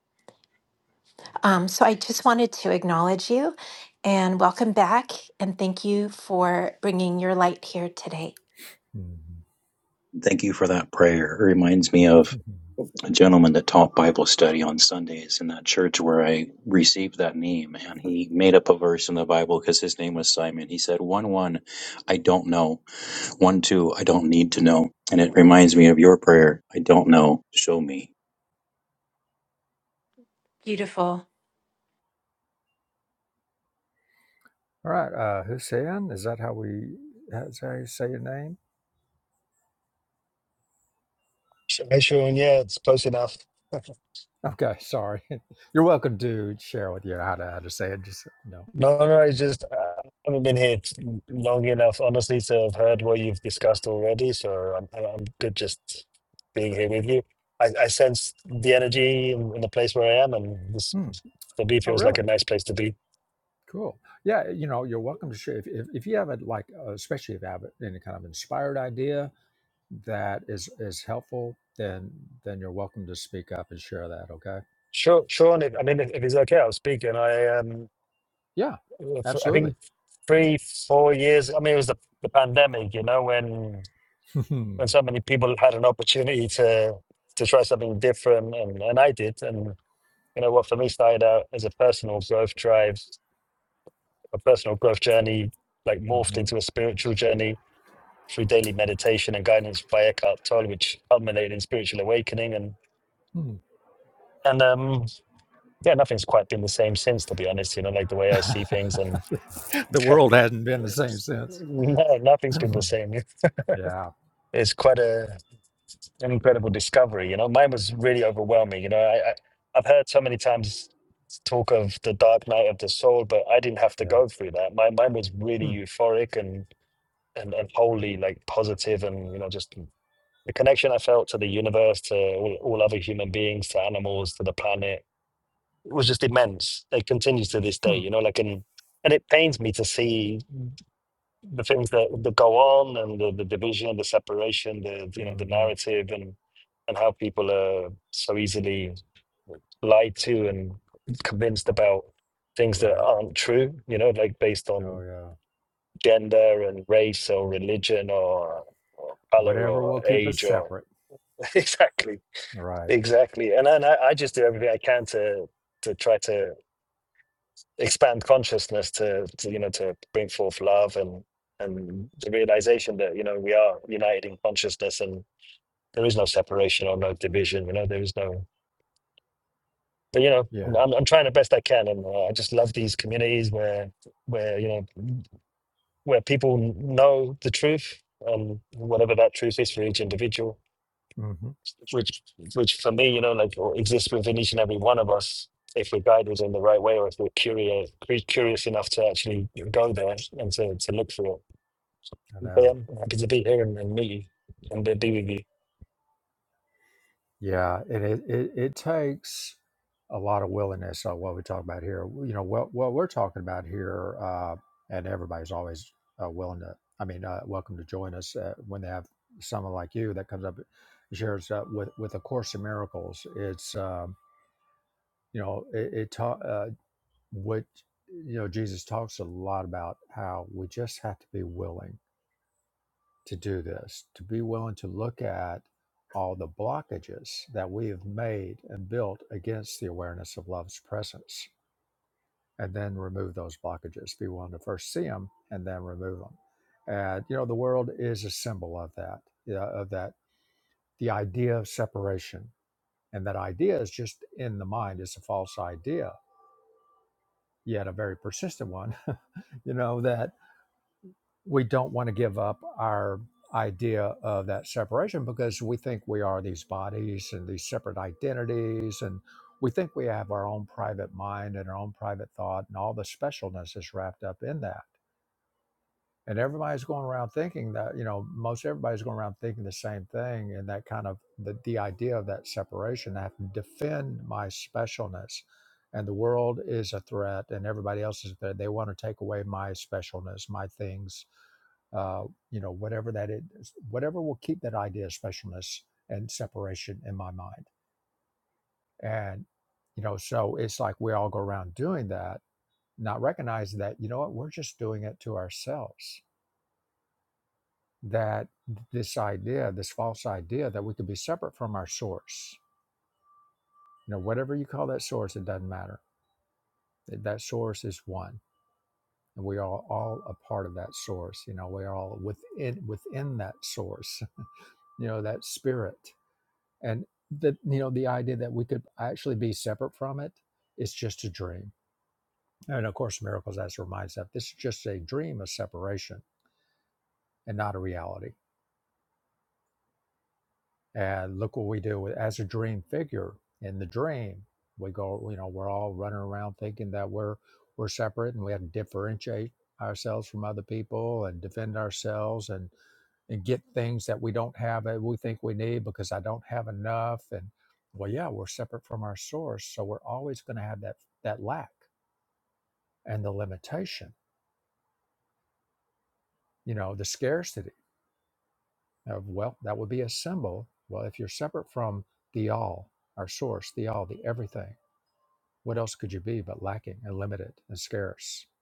um, so i just wanted to acknowledge you and welcome back and thank you for bringing your light here today
Mhm.
Thank you for that prayer. It reminds me of a gentleman that taught Bible study on Sundays in that church where I received that name, and he made up a verse in the Bible because his name was Simon. He said, "One, one, I don't know. One, two, I don't need to know." And it reminds me of your prayer. I don't know. Show me.
beautiful
All right, uh, Hussein, is that how we that's how you say your name?
Sh- Hey, Sean, yeah, it's close enough.
Okay, sorry. You're welcome to share with you how to how to say it. Just so you know,
No, no, it's just uh, I haven't been here t- long enough, honestly, to have heard what you've discussed already. So I'm, I'm I'm good just being here with you. I, I sense the energy in, in the place where I am, and this
Hmm.
for me
Oh,
feels like a
really?
nice place to be.
Cool. Yeah, you know, you're welcome to share if if, if you have a like, uh, especially if you have any kind of inspired idea that is is helpful, then then you're welcome to speak up and share that. Okay.
Sure, Sean, if, I mean, if, if it's okay, I'll speak. And I, um,
Yeah,
if- I
absolutely.
think three, four years. I mean, it was the, the pandemic, you know, when when so many people had an opportunity to to try something different and, and I did and you know what for me started out as a personal growth drive a personal growth journey like morphed
Mhm.
into a spiritual journey through daily meditation and guidance via Eckhart Tolle which culminated in spiritual awakening and
Hmm.
and um yeah nothing's quite been the same since to be honest you know like the way I see things and
the world hasn't been the same since.
no nothing's been the same
yeah.
it's quite a an incredible discovery. You know, mine was really overwhelming. You know, I, I I've heard so many times talk of the dark night of the soul, but I didn't have to
Yeah.
go through that. My mine was really
Hmm.
euphoric and and and wholly like positive, and you know, just the connection I felt to the universe, to all, all other human beings, to animals, to the planet. It was just immense. It continues to this day.
Hmm.
You know, like and and it pains me to see the things that, that go on and the, the division, the separation, the you know the
hmm
narrative and and how people are so easily lied to and convinced about things that
Right.
aren't true, you know, like based
Oh
on
yeah.
gender and race or religion or, or color
Whatever
or
will keep
age
us
or
separate.
exactly,
Right.
exactly. And then I, I just do everything I can to to try to expand consciousness to, to you know to bring forth love and and the realization that you know we are united in consciousness and there is no separation or no division you know there is no but you know i'm,
Yeah.
I'm I'm trying the best i can and uh, i just love these communities where where you know where people know the truth um whatever that truth is for each individual
hmm
which which for me, you know, like or exists within each and every one of us if we're guided in the right way or if we're curious cu- curious enough to actually go there and to, to look for it.
I
But
know.
yeah, I'm happy to be here and, and meet you and be be with you.
Yeah, and it, it it takes a lot of willingness. So what we talk about here, you know, what what we're talking about here, uh, and everybody's always uh, willing to. I mean, uh, welcome to join us uh, when they have someone like you that comes up and shares uh, with with a course in miracles. It's um, you know, it, it ta- uh, what you know Jesus talks a lot about how we just have to be willing to do this, to be willing to look at all the blockages that we have made and built against the awareness of love's presence, and then remove those blockages. Be willing to first see them and then remove them. And you know, the world is a symbol of that, you know, of that the idea of separation, and that idea is just in the mind. It's a false idea, yet a very persistent one. you know that we don't want to give up our idea of that separation because we think we are these bodies and these separate identities and we think we have our own private mind and our own private thought and all the specialness is wrapped up in that and everybody's going around thinking that, you know, most everybody's going around thinking the same thing. And that kind of the, the idea of that separation, I have to defend my specialness. And the world is a threat and everybody else is a threat. They want to take away my specialness, my things, uh, you know, whatever that is, whatever will keep that idea of specialness and separation in my mind. And, you know, so it's like we all go around doing that, not recognizing that, you know what, we're just doing it to ourselves that this idea, this false idea that we could be separate from our source. You know, whatever you call that source, it doesn't matter. That source is one. And we are all a part of that source. You know, we are all within within that source, you know, that spirit. And the you know, the idea that we could actually be separate from it is just a dream. And of course, miracles as reminds us, this is just a dream of separation and not a reality And look what we do with, as a dream figure in the dream. We go, you know, we're all running around thinking that we're we're separate and we have to differentiate ourselves from other people and defend ourselves and, and get things that we don't have that we think we need because I don't have enough. And well, yeah, we're separate from our source. So we're always going to have that that lack and the limitation, you know, the scarcity of well, that would be a symbol. Well, if you're separate from the all, our source, the all, the everything What else could you be but lacking and limited and scarce?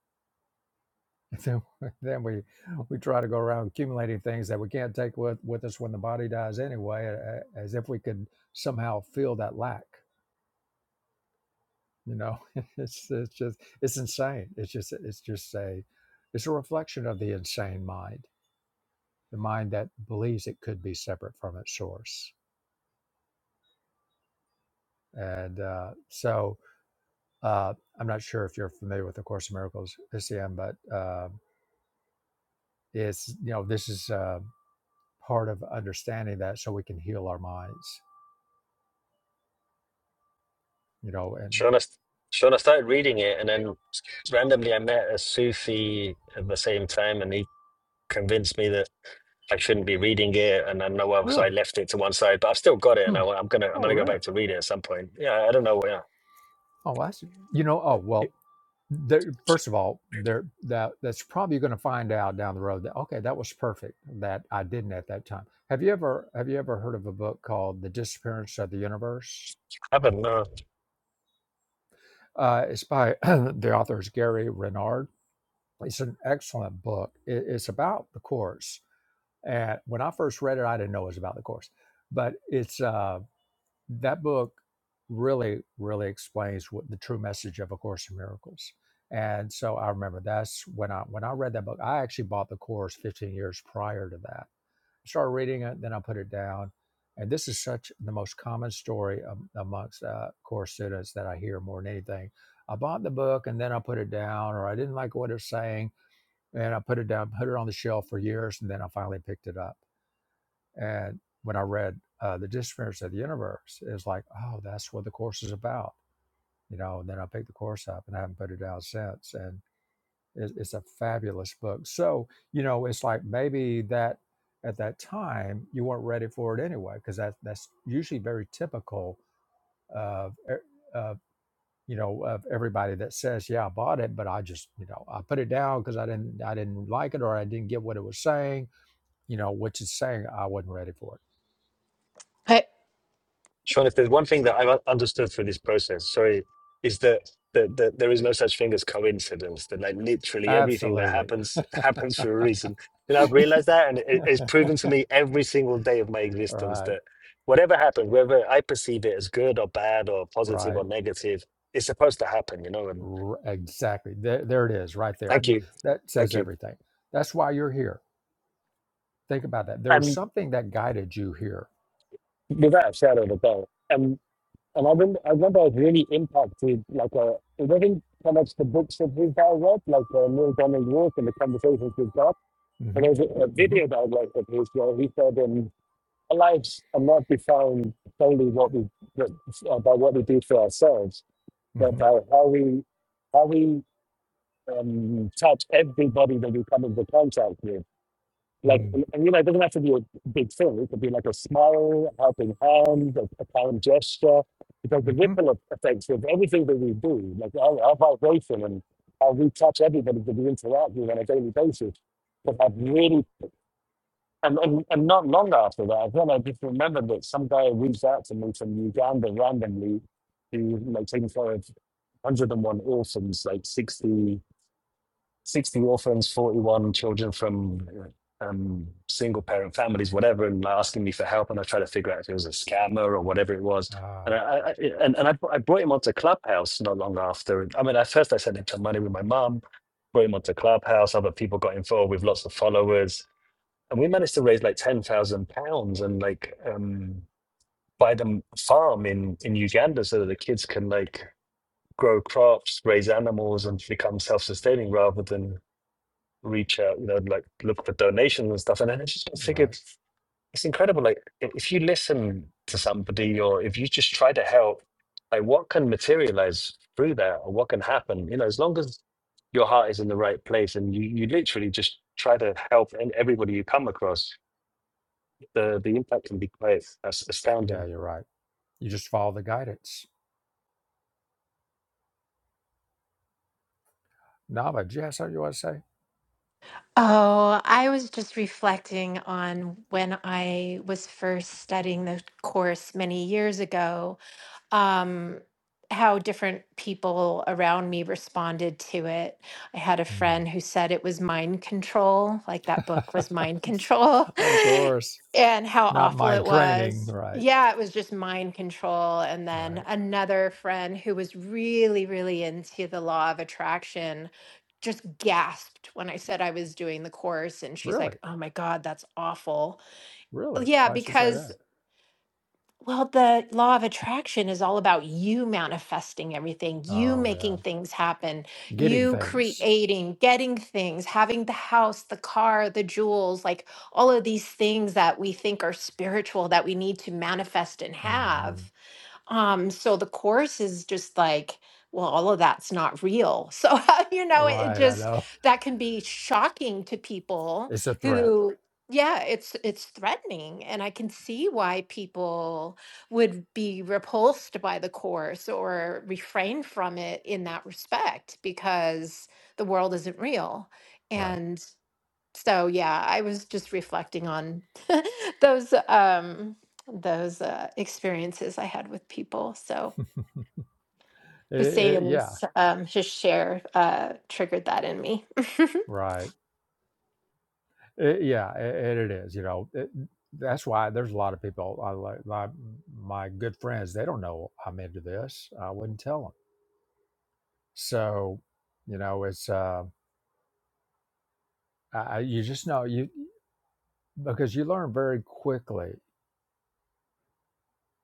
then, then we we try to go around accumulating things that we can't take with, with us when the body dies anyway, a- as if we could somehow feel that lack. You know, it's it's just it's insane. It's just it's just a it's a reflection of the insane mind, the mind that believes it could be separate from its source. And uh, so uh, I'm not sure if you're familiar with the Course in Miracles, Isiam, but uh, it's you know this is. Uh, part of understanding that so we can heal our minds, you know, and
Sean, I, st- Sean, I started reading it, and then randomly I met a Sufi at the same time, and he convinced me that I shouldn't be reading it, and I know why, so I
really,
left it to one side. But I've still got it, and I,
hmm,
am gonna I'm
oh,
gonna go
really?
back to read it at some point. Yeah, I don't know.
Oh, well, that's, you know, oh,
Yeah,
well, there, first of all, there that that's probably going to find out down the road that okay, that was perfect that I didn't at that time. Have you ever have you ever heard of a book called The Disappearance of the Universe?
I haven't.
Uh, it's by the author is Gary Renard. It's an excellent book. It, it's about the course, and when I first read it, I didn't know it was about the course, but it's um, that book really, really explains what the true message of A Course in Miracles. And so I remember that's when I when I read that book. I actually bought the course 15 years prior to that. I Started reading it, then I put it down. And this is such the most common story am- amongst uh, course students that I hear more than anything. I bought the book and then I put it down, or I didn't like what it was saying, and I put it down, put it on the shelf for years, and then I finally picked it up and when I read uh, The Disappearance of the Universe, it was like, oh, that's what the course is about, you know. And then I picked the course up and I haven't put it down since. And it, it's a fabulous book. So, you know, it's like maybe that at that time you weren't ready for it anyway, because that, that's usually very typical of, e- of you know of everybody that says yeah i bought it but i just you know i put it down because i didn't i didn't like it or i didn't get what it was saying you know, which is saying I wasn't ready for it.
I,
Sean, if there's one thing that I've understood through this process, sorry, is that that, that there is no such thing as coincidence. That like literally everything that
Absolutely.
happens happens for a reason. And I've realized that, and it, it's proven to me every single day of my existence
Right,
that whatever happens, whether I perceive it as good or bad or positive
right,
or negative, it's supposed to happen. You know. And
r- exactly. There, there it is, right there.
thank
Th-
you,
That
thank
says
you.
everything. That's why you're here. Think about that. There was
And
something that guided you here.
without a shadow of a doubt. and. And I remember, I remember I was really impacted. Like, uh, it wasn't so much the books that we guy read, like uh, Neil Donald Rook and the conversations we've got, but
hmm
there was a, a
hmm
video that I liked of his where he said, um, "Our lives are not defined solely what we what, uh, by what we do for ourselves, but
hmm
by how we how we um, touch everybody that we come into contact with." Like,
mm
and and, you know, it doesn't have to be a big thing. It could be like a smile, a helping hand, a, a kind gesture, because the
Mm-hmm.
ripple effects of everything that we do, like our, our vibration and how we touch everybody that we interact with on a daily basis, but I've really, and, and, and not long after that, I then I just remembered that some guy reached out to me from Uganda randomly, who like taking care of 101 orphans, like 60 60 orphans, 41 children from um, single parent families, whatever, and asking me for help. And I tried to figure out if it was a scammer or whatever it was. And
Ah,
I, I I- and, and I, I brought him onto Clubhouse not long after. I mean, at first I sent him some money with my mum, brought him onto Clubhouse. Other people got involved with lots of followers. And we managed to raise like £10,000 and like um, buy them a farm in, in Uganda so that the kids can like grow crops, raise animals, and become self sustaining rather than reach out, you know, like look for donations and stuff. And then I just
right.
figured it's incredible. Like i- if you listen to somebody or if you just try to help, like what can materialize through that or what can happen, you know, as long as your heart is in the right place and you, you literally just try to help and everybody you come across, the the impact can be quite as-
Yeah,
astounding.
you're right. You just follow the guidance. Nava, did you have something you want to say?
Oh, I was just reflecting on when I was first studying the course many years ago um, how different people around me responded to it. I had a friend who said it was mind control, like that book was
Hmm.
mind control,
of course.
and how
Not
awful
my
it
training.
was.
Right,
Yeah, it was just mind control. And then
right.
another friend who was really, really into the law of attraction just gasped when I said I was doing the course. And she's
Really,
like, oh my God, that's awful.
really.
Yeah,
Why'd you say
because
that?
well, the law of attraction is all about you manifesting everything, you
Oh, yeah.
making things happen,
Getting
you
things.
creating, getting things, having the house, the car, the jewels, like all of these things that we think are spiritual that we need to manifest and
Mm-hmm.
have. Um, so the course is just like, well, all of that's not real. So, you know, it, it
Right, I
just
know.
that can be shocking to people
It's a threat.
who, yeah, it's it's threatening. And I can see why people would be repulsed by the course or refrain from it in that respect, because the world isn't real
Right.
so yeah, I was just reflecting on those um those uh, experiences I had with people. So
I- I- yeah,
Hussein's um his share uh triggered that in me.
right. It, yeah, it, it is. You know, it, that's why there's a lot of people. I like my my good friends. They don't know I'm into this. I wouldn't tell them. So, you know, it's uh, I, I- you just know you because you learn very quickly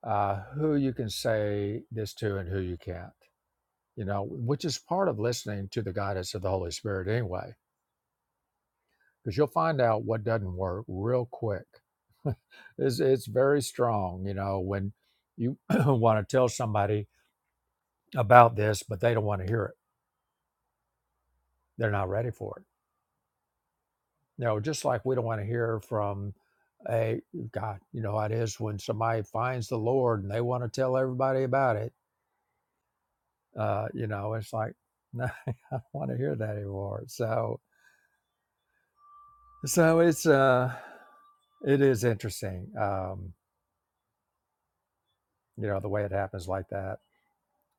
uh, who you can say this to and who you can't. You know, which is part of listening to the guidance of the Holy Spirit anyway. because you'll find out what doesn't work real quick. it's, it's very strong, you know, when you want to tell somebody about this, but they don't want to hear it. They're not ready for it. You know, just like we don't want to hear from a God, you know, how it is when somebody finds the Lord and they want to tell everybody about it. Uh, you know, it's like, no, I don't want to hear that anymore. So, so it's, uh, it is interesting, um, you know, the way it happens like that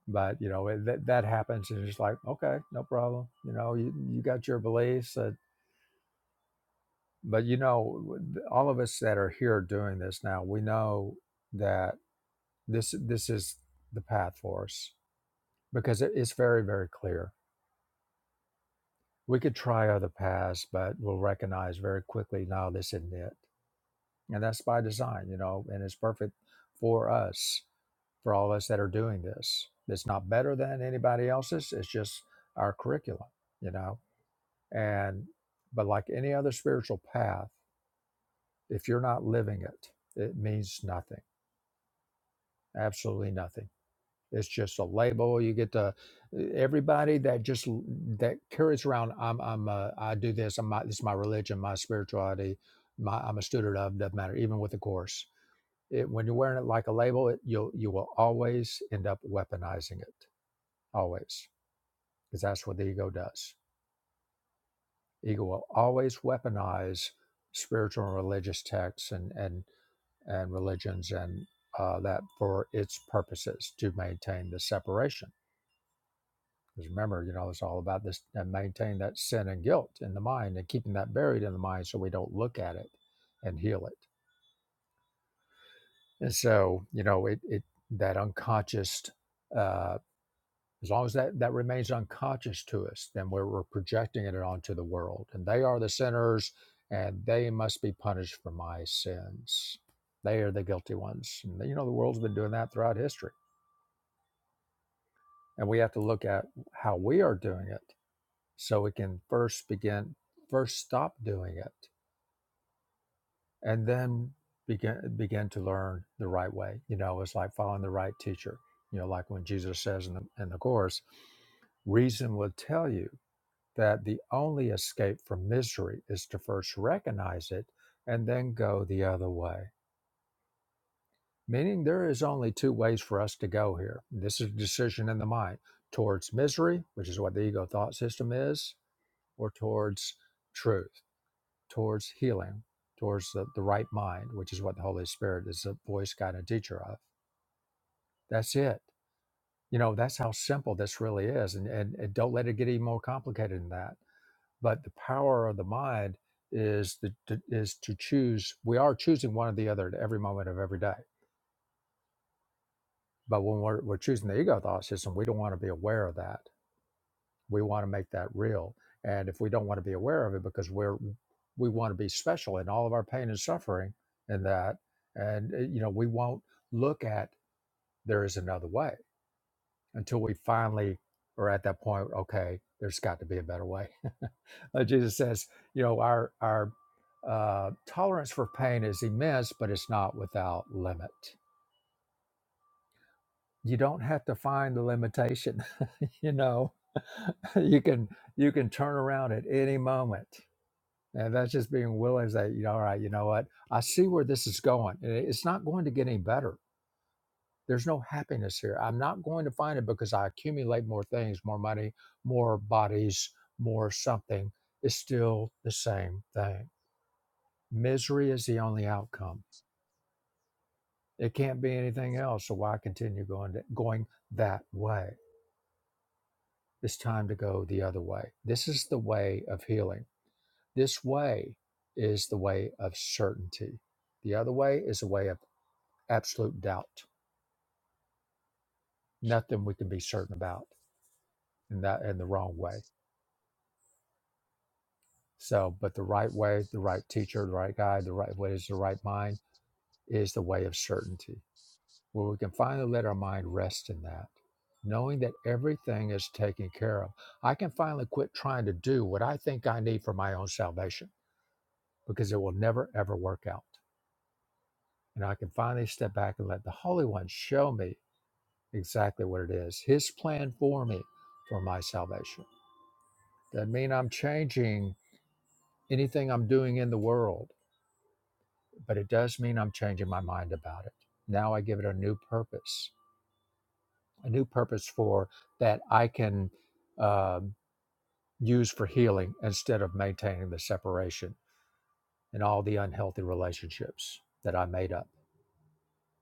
but you know it, that that happens and it's like okay no problem you know you, you got your beliefs uh, but you know all of us that are here doing this now we know that this this is the path for us because it, it's very very clear we could try other paths but we'll recognize very quickly no this isn't it and that's by design you know and it's perfect for us for all of us that are doing this it's not better than anybody else's it's just our curriculum you know And but like any other spiritual path, if you're not living it, it means nothing. Absolutely nothing. It's just a label. You get to everybody that just that carries around. I'm I'm uh, I do this. I'm my, this is my religion, my spirituality. My I'm a student of doesn't matter. Even with the course, it, when you're wearing it like a label, it, you'll you will always end up weaponizing it. Always, because that's what the ego does. Ego will always weaponize spiritual and religious texts and and and religions and uh, that for its purposes to maintain the separation. Because remember, you know, it's all about this and maintain that sin and guilt in the mind and keeping that buried in the mind so we don't look at it and heal it. And so, you know, it, it that unconscious, uh, as long as that, that remains unconscious to us, then we're, we're projecting it onto the world. And they are the sinners and they must be punished for my sins. They are the guilty ones. And, you know, the world's been doing that throughout history and we have to look at how we are doing it so we can first begin first stop doing it and then begin begin to learn the right way you know it's like following the right teacher you know like when jesus says in the, in the course reason will tell you that the only escape from misery is to first recognize it and then go the other way meaning there is only two ways for us to go here this is a decision in the mind towards misery which is what the ego thought system is or towards truth, towards healing, towards the, the right mind, which is what the Holy Spirit is a voice, guide, and teacher of. That's it. You know, that's how simple this really is. And, and, and don't let it get any more complicated than that. But the power of the mind is the, to, is to choose. We are choosing one or the other at every moment of every day. But when we're, we're choosing the ego thought system, we don't want to be aware of that We want to make that real. And if we don't want to be aware of it because we're we want to be special in all of our pain and suffering and that and uh, you know we won't look at there is another way until we finally are at that point okay there's got to be a better way Uh, jesus says you know our our uh, tolerance for pain is immense but it's not without limit you don't have to find the limitation you know you can you can turn around at any moment And that's just being willing to say, you know, all right, you know what? I see where this is going. and it- It's not going to get any better. There's no happiness here. I'm not going to find it because I accumulate more things, more money, more bodies, more something. It's still the same thing. Misery is the only outcome. It can't be anything else. So why continue going to, going that way? It's time to go the other way. This is the way of healing. This way is the way of certainty. The other way is a way of absolute doubt. Nothing we can be certain about in that in the wrong way. So, but the right way, the right teacher, the right guide, the right what is the right mind is the way of certainty, where we can finally let our mind rest in that, knowing that everything is taken care of. I can finally quit trying to do what I think I need for my own salvation because it will never ever work out. And I can finally step back and let the Holy One show me exactly what it is, His plan for me for my salvation Doesn't mean I'm changing anything I'm doing in the world, but it does mean I'm changing my mind about it. Now I give it a new purpose, a new purpose for that I can um, use for healing instead of maintaining the separation and all the unhealthy relationships that I made up.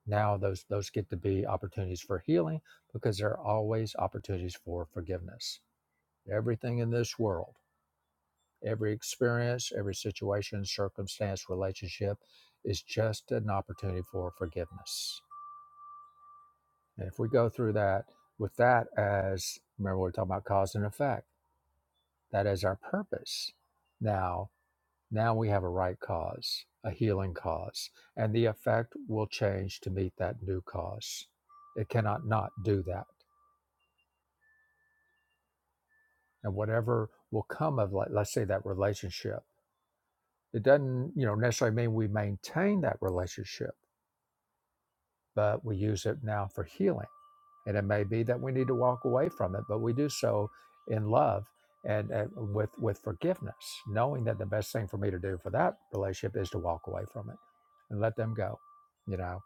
Now those those get to be opportunities for healing because there are always opportunities for forgiveness. Everything in this world Every experience, every situation, circumstance, relationship is just an opportunity for forgiveness. And if we go through that with that as, remember, we're talking about cause and effect, that is our purpose. Now, now we have a right cause, a healing cause, and the effect will change to meet that new cause. It cannot not do that. And whatever will come of, like, let's say, that relationship, it doesn't, you know, necessarily mean we maintain that relationship but we use it now for healing. And it may be that we need to walk away from it, but we do so in love and, and with with forgiveness, knowing that the best thing for me to do for that relationship is to walk away from it and let them go, you know,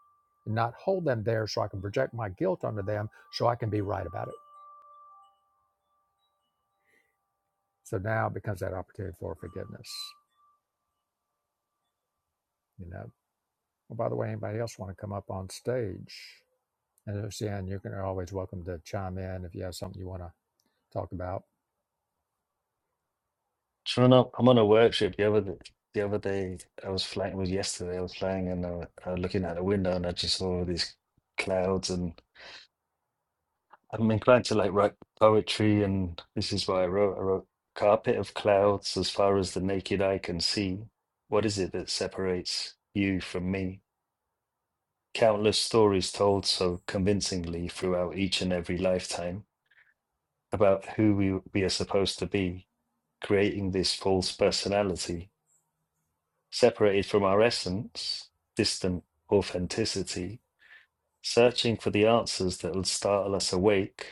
and not hold them there so I can project my guilt onto them so I can be right about it. So now it becomes that opportunity for forgiveness, you know. Well, by the way, anybody else want to come up on stage? And Lucianne, you can are always welcome to chime in if you have something you want to talk about.
Sure enough, I'm on a work trip the other day. The other day I was flying, it was yesterday, I was flying and I, wa- I was looking out the window and I just saw all these clouds and I'm inclined to like write poetry, and this is what I wrote. I wrote, Carpet of clouds as far as the naked eye can see. What is it that separates you from me? Countless stories told so convincingly throughout each and every lifetime about who we, we are supposed to be, creating this false personality, separated from our essence, distant authenticity, searching for the answers that will startle us awake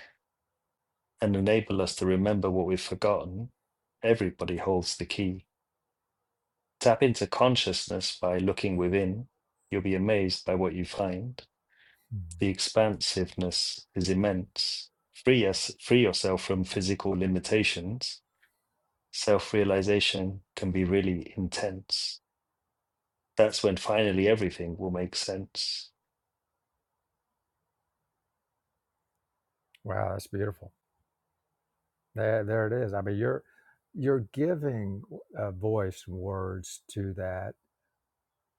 and enable us to remember what we've forgotten, everybody holds the key. Tap into consciousness by looking within. You'll be amazed by what you find.
Mm-hmm.
The expansiveness is immense. Free, us, free yourself from physical limitations. Self realization can be really intense. That's when finally everything will make sense.
Wow, that's beautiful. There, there it is. I mean, you're you're giving uh, voice and words to that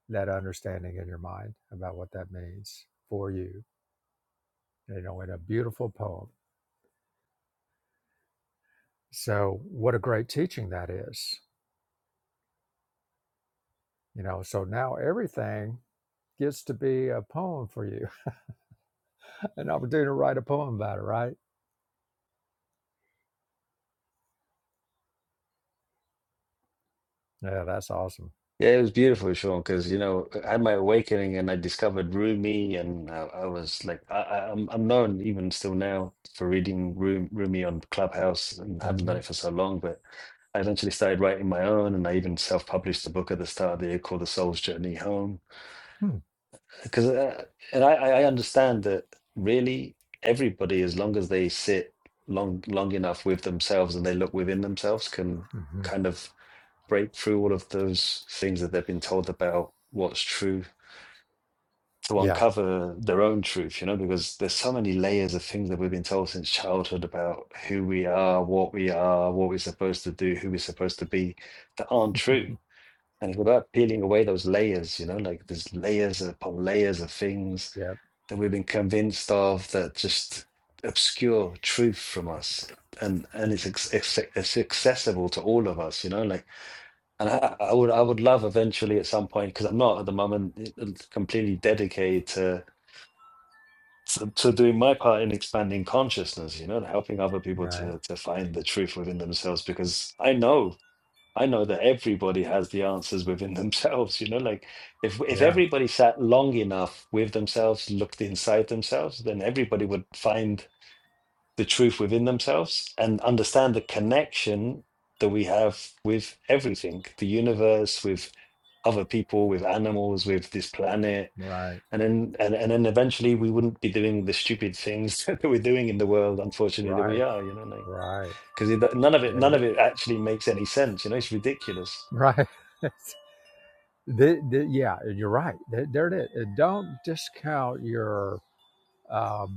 that understanding in your mind about what that means for you. You know, in a beautiful poem. So, what a great teaching that is. You know, so now everything gets to be a poem for you, an opportunity to write a poem about it. Right? Yeah, that's awesome.
Yeah, it was beautiful, Sean, because you know I had my awakening and I discovered Rumi, and I, I was like, I, I- I'm I'm known even still now for reading Ru- Rumi on Clubhouse, and I haven't done
hmm
it for so long. But I eventually started writing my own, and I even self-published a book at the start of the year called The Soul's Journey Home.
hmm
Because uh, and I I I understand that really everybody, as long as they sit long long enough with themselves and they look within themselves, can
Mm-hmm.
kind of break through all of those things that they've been told about what's true to
Yeah.
uncover their own truth you know because there's so many layers of things that we've been told since childhood about who we are what we are what we're supposed to do who we're supposed to be that aren't true and it's about peeling away those layers you know like there's layers upon layers of things
Yep.
that we've been convinced of that just obscure truth from us and and it's, ex- it's accessible to all of us you know like and I, I would I would love eventually at some point, because I'm not at the moment it- completely dedicated to, to to doing my part in expanding consciousness, you know, and helping other people
Right.
to to find the truth within themselves. Because I know, I know that everybody has the answers within themselves, you know, like if if
Yeah.
everybody sat long enough with themselves, looked inside themselves, then everybody would find the truth within themselves and understand the connection that we have with everything the universe with other people with animals with this planet
Right.
and then and, and then eventually we wouldn't be doing the stupid things that we're doing in the world unfortunately that we
Right.
are you know like,
Right.
because none of it
There
none
it is.
of it actually makes any sense you know it's ridiculous
Right. the, the, yeah, you're right. There, it is. Don't discount your um,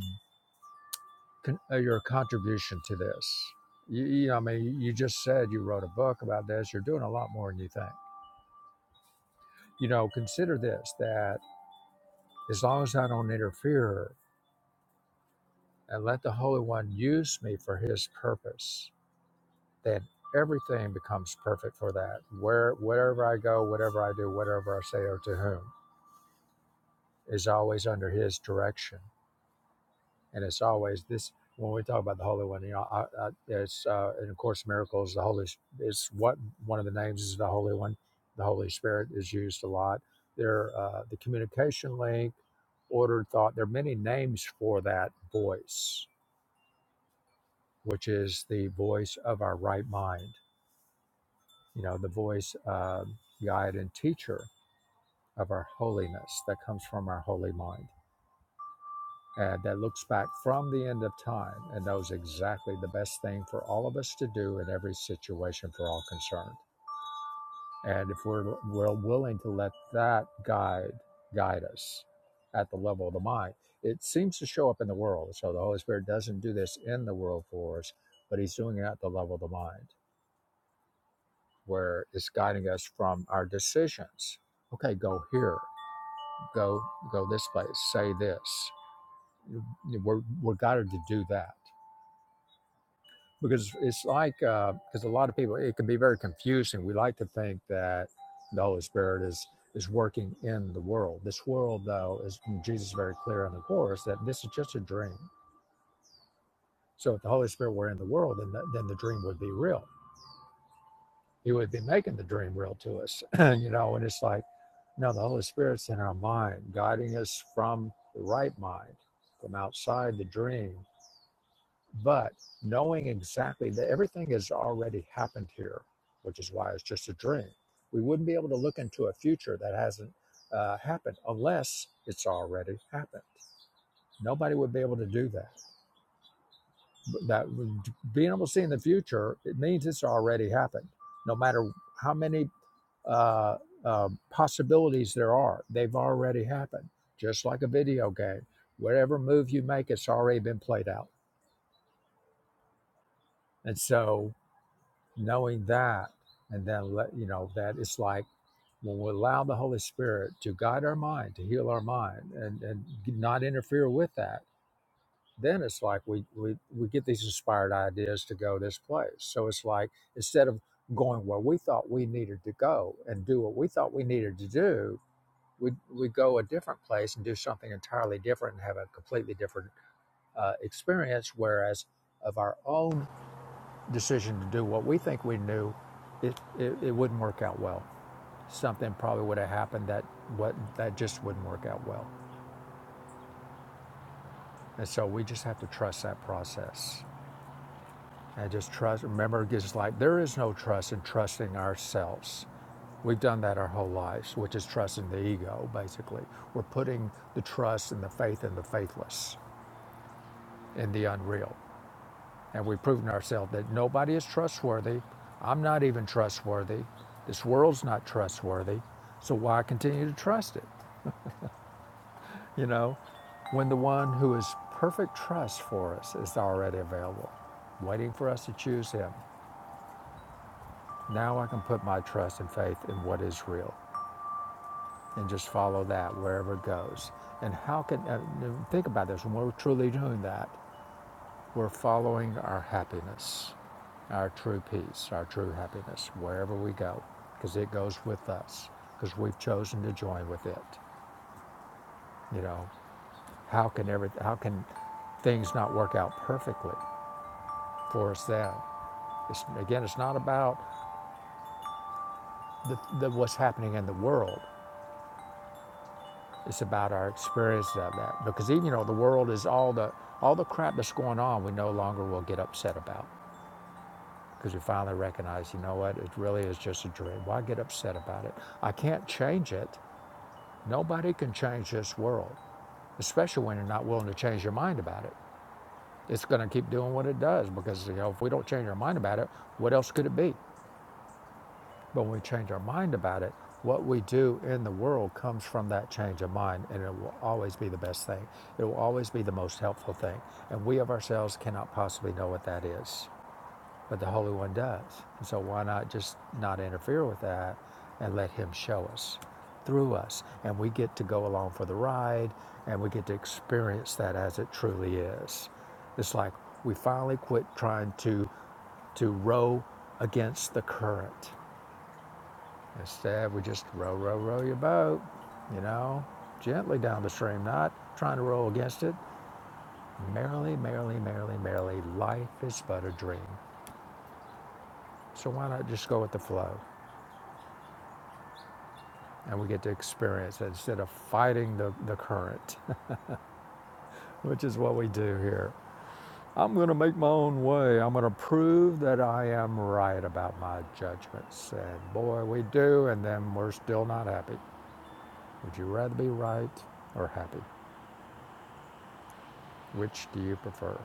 con- uh, your contribution to this. You, you know, I mean, you just said you wrote a book about this. You're doing a lot more than you think. You know, consider this: that as long as I don't interfere and let the Holy One use me for His purpose, then everything becomes perfect for that. Where wherever I go, whatever I do, whatever I say, or to whom is always under His direction And it's always this when we talk about the Holy One. You know, I, I, it's uh, and of course miracles. The Holy It's what one of the names is the Holy One. The Holy Spirit is used a lot. There, uh, the communication link, ordered thought. There are many names for that voice, which is the voice of our right mind. You know, the voice, uh, guide, and teacher of our holiness that comes from our holy mind and that looks back from the end of time and knows exactly the best thing for all of us to do in every situation for all concerned. And if we're, we're willing to let that guide guide us at the level of the mind, it seems to show up in the world. So the Holy Spirit doesn't do this in the world for us, but He's doing it at the level of the mind, where it's guiding us from our decisions. Okay, go here, go go this place, say this. We're we're guided to do that because it's like because uh, a lot of people it can be very confusing we like to think that the holy spirit is is working in the world this world though is jesus is very clear in the course that this is just a dream so if the holy spirit were in the world then the, then the dream would be real he would be making the dream real to us you know and it's like no the holy spirit's in our mind guiding us from the right mind from outside the dream But knowing exactly that everything has already happened here, which is why it's just a dream, we wouldn't be able to look into a future that hasn't uh, happened unless it's already happened. Nobody would be able to do that. That being able to see in the future, it means it's already happened. No matter how many uh, uh, possibilities there are, they've already happened. Just like a video game, whatever move you make, it's already been played out. And so knowing that and then let you know that it's like when we allow the holy spirit to guide our mind to heal our mind and and not interfere with that then it's like we we, we get these inspired ideas to go this place so it's like instead of going where we thought we needed to go and do what we thought we needed to do we we go a different place and do something entirely different and have a completely different uh, experience whereas of our own decision to do what we think we knew, it, it, it wouldn't work out well. Something probably would have happened that what that just wouldn't work out well. And so we just have to trust that process. And just trust remember it's just like there is no trust in trusting ourselves. We've done that our whole lives, which is trusting the ego, basically. We're putting the trust and the faith in the faithless, in the unreal. and we've proven ourselves that nobody is trustworthy. I'm not even trustworthy. This world's not trustworthy. So why continue to trust it? You know, when the one who is perfect trust for us is already available, waiting for us to choose him. Now I can put my trust and faith in what is real and just follow that wherever it goes. And how can, uh, think about this, when we're truly doing that, We're following our happiness, our true peace, our true happiness, wherever we go, because it goes with us, because we've chosen to join with it. You know, how can every, how can things not work out perfectly for us then? It's, again, it's not about the, the, what's happening in the world. It's about our experience of that, because even you know the world is all the all the crap that's going on. We no longer will get upset about. because we finally recognized, you know what, it really is just a dream. Why get upset about it? I can't change it. Nobody can change this world, especially when you're not willing to change your mind about it. It's going to keep doing what it does because you know if we don't change our mind about it, what else could it be? But when we change our mind about it, what we do in the world comes from that change of mind, and it will always be the best thing. It will always be the most helpful thing, and we of ourselves cannot possibly know what that is. but the Holy One does. And so why not just not interfere with that and let Him show us through us? And we get to go along for the ride and we get to experience that as it truly is. It's like we finally quit trying to to row against the current. Instead, we just row, row, row your boat, you know, gently down the stream, not trying to row against it. Merrily, merrily, merrily, merrily, life is but a dream. So why not just go with the flow? and we get to experience it instead of fighting the, the current, which is what we do here. I'm going to make my own way. I'm going to prove that I am right about my judgments. And boy, we do, and then we're still not happy. Would you rather be right or happy? Which do you prefer?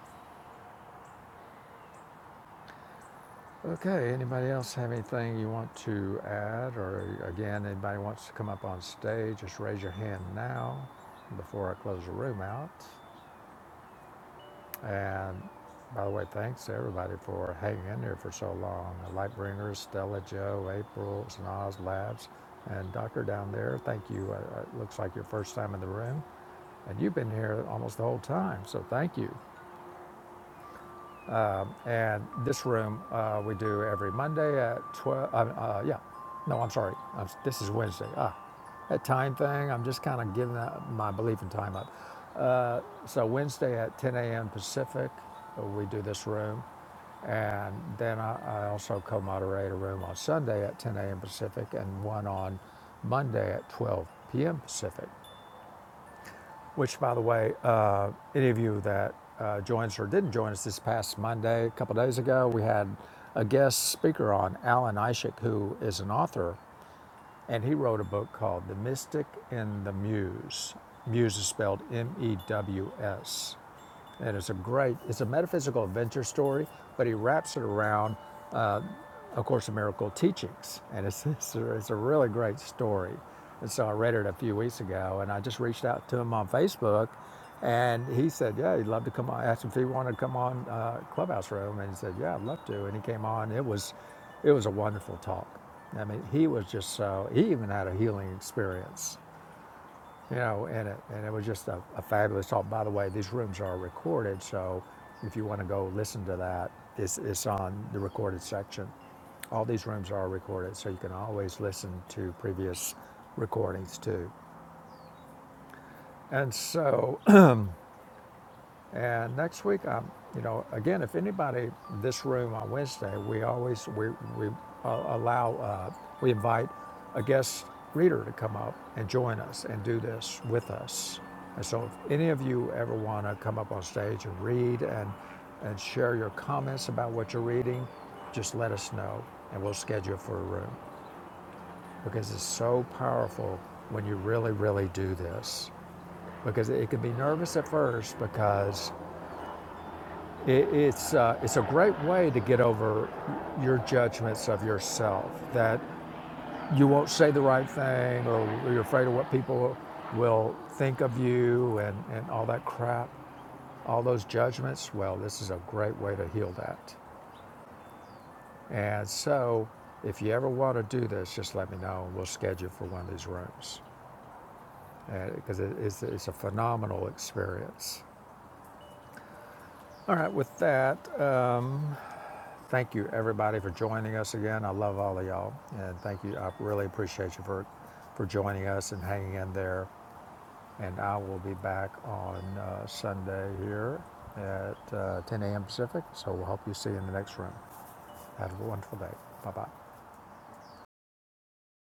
Okay, anybody else have anything you want to add? Or again, anybody wants to come up on stage, just raise your hand now before I close the room out. And by the way, thanks to everybody for hanging in there for so long. The Lightbringers, Stella Joe, April, Snaz Labs, and Doctor down there. Thank you. Uh, uh, It looks like your first time in the room, and you've been here almost the whole time, so thank you. And this room uh, we do every Monday at 12. Uh, uh, yeah, no, I'm sorry. I'm, this is Wednesday. Ah, that time thing, I'm just kind of giving that, my belief in time up. Uh, so, Wednesday at 10 a.m. Pacific, uh, we do this room. And then I, I also co moderate a room on Sunday at 10 a.m. Pacific and one on Monday at 12 p.m. Pacific. Which, by the way, uh, any of you that uh, joins or didn't join us this past Monday, a couple days ago, we had a guest speaker on, Alan Ishak, who is an author, and he wrote a book called The Mystic and the Muse. Muse is spelled M E W S. And it's a great, it's a metaphysical adventure story, but he wraps it around a Course in Miracle teachings, and it's, it's, a, it's a really great story. And so I read it a few weeks ago, and I just reached out to him on Facebook, and he said, "Yeah, he'd love to come on." I asked him if he wanted to come on uh, Clubhouse Room, and he said, "Yeah, I'd love to." And he came on. It was, it was a wonderful talk. I mean, he was just so. He even had a healing experience you know, and it, and it was just a, a fabulous talk. By the way, these rooms are recorded, so if you want to go listen to that, it's, it's on the recorded section. All these rooms are recorded, so you can always listen to previous recordings too. And so And next week, um, you know, again, if anybody this room on Wednesday, we always we we uh, allow uh, we invite a guest reader to come up and join us and do this with us. And so, if any of you ever want to come up on stage and read and and share your comments about what you're reading, just let us know and we'll schedule for a room because it's so powerful when you really really do this because it can be nervous at first because it, it's uh, it's a great way to get over your judgments of yourself that you won't say the right thing or you're afraid of what people will think of you and, and all that crap, all those judgments. Well, this is a great way to heal that. And so, if you ever want to do this, just let me know and we'll schedule for one of these rooms because it, it's, it's a phenomenal experience. All right, with that. Um, Thank you, everybody, for joining us again. I love all of y'all, and thank you. I really appreciate you for for joining us and hanging in there. And I will be back on uh, Sunday here at uh, 10 a.m. Pacific. So we'll hope you see you in the next room. Have a wonderful day. Bye bye.